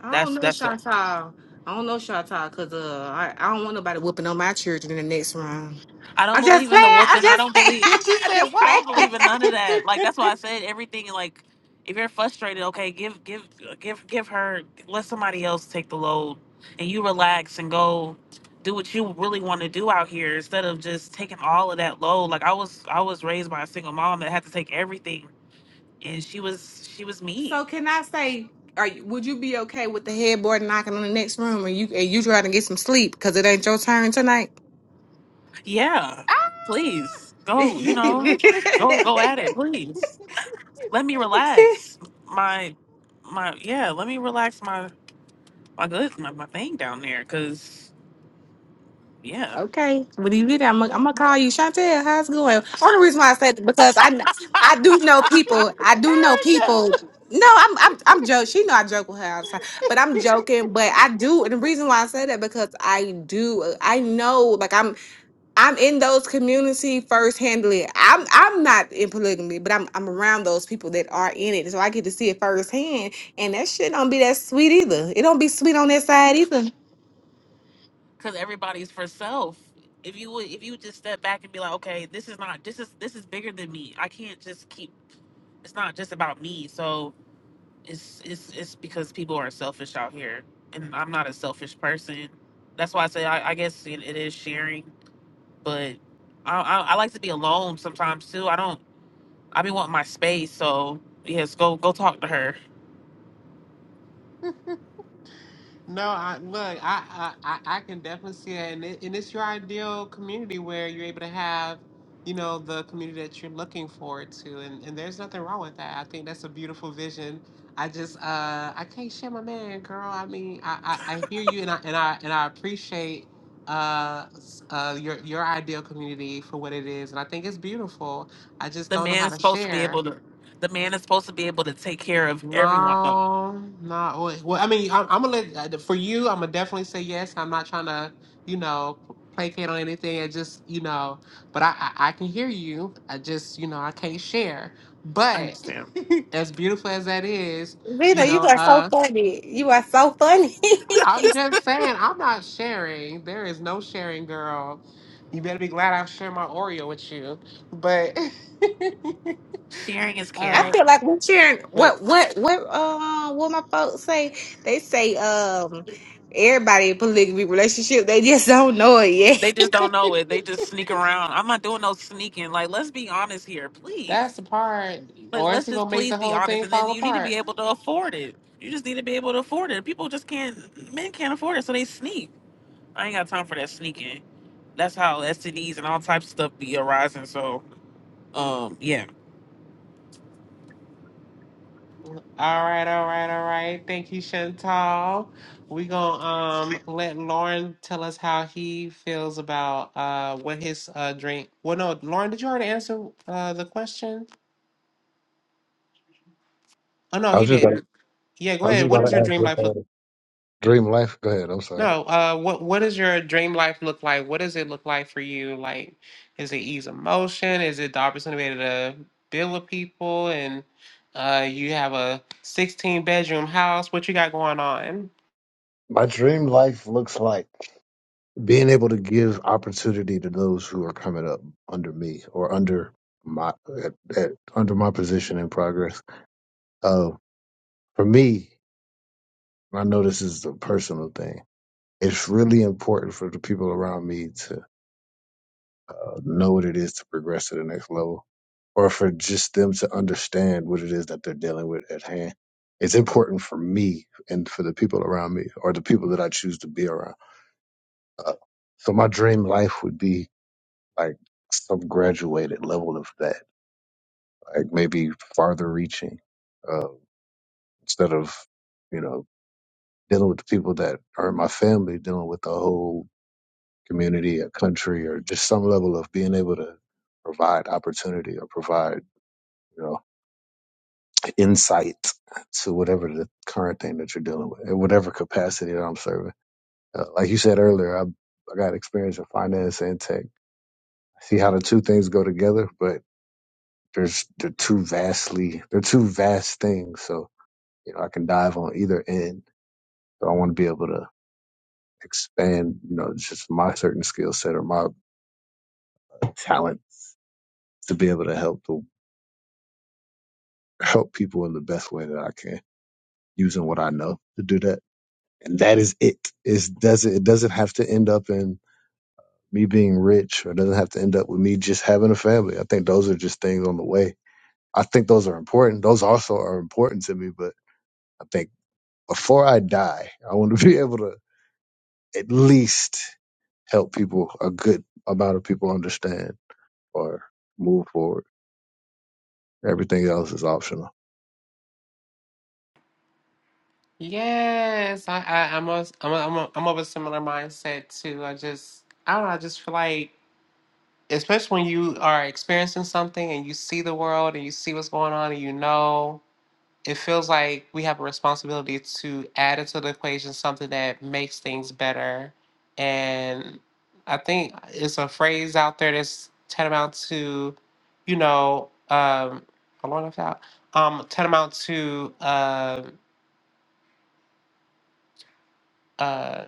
Speaker 2: I don't
Speaker 4: that's
Speaker 2: know,
Speaker 4: that's a.
Speaker 2: Chantal. I don't know, Chantal, because uh, I, I don't want nobody whooping on my children in the next round.
Speaker 4: I don't
Speaker 2: I'm just
Speaker 4: believe in
Speaker 2: playing.
Speaker 4: the
Speaker 2: I'm
Speaker 4: whooping. I
Speaker 2: just
Speaker 4: don't
Speaker 2: playing.
Speaker 4: believe.
Speaker 2: *laughs*
Speaker 1: *laughs* Did you
Speaker 2: I'm
Speaker 1: say
Speaker 2: just
Speaker 4: I
Speaker 2: playing.
Speaker 4: don't
Speaker 1: what?
Speaker 4: believe in none of that. Like
Speaker 1: *laughs*
Speaker 4: that's why I said everything. Like if you're frustrated, okay, give give give give her. Let somebody else take the load, and you relax and go do what you really want to do out here instead of just taking all of that load. Like I was I was raised by a single mom that had to take everything, and she was she was mean.
Speaker 2: So can I say, are you, would you be okay with the headboard knocking on the next room and you and you trying to get some sleep because it ain't your turn tonight?
Speaker 4: Yeah, please
Speaker 2: *laughs*
Speaker 4: go. You
Speaker 2: okay.
Speaker 4: know, go go at it, please. Let me relax. My my yeah. Let me relax. my. my goods, my, my thing down there, because yeah,
Speaker 2: When you get that, I'm,
Speaker 1: Yes.
Speaker 2: gonna- I'm gonna call you, Chantel. How's it going? Only reason why I said that because I kn- I do know people. I do know
Speaker 1: Erica.
Speaker 2: people. No, I'm I'm I'm joking. She know I joke with her all the time, but I'm joking. But I do, and the reason why I say that because I do. I know, like I'm. I'm in those community first handling. I'm I'm not in polygamy, but I'm I'm around those people that are in it. So I get to see it firsthand. And that shit don't be that sweet either. It don't be sweet on that side either.
Speaker 4: because everybody's for self. If you would, if you would just step back and be like, okay, this is not, this is this is bigger than me. I can't just keep. It's not just about me. So it's it's it's because people are selfish out here, and I'm not a selfish person. That's why I say I, I guess it, it is sharing, but I, I I like to be alone sometimes too. I don't. I be wanting my space. So yes, go go talk to her.
Speaker 1: No, I look, I, I, I I can definitely see it. And, it, and it's your ideal community where you're able to have, you know, the community that you're looking forward to. And, and there's nothing wrong with that. I think that's a beautiful vision. I just, uh, I can't share my man, girl. I mean, I, I, I hear you and I, and I, and I appreciate, uh, s- uh, your, your ideal community for what it is. And I think it's beautiful. I just
Speaker 4: The
Speaker 1: don't know
Speaker 4: man
Speaker 1: how
Speaker 4: is
Speaker 1: to
Speaker 4: supposed to be
Speaker 1: share.
Speaker 4: able to. The man is supposed to be able to take care of everyone. Though
Speaker 1: No, not really. Well, I mean, I'm, I'm gonna let uh, for you. I'm gonna definitely say yes. I'm not trying to, you know, placate on anything. I just, you know, but I, I, I can hear you. I just, you know, I can't share.
Speaker 4: I
Speaker 1: But
Speaker 4: understand.
Speaker 1: *laughs* as beautiful as that is, you
Speaker 4: I
Speaker 2: Vina, you
Speaker 1: know,
Speaker 4: understand.
Speaker 2: are so
Speaker 1: uh,
Speaker 2: funny. You are so funny. *laughs*
Speaker 1: I'm just saying, I'm not sharing. There is no sharing, girl. You better be glad I share my Oreo with you. But, *laughs*
Speaker 4: Sharing is
Speaker 2: I
Speaker 4: caring.
Speaker 1: uh,
Speaker 2: feel like we're cheering
Speaker 1: but.
Speaker 2: what what what uh what my folks say. They say um everybody in polygamy relationship, they just don't know it
Speaker 4: They
Speaker 2: yet. *laughs*
Speaker 4: just don't know
Speaker 1: *laughs*
Speaker 4: it. They just sneak around. I'm not doing no sneaking. Like, let's be honest here,
Speaker 1: That's
Speaker 4: please.
Speaker 1: the part,
Speaker 4: Like,
Speaker 1: or
Speaker 4: let's
Speaker 1: it's
Speaker 4: just
Speaker 1: gonna make
Speaker 4: please
Speaker 1: the
Speaker 4: be
Speaker 1: whole
Speaker 4: honest.
Speaker 1: thing
Speaker 4: And then
Speaker 1: fall
Speaker 4: you need to be
Speaker 1: apart.
Speaker 4: able to afford it. You just need to be able to afford it. People just can't. Men can't afford it, so they sneak. I ain't got time for that sneaking. That's how STDs and all types of stuff be arising. So, um, yeah.
Speaker 1: All right, all right, all right. Thank you, Chantal. We gonna um let Lauren tell us how he feels about uh what his uh dream. Well, no, Lauren, did you already answer uh the question? Oh no,
Speaker 5: I
Speaker 1: he
Speaker 5: was just about,
Speaker 1: didn't. Yeah, go
Speaker 5: I was just
Speaker 1: ahead. What
Speaker 5: about to
Speaker 1: is your
Speaker 5: ask
Speaker 1: dream
Speaker 5: what
Speaker 1: life?
Speaker 5: the dream life. Go ahead. I'm sorry.
Speaker 1: No, uh, what what does your dream life look like? What does it look like for you? Like, is it ease of motion? Is it the opportunity to build with people? And uh, you have a 16 bedroom house. What you got going on?
Speaker 5: My dream life looks like being able to give opportunity to those who are coming up under me or under my at, at, under my position in progress. Uh, for me, and I know this is a personal thing. It's really important for the people around me to. uh, know what it is to progress to the next level, or for just them to understand what it is that they're dealing with at hand. It's important for me and for the people around me, or the people that I choose to be around. Uh, so my dream life would be like some graduated level of that, like maybe farther reaching, uh, instead of you know dealing with the people that are in my family, dealing with the whole community, a country, or just some level of being able to provide opportunity or provide you know insight to whatever the current thing that you're dealing with, in whatever capacity that I'm serving. Uh, like you said earlier, I, I got experience in finance and tech. See how the two things go together, but there's they're two vastly they're two vast things. So you know, I can dive on either end. So I want to be able to expand, you know, just my certain skill set or my talent to be able to help the, help people in the best way that I can using what I know to do that. And that is it. It doesn't it doesn't have to end up in me being rich or it doesn't have to end up with me just having a family. I think those are just things on the way. I think those are important. Those also are important to me, but I think before I die, I want to *laughs* be able to at least help people a good amount of people understand or move forward. Everything else is optional.
Speaker 1: Yes, I, I I'm a, I'm a, I'm a, I'm of a similar mindset too. I just I don't know. I just feel like, especially when you are experiencing something and you see the world and you see what's going on and you know. it feels like we have a responsibility to add into the equation something that makes things better. And I think it's a phrase out there that's tantamount to, you know, um, hold on, I found- um, tantamount to uh, uh,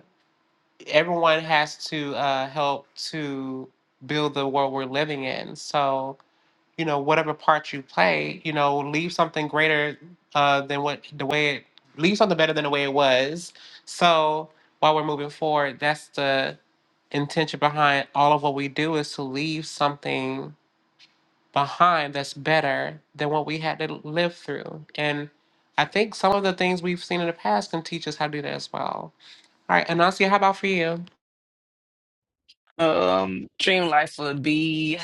Speaker 1: everyone has to uh, help to build the world we're living in. So, you know whatever part you play you know leave something greater uh than what the way it leave something better than the way it was so while we're moving forward that's the intention behind all of what we do is to leave something behind that's better than what we had to live through and i think some of the things we've seen in the past can teach us how to do that as well all right anasia how about for you
Speaker 3: Um, dream life would be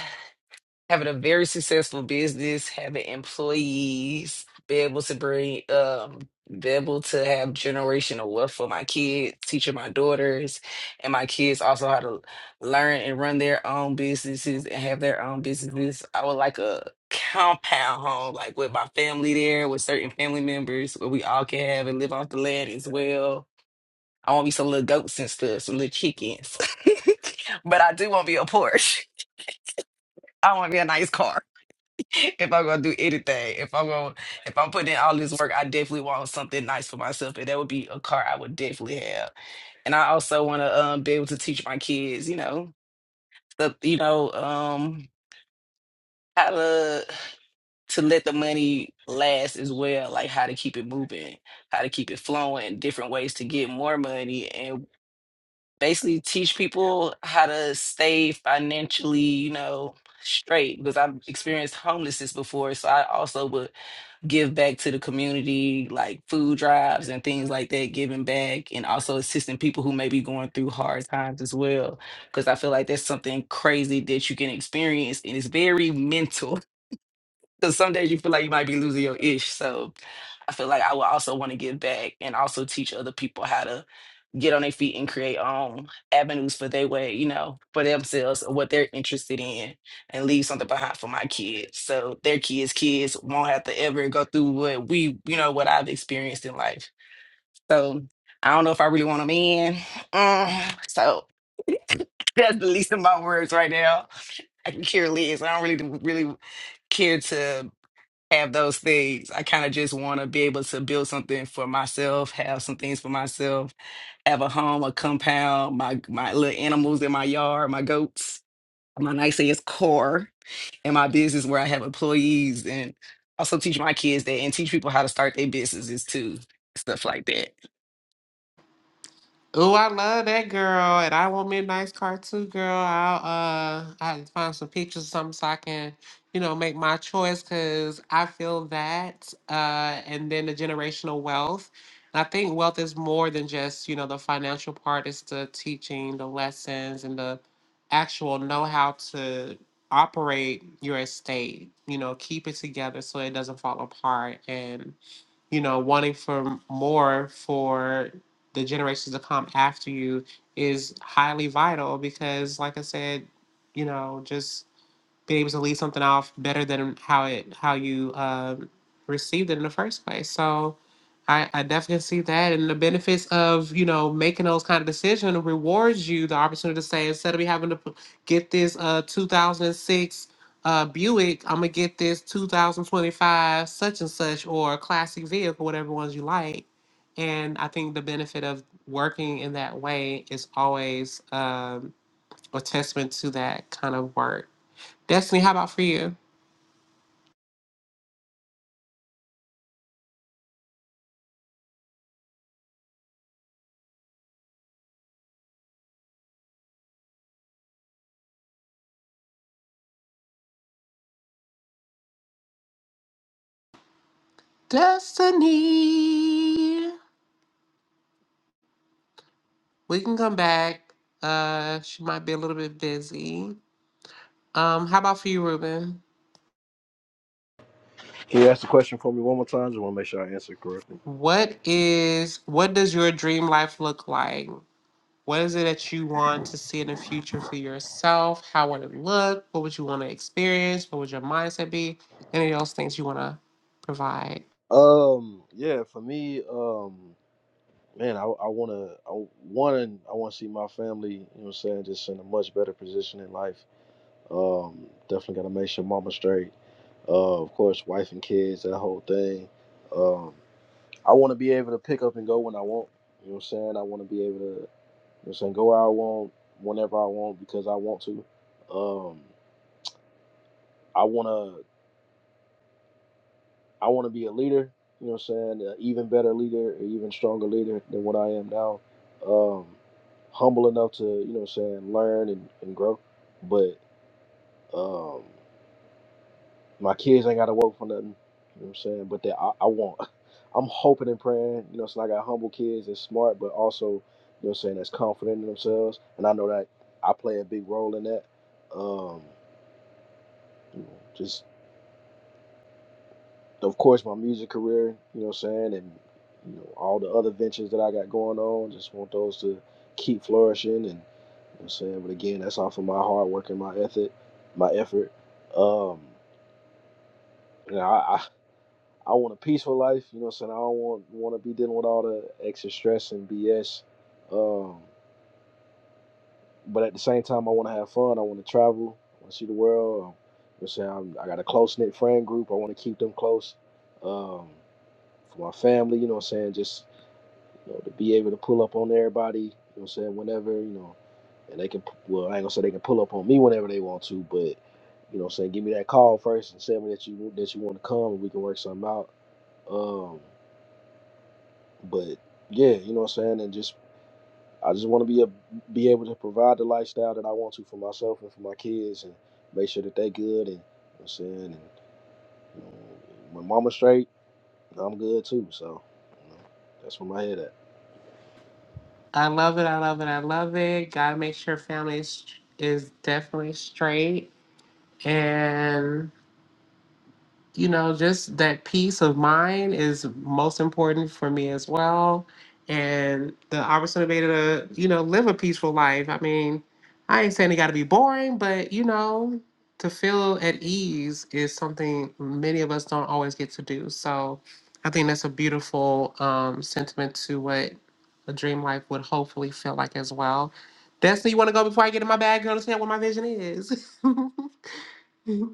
Speaker 3: having a very successful business, having employees, be able to bring, um, be able to have generational wealth for my kids, teaching my daughters, and my kids also how to learn and run their own businesses and have their own businesses. I would like a compound home, like with my family there, with certain family members, where we all can have and live off the land as well I want to be some little goats and stuff, some little chickens. *laughs* but I do want to be a Porsche. *laughs* I want to be a nice car. *laughs* If I'm gonna do anything, if I'm gonna, if I'm putting in all this work, I definitely want something nice for myself, and that would be a car I would definitely have. And I also want to um, be able to teach my kids, you know, the, you know, um, how to to let the money last as well, like how to keep it moving, how to keep it flowing, different ways to get more money, and. basically teach people how to stay financially, you know, straight because I've experienced homelessness before. So I also would give back to the community, like food drives and things like that, giving back and also assisting people who may be going through hard times as well. Because I feel like that's something crazy that you can experience and it's very mental. *laughs* Because some days you feel like you might be losing your ish. So I feel like I would also want to give back and also teach other people how to get on their feet and create um avenues for their way, you know, for themselves or what they're interested in and leave something behind for my kids. So their kids' kids won't have to ever go through what we, you know, what I've experienced in life. So I don't know if I really want them in. Mm, so *laughs* that's the least of my words right now. I can care less. I don't really really care to have those things. I kind of just want to be able to build something for myself, have some things for myself, have a home, a compound, my my little animals in my yard, my goats, my nice ass car, and my business where I have employees and also teach my kids that and teach people how to start their businesses too. Stuff like that.
Speaker 1: Ooh, I love that girl, and I want me a nice car too, girl. I'll uh, I can find some pictures or something so I can, you know, make my choice because I feel that, uh, and then the generational wealth. And I think wealth is more than just you know the financial part. It's the teaching, the lessons, and the actual know-how to operate your estate. You know, keep it together so it doesn't fall apart, and you know, wanting for more for the generations to come after you is highly vital because, like I said, you know, just being able to leave something off better than how it how you um, received it in the first place. So I, I definitely see that, and the benefits of you know making those kind of decisions rewards you the opportunity to say instead of me having to p- get this uh 2006 uh Buick, I'm gonna get this 2025 such and such or a classic vehicle, whatever ones you like. And I think the benefit of working in that way is always um, a testament to that kind of work. Destiny, how about for you? Destiny. We can come back. Uh she might be a little bit busy. Um, how about for you, Ruben?
Speaker 7: Can you ask the question for me one more time? Just want to make sure I answer it correctly.
Speaker 1: What is what does your dream life look like? What is it that you want to see in the future for yourself? How would it look? What would you want to experience? What would your mindset be? Any of those things you want to provide?
Speaker 7: Um, yeah, for me, um, man, I, I wanna, I want, I want to see my family. You know, what I'm saying, just in a much better position in life. Um, definitely gotta make sure mama straight. Uh, of course, wife and kids, that whole thing. Um, I want to be able to pick up and go when I want. You know what I'm saying? I want to be able to You know what I'm saying go where I want, whenever I want, because I want to. Um, I wanna, I wanna be a leader. You know what I'm saying? An even better leader, an even stronger leader than what I am now. Um, humble enough to, you know what I'm saying, learn and, and grow. But um, my kids ain't gotta work for nothing. You know what I'm saying? But that I, I want. *laughs* I'm hoping and praying. You know, so I got humble kids that's smart, but also, you know, what I'm saying that's confident in themselves, and I know that I play a big role in that. Um, you know, just of course my music career, you know what I'm saying, and you know, all the other ventures that I got going on, just want those to keep flourishing and you know what I'm saying, but again, that's off of my hard work and my effort my effort. Um you know, I, I I want a peaceful life, you know what I'm saying? I don't want want to be dealing with all the extra stress and BS. Um but at the same time I want to have fun, I want to travel, I want to see the world. um, You know what I'm saying? I'm, I got a close-knit friend group. I want to keep them close. Um for my family, you know what I'm saying? Just, you know, to be able to pull up on everybody, you know what I'm saying, whenever, you know, and they can, well, I ain't gonna say they can pull up on me whenever they want to, but, you know what I'm saying, give me that call first and tell me that you, that you want to come and we can work something out. Um, but yeah, you know what I'm saying? And just, I just want to be a, be able to provide the lifestyle that I want to for myself and for my kids and make sure that they good and, you know what I'm saying, and you know, when mama's straight, I'm good too. So, you know, that's where my head at.
Speaker 1: I love it. I love it. I love it. Gotta make sure family is, is definitely straight. And you know, just that peace of mind is most important for me as well. And the opportunity to, you know, live a peaceful life. I mean, I ain't saying it got to be boring, but, you know, to feel at ease is something many of us don't always get to do. So I think that's a beautiful um, sentiment to what a dream life would hopefully feel like as well. Destiny, you want to go before I get in my bag and understand what my vision is? *laughs*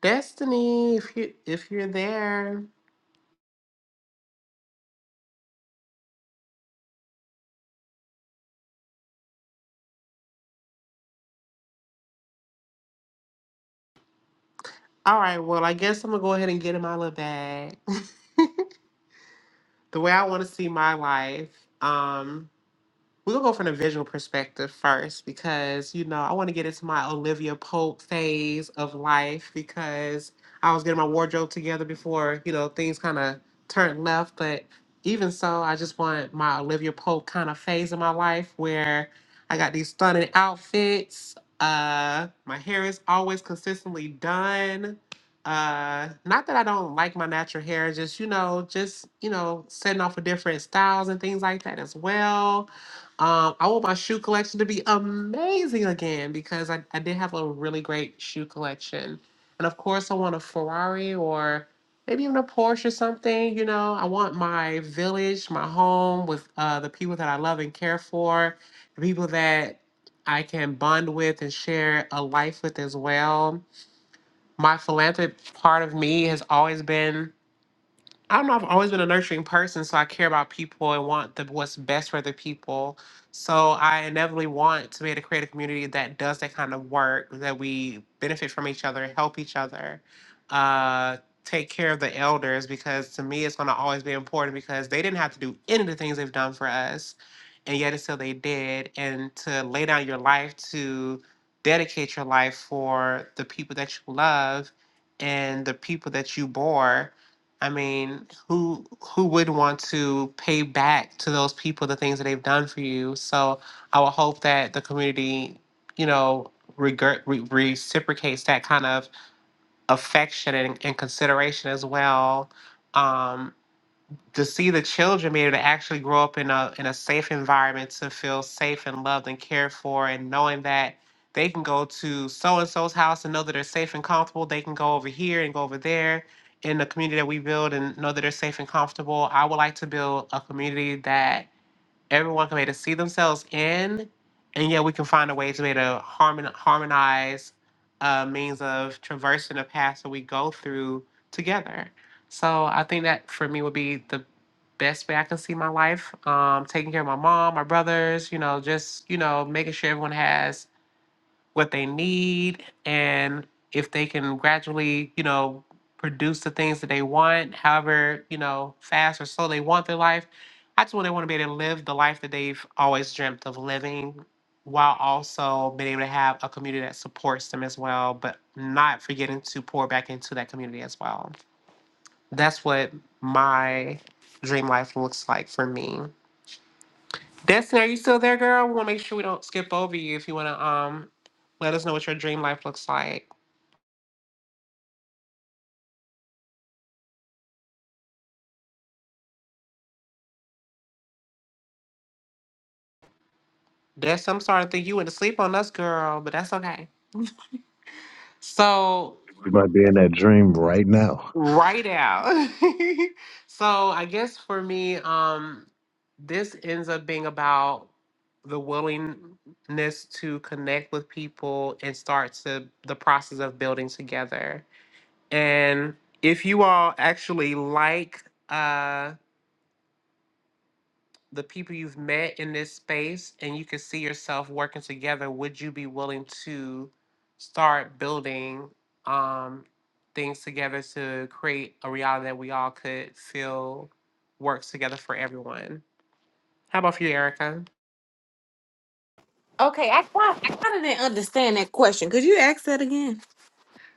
Speaker 1: Destiny, if you if you're there. All right, well, I guess I'm gonna go ahead and get in my little bag. *laughs* the way I want to see my life. Um We'll go from the visual perspective first because, you know, I want to get into my Olivia Pope phase of life because I was getting my wardrobe together before, you know, things kind of turned left. But even so, I just want my Olivia Pope kind of phase of my life where I got these stunning outfits. Uh, my hair is always consistently done. Uh, not that I don't like my natural hair, just, you know, just, you know, setting off for different styles and things like that as well um, I want my shoe collection to be amazing again because I, I did have a really great shoe collection. And of course, I want a Ferrari or maybe even a Porsche or something. You know, I want my village, my home with uh, the people that I love and care for, the people that I can bond with and share a life with as well. My philanthropic part of me has always been I don't know. I've always been a nurturing person, so I care about people and want the what's best for the people. So I inevitably want to be able to create a creative community that does that kind of work, that we benefit from each other, help each other, uh, take care of the elders, because to me it's going to always be important because they didn't have to do any of the things they've done for us, and yet it's still they did. And to lay down your life to dedicate your life for the people that you love and the people that you bore I mean, who who would want to pay back to those people the things that they've done for you? So I would hope that the community, you know, regret, re- reciprocates that kind of affection and, and consideration as well. Um, to see the children be able to actually grow up in a in a safe environment to feel safe and loved and cared for and knowing that they can go to so and so's house and know that they're safe and comfortable. They can go over here and go over there in the community that we build and know that they're safe and comfortable. I would like to build a community that everyone can be able to see themselves in, and yet we can find a way to be able to harmon- harmonize uh, means of traversing the paths that we go through together. So I think that for me would be the best way I can see my life. Um, taking care of my mom, my brothers, you know, just you know, making sure everyone has what they need and if they can gradually, you know, produce the things that they want, however, you know, fast or slow they want their life. I just want to want to be able to live the life that they've always dreamt of living while also being able to have a community that supports them as well, but not forgetting to pour back into that community as well. That's what my dream life looks like for me. Destiny, are you still there, girl? We want to make sure we don't skip over you. If you want to um, let us know what your dream life looks like. Destiny, I'm sorry to think you went to sleep on us, girl, but that's okay. So,
Speaker 5: You might be in that dream right now.
Speaker 1: right out. *laughs* so, I guess for me, um, this ends up being about the willingness to connect with people and start to the process of building together. And if you all actually like, uh. the people you've met in this space and you can see yourself working together, would you be willing to start building um, things together to create a reality that we all could feel works together for everyone? How about for you, Erica?
Speaker 2: Okay, I got I kinda didn't understand that question. Could you ask that again?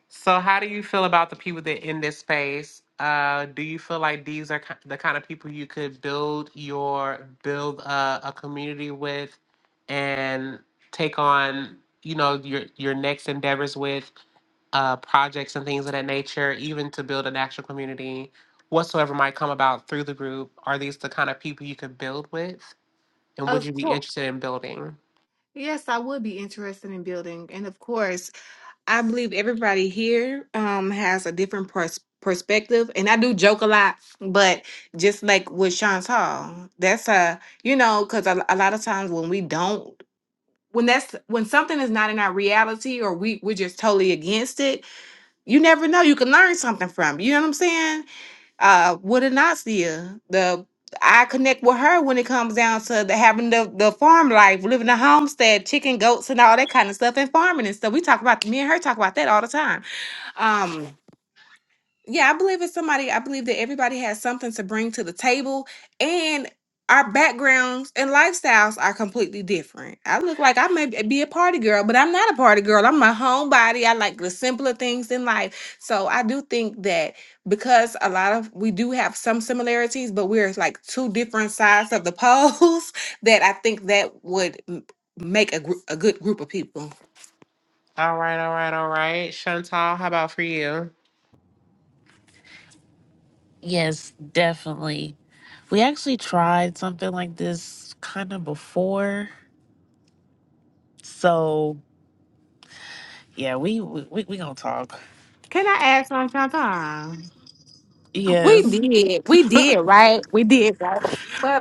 Speaker 1: So, how do you feel about the people that in this space? Uh, do you feel like these are ki- the kind of people you could build your build a, a community with, and take on you know your your next endeavors with uh, projects and things of that nature, even to build an actual community, whatsoever might come about through the group? Are these the kind of people you could build with, and would
Speaker 2: Of
Speaker 1: you be
Speaker 2: course.
Speaker 1: interested in building?
Speaker 2: Yes, I would be interested in building. And of course, I believe everybody here um has a different pers- perspective. And I do joke a lot, but just like with Sean's Hall, that's a, you know, because a, a lot of times when we don't, when that's when something is not in our reality or we we're just totally against it, you never know. You can learn something from. You know what I'm saying? uh with Anasia. The I connect with her when it comes down to the having the, the farm life, living the homestead, chicken, goats, and all that kind of stuff, and farming and stuff. We talk about me and her talk about that all the time. Um yeah, I believe it's somebody. I believe that everybody has something to bring to the table, and our backgrounds and lifestyles are completely different. I look like I may be a party girl, but I'm not a party girl. I'm a homebody. I like the simpler things in life. So I do think that because a lot of we do have some similarities, but we're like two different sides of the poles. *laughs* That I think that would m- make a, gr- a good group of people.
Speaker 1: All right, all right, all right. Chantal, how about for you?
Speaker 4: Yes, definitely. We actually tried something like this kind of before. So, yeah, we we we, we going to talk.
Speaker 2: Can I ask on Chantal? We
Speaker 4: Yes.
Speaker 2: did. We did, right? We did, right? But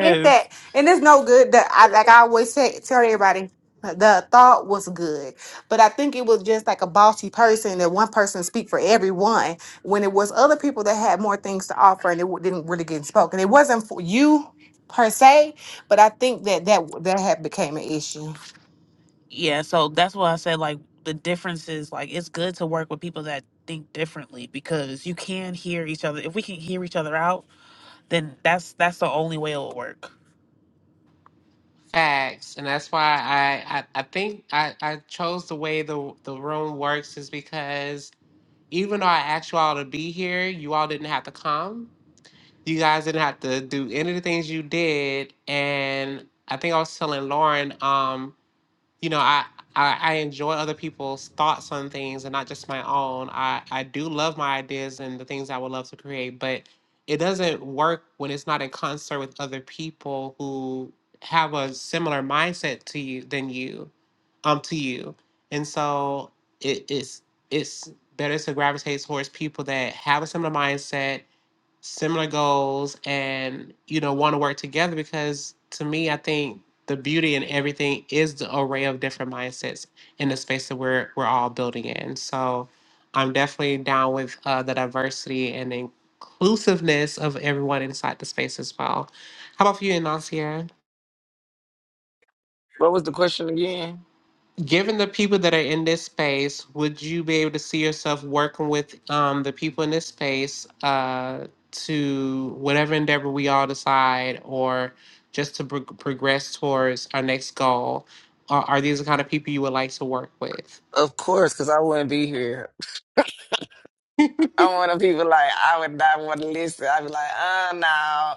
Speaker 2: Get that. And it's no good that I like I always say tell everybody the thought was good. But I think it was just like a bossy person that one person speak for everyone when it was other people that had more things to offer and it w- didn't really get spoken. It wasn't for you per se, but I think that that that had became an issue.
Speaker 4: Yeah, so that's why I said like the difference is like it's good to work with people that think differently because you can hear each other. If we can hear each other out, then that's that's the only way it'll work.
Speaker 1: Facts, and that's why I I, I think I, I chose the way the the room works is because even though I asked you all to be here, you all didn't have to come. You guys didn't have to do any of the things you did, and I think I was telling Lauren. Um, you know, I, I I enjoy other people's thoughts on things and not just my own. I I do love my ideas and the things I would love to create, but it doesn't work when it's not in concert with other people who have a similar mindset to you than you, um, to you. And so it is it's it's better to gravitate towards people that have a similar mindset similar goals and you know want to work together because to me i think the beauty in everything is the array of different mindsets in the space that we're we're all building in so i'm definitely down with uh, the diversity and inclusiveness of everyone inside the space as well how about for you Nancia?
Speaker 3: What was the question again?
Speaker 1: Given the people that are in this space, would you be able to see yourself working with um, the people in this space uh, to whatever endeavor we all decide, or just to pro- progress towards our next goal? Are, are these the kind of people you would like to work with?
Speaker 3: Of course, because I wouldn't be here. I'm one of the people like I would not want to listen. I'd be like, uh no.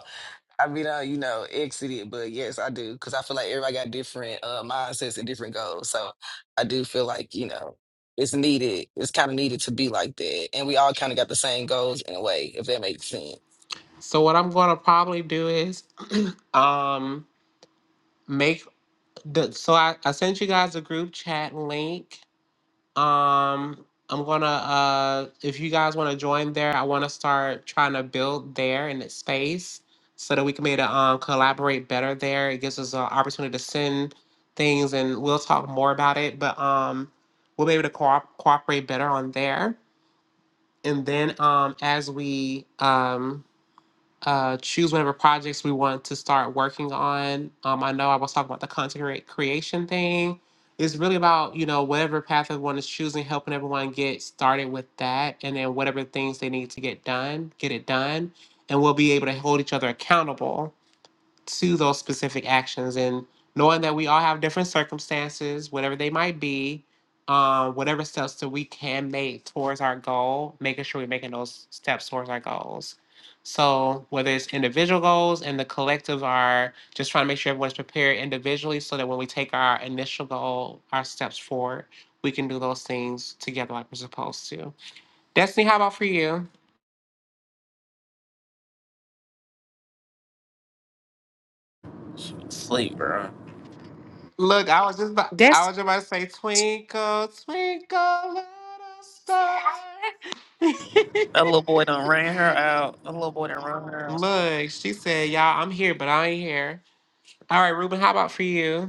Speaker 3: I mean, uh, you know, exit it, but yes, I do because I feel like everybody got different uh, mindsets and different goals. So I do feel like you know it's needed. It's kind of needed to be like that, and we all kind of got the same goals in a way, if that makes sense.
Speaker 1: So what I'm going to probably do is um, make the. So I, I sent you guys a group chat link Um, I'm gonna uh if you guys wanna join there, I wanna start trying to build there in that space so that we can be able to um collaborate better there. It gives us an opportunity to send things and we'll talk more about it, but um we'll be able to co- cooperate better on there. And then um as we um uh, choose whatever projects we want to start working on. Um, I know I was talking about the content crea- creation thing. It's really about you know whatever path everyone is choosing, helping everyone get started with that, and then whatever things they need to get done, get it done, and we'll be able to hold each other accountable to those specific actions and knowing that we all have different circumstances whatever they might be um, whatever steps that we can make towards our goal making sure we're making those steps towards our goals so whether it's individual goals and the collective are just trying to make sure everyone's prepared individually so that when we take our initial goal our steps forward we can do those things together like we're supposed to destiny how about for you
Speaker 4: Sleep, bro.
Speaker 1: Look, I was just about,
Speaker 2: That's
Speaker 1: I was just about to say twinkle, twinkle little star. *laughs*
Speaker 4: That little boy done ran her out. That little boy done ran her out.
Speaker 1: Look, she said, "Y'all, I'm here, but I ain't here." All right, Ruben, how about for you?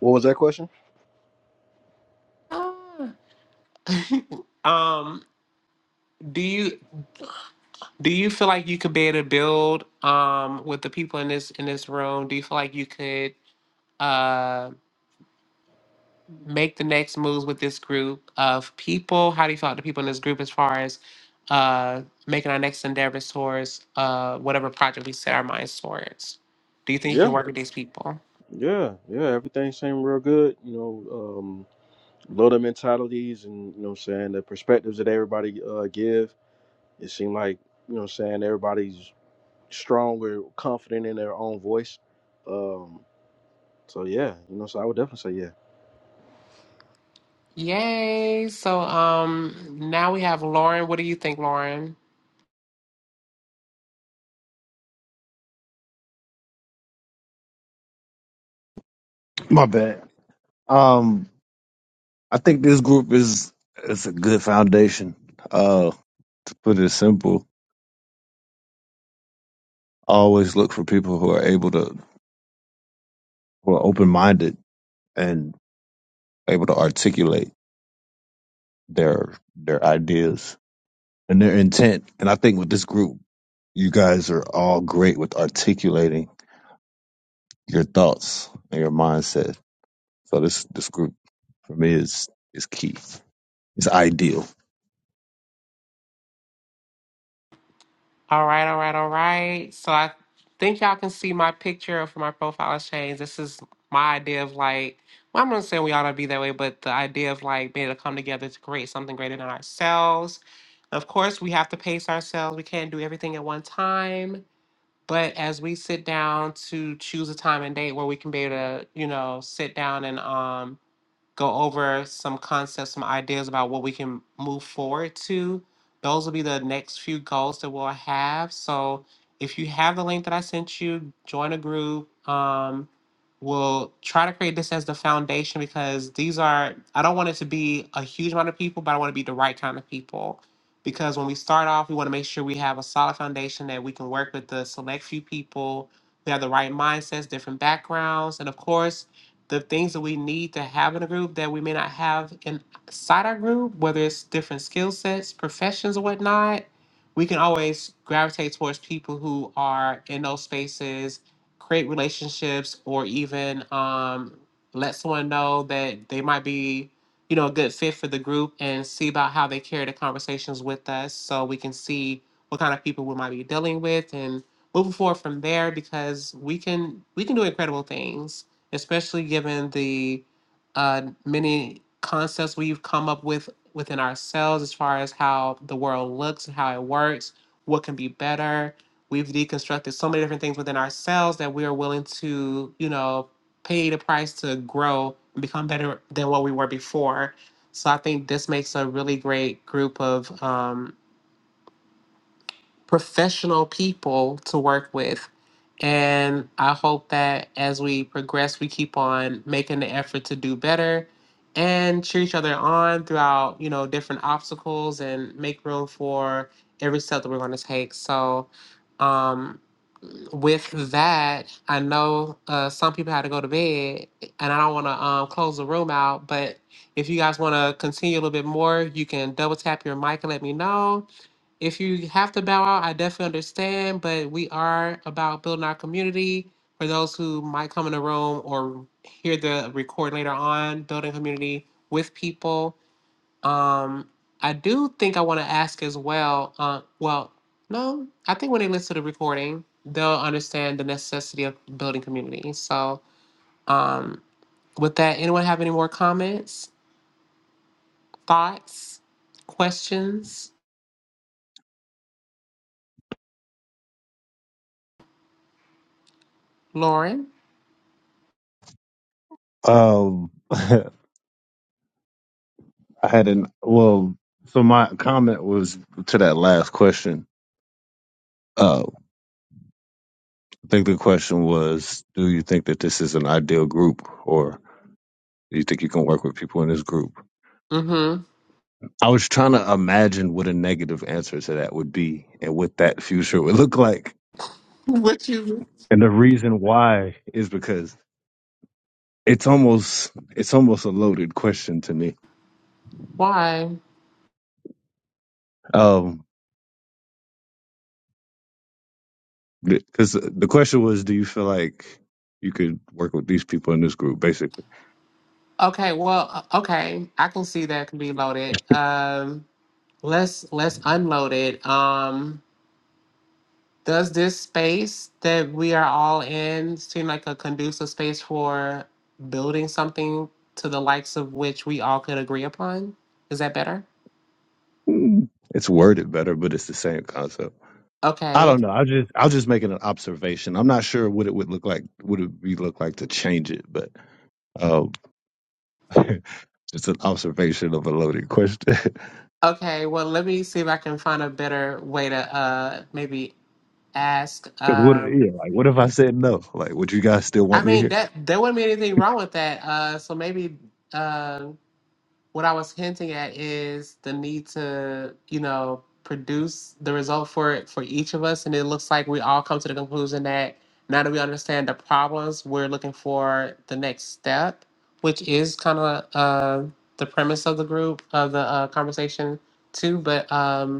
Speaker 7: What was that question?
Speaker 1: Ah. *laughs* um, do you do you feel like you could be able to build um with the people in this in this room? Do you feel like you could? um make the next moves with this group of people? How do you feel about the people in this group as far as uh, making our next endeavors towards uh, whatever project we set our minds towards? Do you think you can
Speaker 7: Yeah,
Speaker 1: work with these people?
Speaker 7: yeah, yeah. Everything seemed real good. You know, um, a lot of mentalities and, you know what I'm saying, the perspectives that everybody uh, give. It seemed like, you know what I'm saying, everybody's stronger, confident in their own voice. Um, so, yeah, you know, so I would definitely say yeah.
Speaker 1: Yay! So um, now we have Lauren. What do you think, Lauren?
Speaker 5: My bad. Um, I think this group is it's a good foundation. Uh, to put it simple, I always look for people who are able to who are open minded and able to articulate their their ideas and their intent. And I think with this group, you guys are all great with articulating your thoughts and your mindset. So this this group for me is is key. It's ideal.
Speaker 1: All right, all right, all right. So I think y'all can see my picture for my profile has changed. This is my idea of like, well, I'm not saying we ought to be that way, but the idea of like being able to come together to create something greater than ourselves. Of course, we have to pace ourselves. We can't do everything at one time. But as we sit down to choose a time and date where we can be able to, you know, sit down and um go over some concepts, some ideas about what we can move forward to. Those will be the next few goals that we'll have. So if you have the link that I sent you, join a group. Um, we'll try to create this as the foundation because these are, I don't want it to be a huge amount of people, but I want to be the right kind of people. Because when we start off, we want to make sure we have a solid foundation that we can work with the select few people. They have the right mindsets, different backgrounds, and of course, the things that we need to have in a group that we may not have inside our group, whether it's different skill sets, professions, or whatnot, we can always gravitate towards people who are in those spaces, create relationships, or even um, let someone know that they might be, you know, a good fit for the group and see about how they carry the conversations with us so we can see what kind of people we might be dealing with and moving forward from there because we can we can do incredible things especially given the uh, many concepts we've come up with within ourselves as far as how the world looks, how it works, what can be better. We've deconstructed so many different things within ourselves that we are willing to, you know, pay the price to grow and become better than what we were before. So I think this makes a really great group of um, professional people to work with. And I hope that as we progress, we keep on making the effort to do better and cheer each other on throughout, you know, different obstacles and make room for every step that we're going to take. So, um, with that, I know uh, some people had to go to bed and I don't want to um, close the room out, but if you guys want to continue a little bit more, you can double tap your mic and let me know if you have to bow out, I definitely understand, but we are about building our community. For those who might come in the room or hear the record later on, building community with people. Um, I do think I want to ask as well. Uh, well, no, I think when they listen to the recording, they'll understand the necessity of building community. So, um, with that, anyone have any more comments, thoughts, questions? Lauren?
Speaker 5: Um, *laughs* I had an well. So my comment was to that last question. Uh, I think the question was, do you think that this is an ideal group, or do you think you can work with people in this group?
Speaker 1: Mm hmm.
Speaker 5: I was trying to imagine what a negative answer to that would be and what that future would look like.
Speaker 1: *laughs* What you.
Speaker 5: And the reason why is because it's almost it's almost a loaded question to me.
Speaker 1: Why?
Speaker 5: Um because the question was do you feel like you could work with these people in this group basically.
Speaker 1: Okay, well, uh, okay, I can see that can be loaded. Um, let's let's unload it. Um, does this space that we are all in seem like a conducive space for building something to the likes of which we all could agree upon? Is that better?
Speaker 5: Mm, It's worded better but it's the same concept. I
Speaker 1: Okay.
Speaker 5: don't know. I just I was just making an observation. I'm not sure what it would look like Would it be look like to change it, but um *laughs* it's an observation of a loaded question. *laughs*
Speaker 1: Okay, well, let me see if I can find a better way to uh maybe ask.
Speaker 5: Cause what?
Speaker 1: Um,
Speaker 5: Yeah, like what if I said no? Like, would you guys still
Speaker 1: I
Speaker 5: want me
Speaker 1: mean
Speaker 5: here?
Speaker 1: that there wouldn't be anything wrong with that. Uh, so maybe uh, what I was hinting at is the need to, you know, produce the result for it for each of us. And it looks like we all come to the conclusion that now that we understand the problems, we're looking for the next step, which is kind of uh, the premise of the group of the uh, conversation too. But um,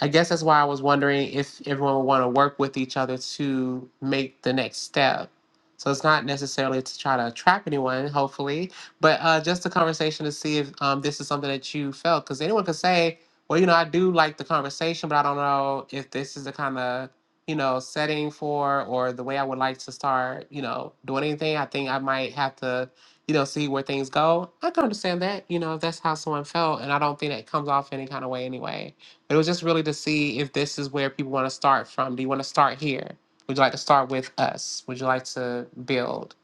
Speaker 1: I guess that's why I was wondering if everyone would want to work with each other to make the next step. So it's not necessarily to try to trap anyone, hopefully, but uh, just a conversation to see if um, this is something that you felt. Because anyone could say, well, you know, I do like the conversation, but I don't know if this is the kind of, you know, setting for or the way I would like to start, you know, doing anything. I think I might have to, you know, see where things go. I can understand that, you know, if that's how someone felt. And I don't think that comes off any kind of way anyway. It was just really to see if this is where people want to start from. Do you want to start here? Would you like to start with us? Would you like to build?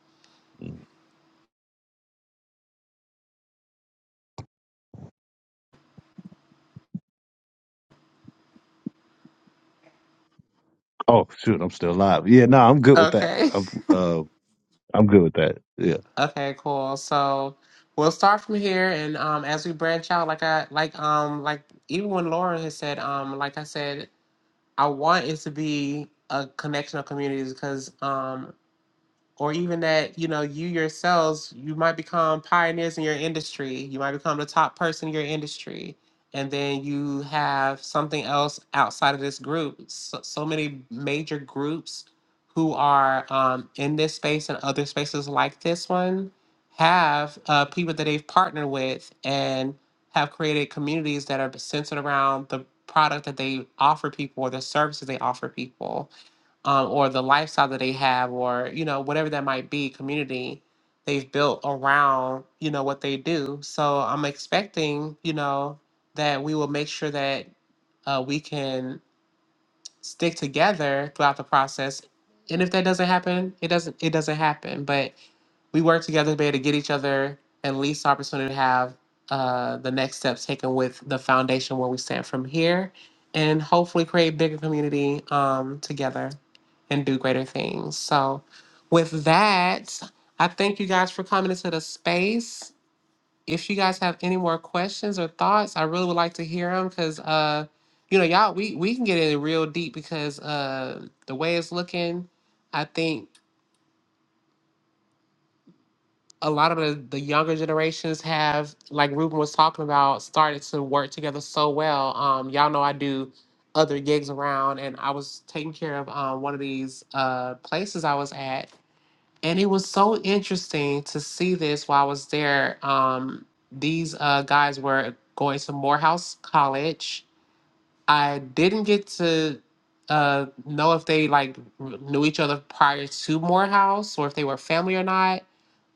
Speaker 5: Oh shoot, I'm still alive. Yeah, no, I'm good with that.
Speaker 1: Okay. *laughs*
Speaker 5: I'm uh, I'm good with that. Yeah.
Speaker 1: Okay, cool. So we'll start from here and um as we branch out, like I like um like even when Laura has said, um, like I said, I want it to be a connection of communities because um. or even that you know you yourselves you might become pioneers in your industry you might become the top person in your industry and then you have something else outside of this group so, so many major groups who are um, in this space and other spaces like this one have uh, people that they've partnered with and have created communities that are centered around the product that they offer people or the services they offer people um, or the lifestyle that they have, or you know whatever that might be, community they've built around you know what they do. So I'm expecting you know that we will make sure that uh, we can stick together throughout the process. And if that doesn't happen, it doesn't it doesn't happen. But we work together to be able to get each other at least the opportunity to have uh, the next steps taken with the foundation where we stand from here and hopefully create bigger community um, together and do greater things so with that i thank you guys for coming into the space if you guys have any more questions or thoughts i really would like to hear them because uh, you know y'all we, we can get in real deep because uh, the way it's looking I think a lot of the, the younger generations have, like Ruben was talking about, started to work together so well. Um, y'all know I do other gigs around, and I was taking care of um, one of these uh, places I was at. And it was so interesting to see this while I was there. Um, these uh, guys were going to Morehouse College. I didn't get to uh, know if they like knew each other prior to Morehouse or if they were family or not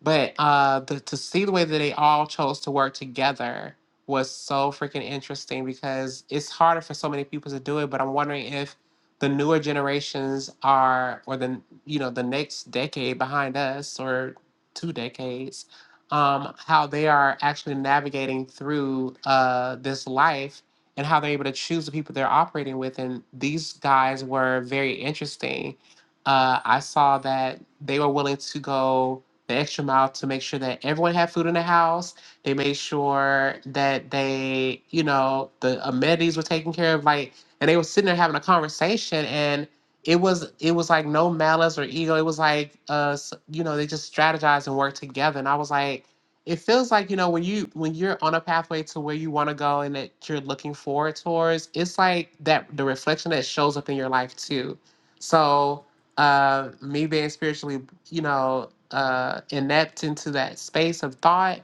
Speaker 1: but uh, the, to see the way that they all chose to work together was so freaking interesting because it's harder for so many people to do it. But I'm wondering if the newer generations are, or the you know the next decade behind us, or two decades, um, how they are actually navigating through uh, this life and how they're able to choose the people they're operating with. And these guys were very interesting. Uh, I saw that they were willing to go the extra mile to make sure that everyone had food in the house. They made sure that they, you know, the amenities were taken care of. Like, and they were sitting there having a conversation, and it was it was like no malice or ego. It was like, uh, s- you know, they just strategized and worked together. And I was like, it feels like you know when you when you're on a pathway to where you want to go and that you're looking forward towards. It's like that the reflection that shows up in your life too. So uh, me being spiritually, you know, uh, inept into that space of thought.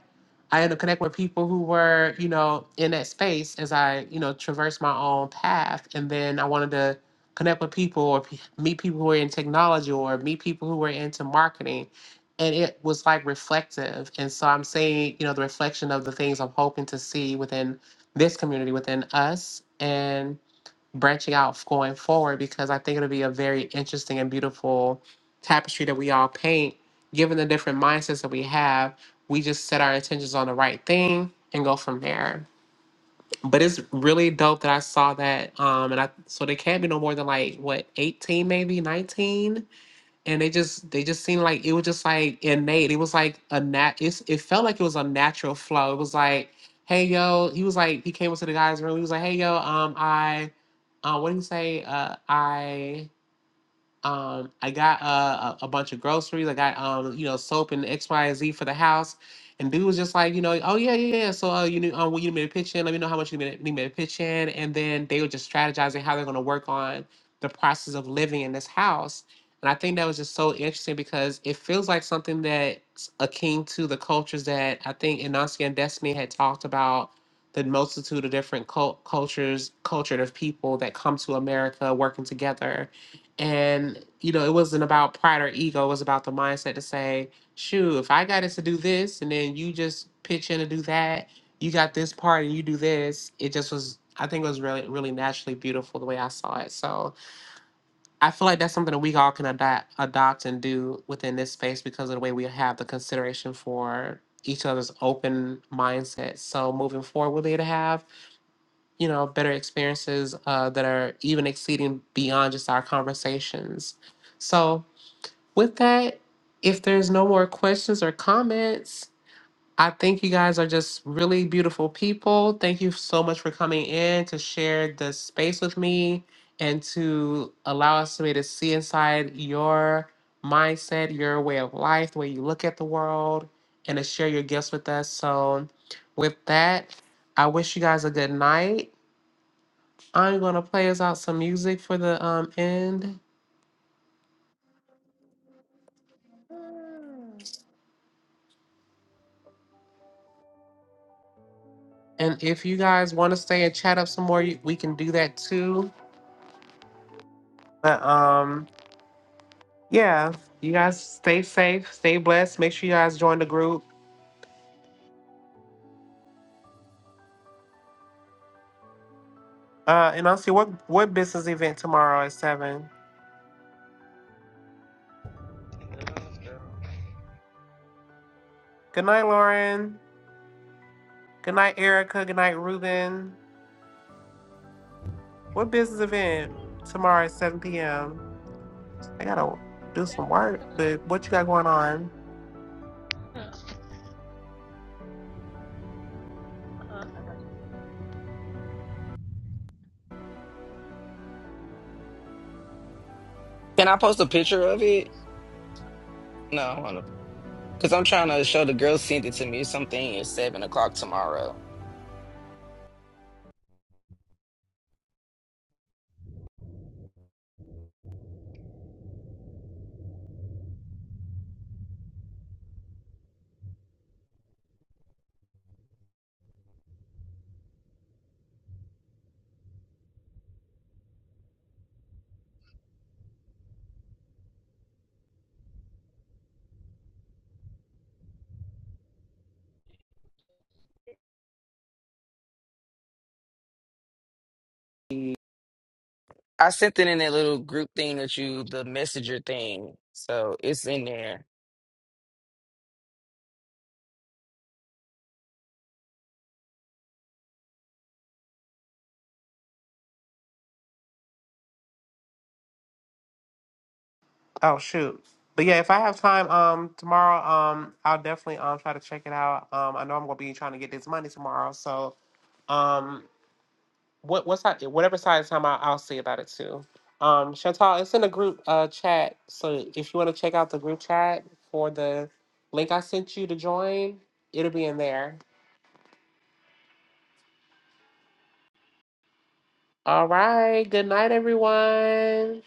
Speaker 1: I had to connect with people who were, you know, in that space as I, you know, traversed my own path. And then I wanted to connect with people or pe- meet people who were in technology or meet people who were into marketing. And it was like reflective. And so I'm seeing, you know, the reflection of the things I'm hoping to see within this community, within us branching out going forward because I think it'll be a very interesting and beautiful tapestry that we all paint. Given the different mindsets that we have, we just set our intentions on the right thing and go from there. But it's really dope that I saw that. Um, and I so they can't be no more than like what 18, maybe 19 and they just they just seemed like it was just like innate. It was like a nat. It's, it felt like it was a natural flow. It was like, hey yo, he was like he came into the guy's room. He was like, hey yo, um, I, uh, what did he say? Uh, I. Um, I got uh, a, a bunch of groceries. I got um, you know, soap and X, Y, and Z for the house. And dude was just like, you know, oh yeah, yeah, yeah. So uh, you need, um, you need me to pitch in. Let me know how much you need me to need me to pitch in. And then they were just strategizing how they're going to work on the process of living in this house. And I think that was just so interesting because it feels like something that's akin to the cultures that I think Inancia and Destiny had talked about the multitude of different cult- cultures, culture of people that come to America working together and, you know, it wasn't about pride or ego. It was about the mindset to say, shoot, if I got it to do this and then you just pitch in to do that, you got this part and you do this. It just was, I think it was really, really naturally beautiful the way I saw it. So I feel like that's something that we all can adopt, adopt and do within this space because of the way we have the consideration for each other's open mindset. So moving forward, we'll be able to have you know, better experiences uh, that are even exceeding beyond just our conversations. So, with that, if there's no more questions or comments, I think you guys are just really beautiful people. Thank you so much for coming in to share the space with me and to allow us to be to see inside your mindset, your way of life, the way you look at the world, and to share your gifts with us. So, with that, I wish you guys a good night I'm gonna play us out some music for the um end, and if you guys want to stay and chat up some more, you- we can do that too. But um, yeah, you guys stay safe, stay blessed. Make sure you guys join the group. Uh, and I'll see what what business event tomorrow at seven. Good night, Lauren. Good night, Erica. Good night, Ruben. What business event tomorrow at seven p.m. I gotta do some work, but what you got going on?
Speaker 3: Can I post a picture of it? No, hold on. because I'm trying to show the girl sent it to me. Something at seven o'clock tomorrow. I sent it in that little group thing that you, the messenger thing. So it's in there.
Speaker 1: Oh shoot. But yeah, if I have time um tomorrow, um I'll definitely um try to check it out. Um I know I'm gonna be trying to get this money tomorrow, so um what what's that whatever side of time I, I'll see about it too. Um Chantal, it's in the group uh chat. So if you wanna check out the group chat for the link I sent you to join, it'll be in there. All right, good night everyone.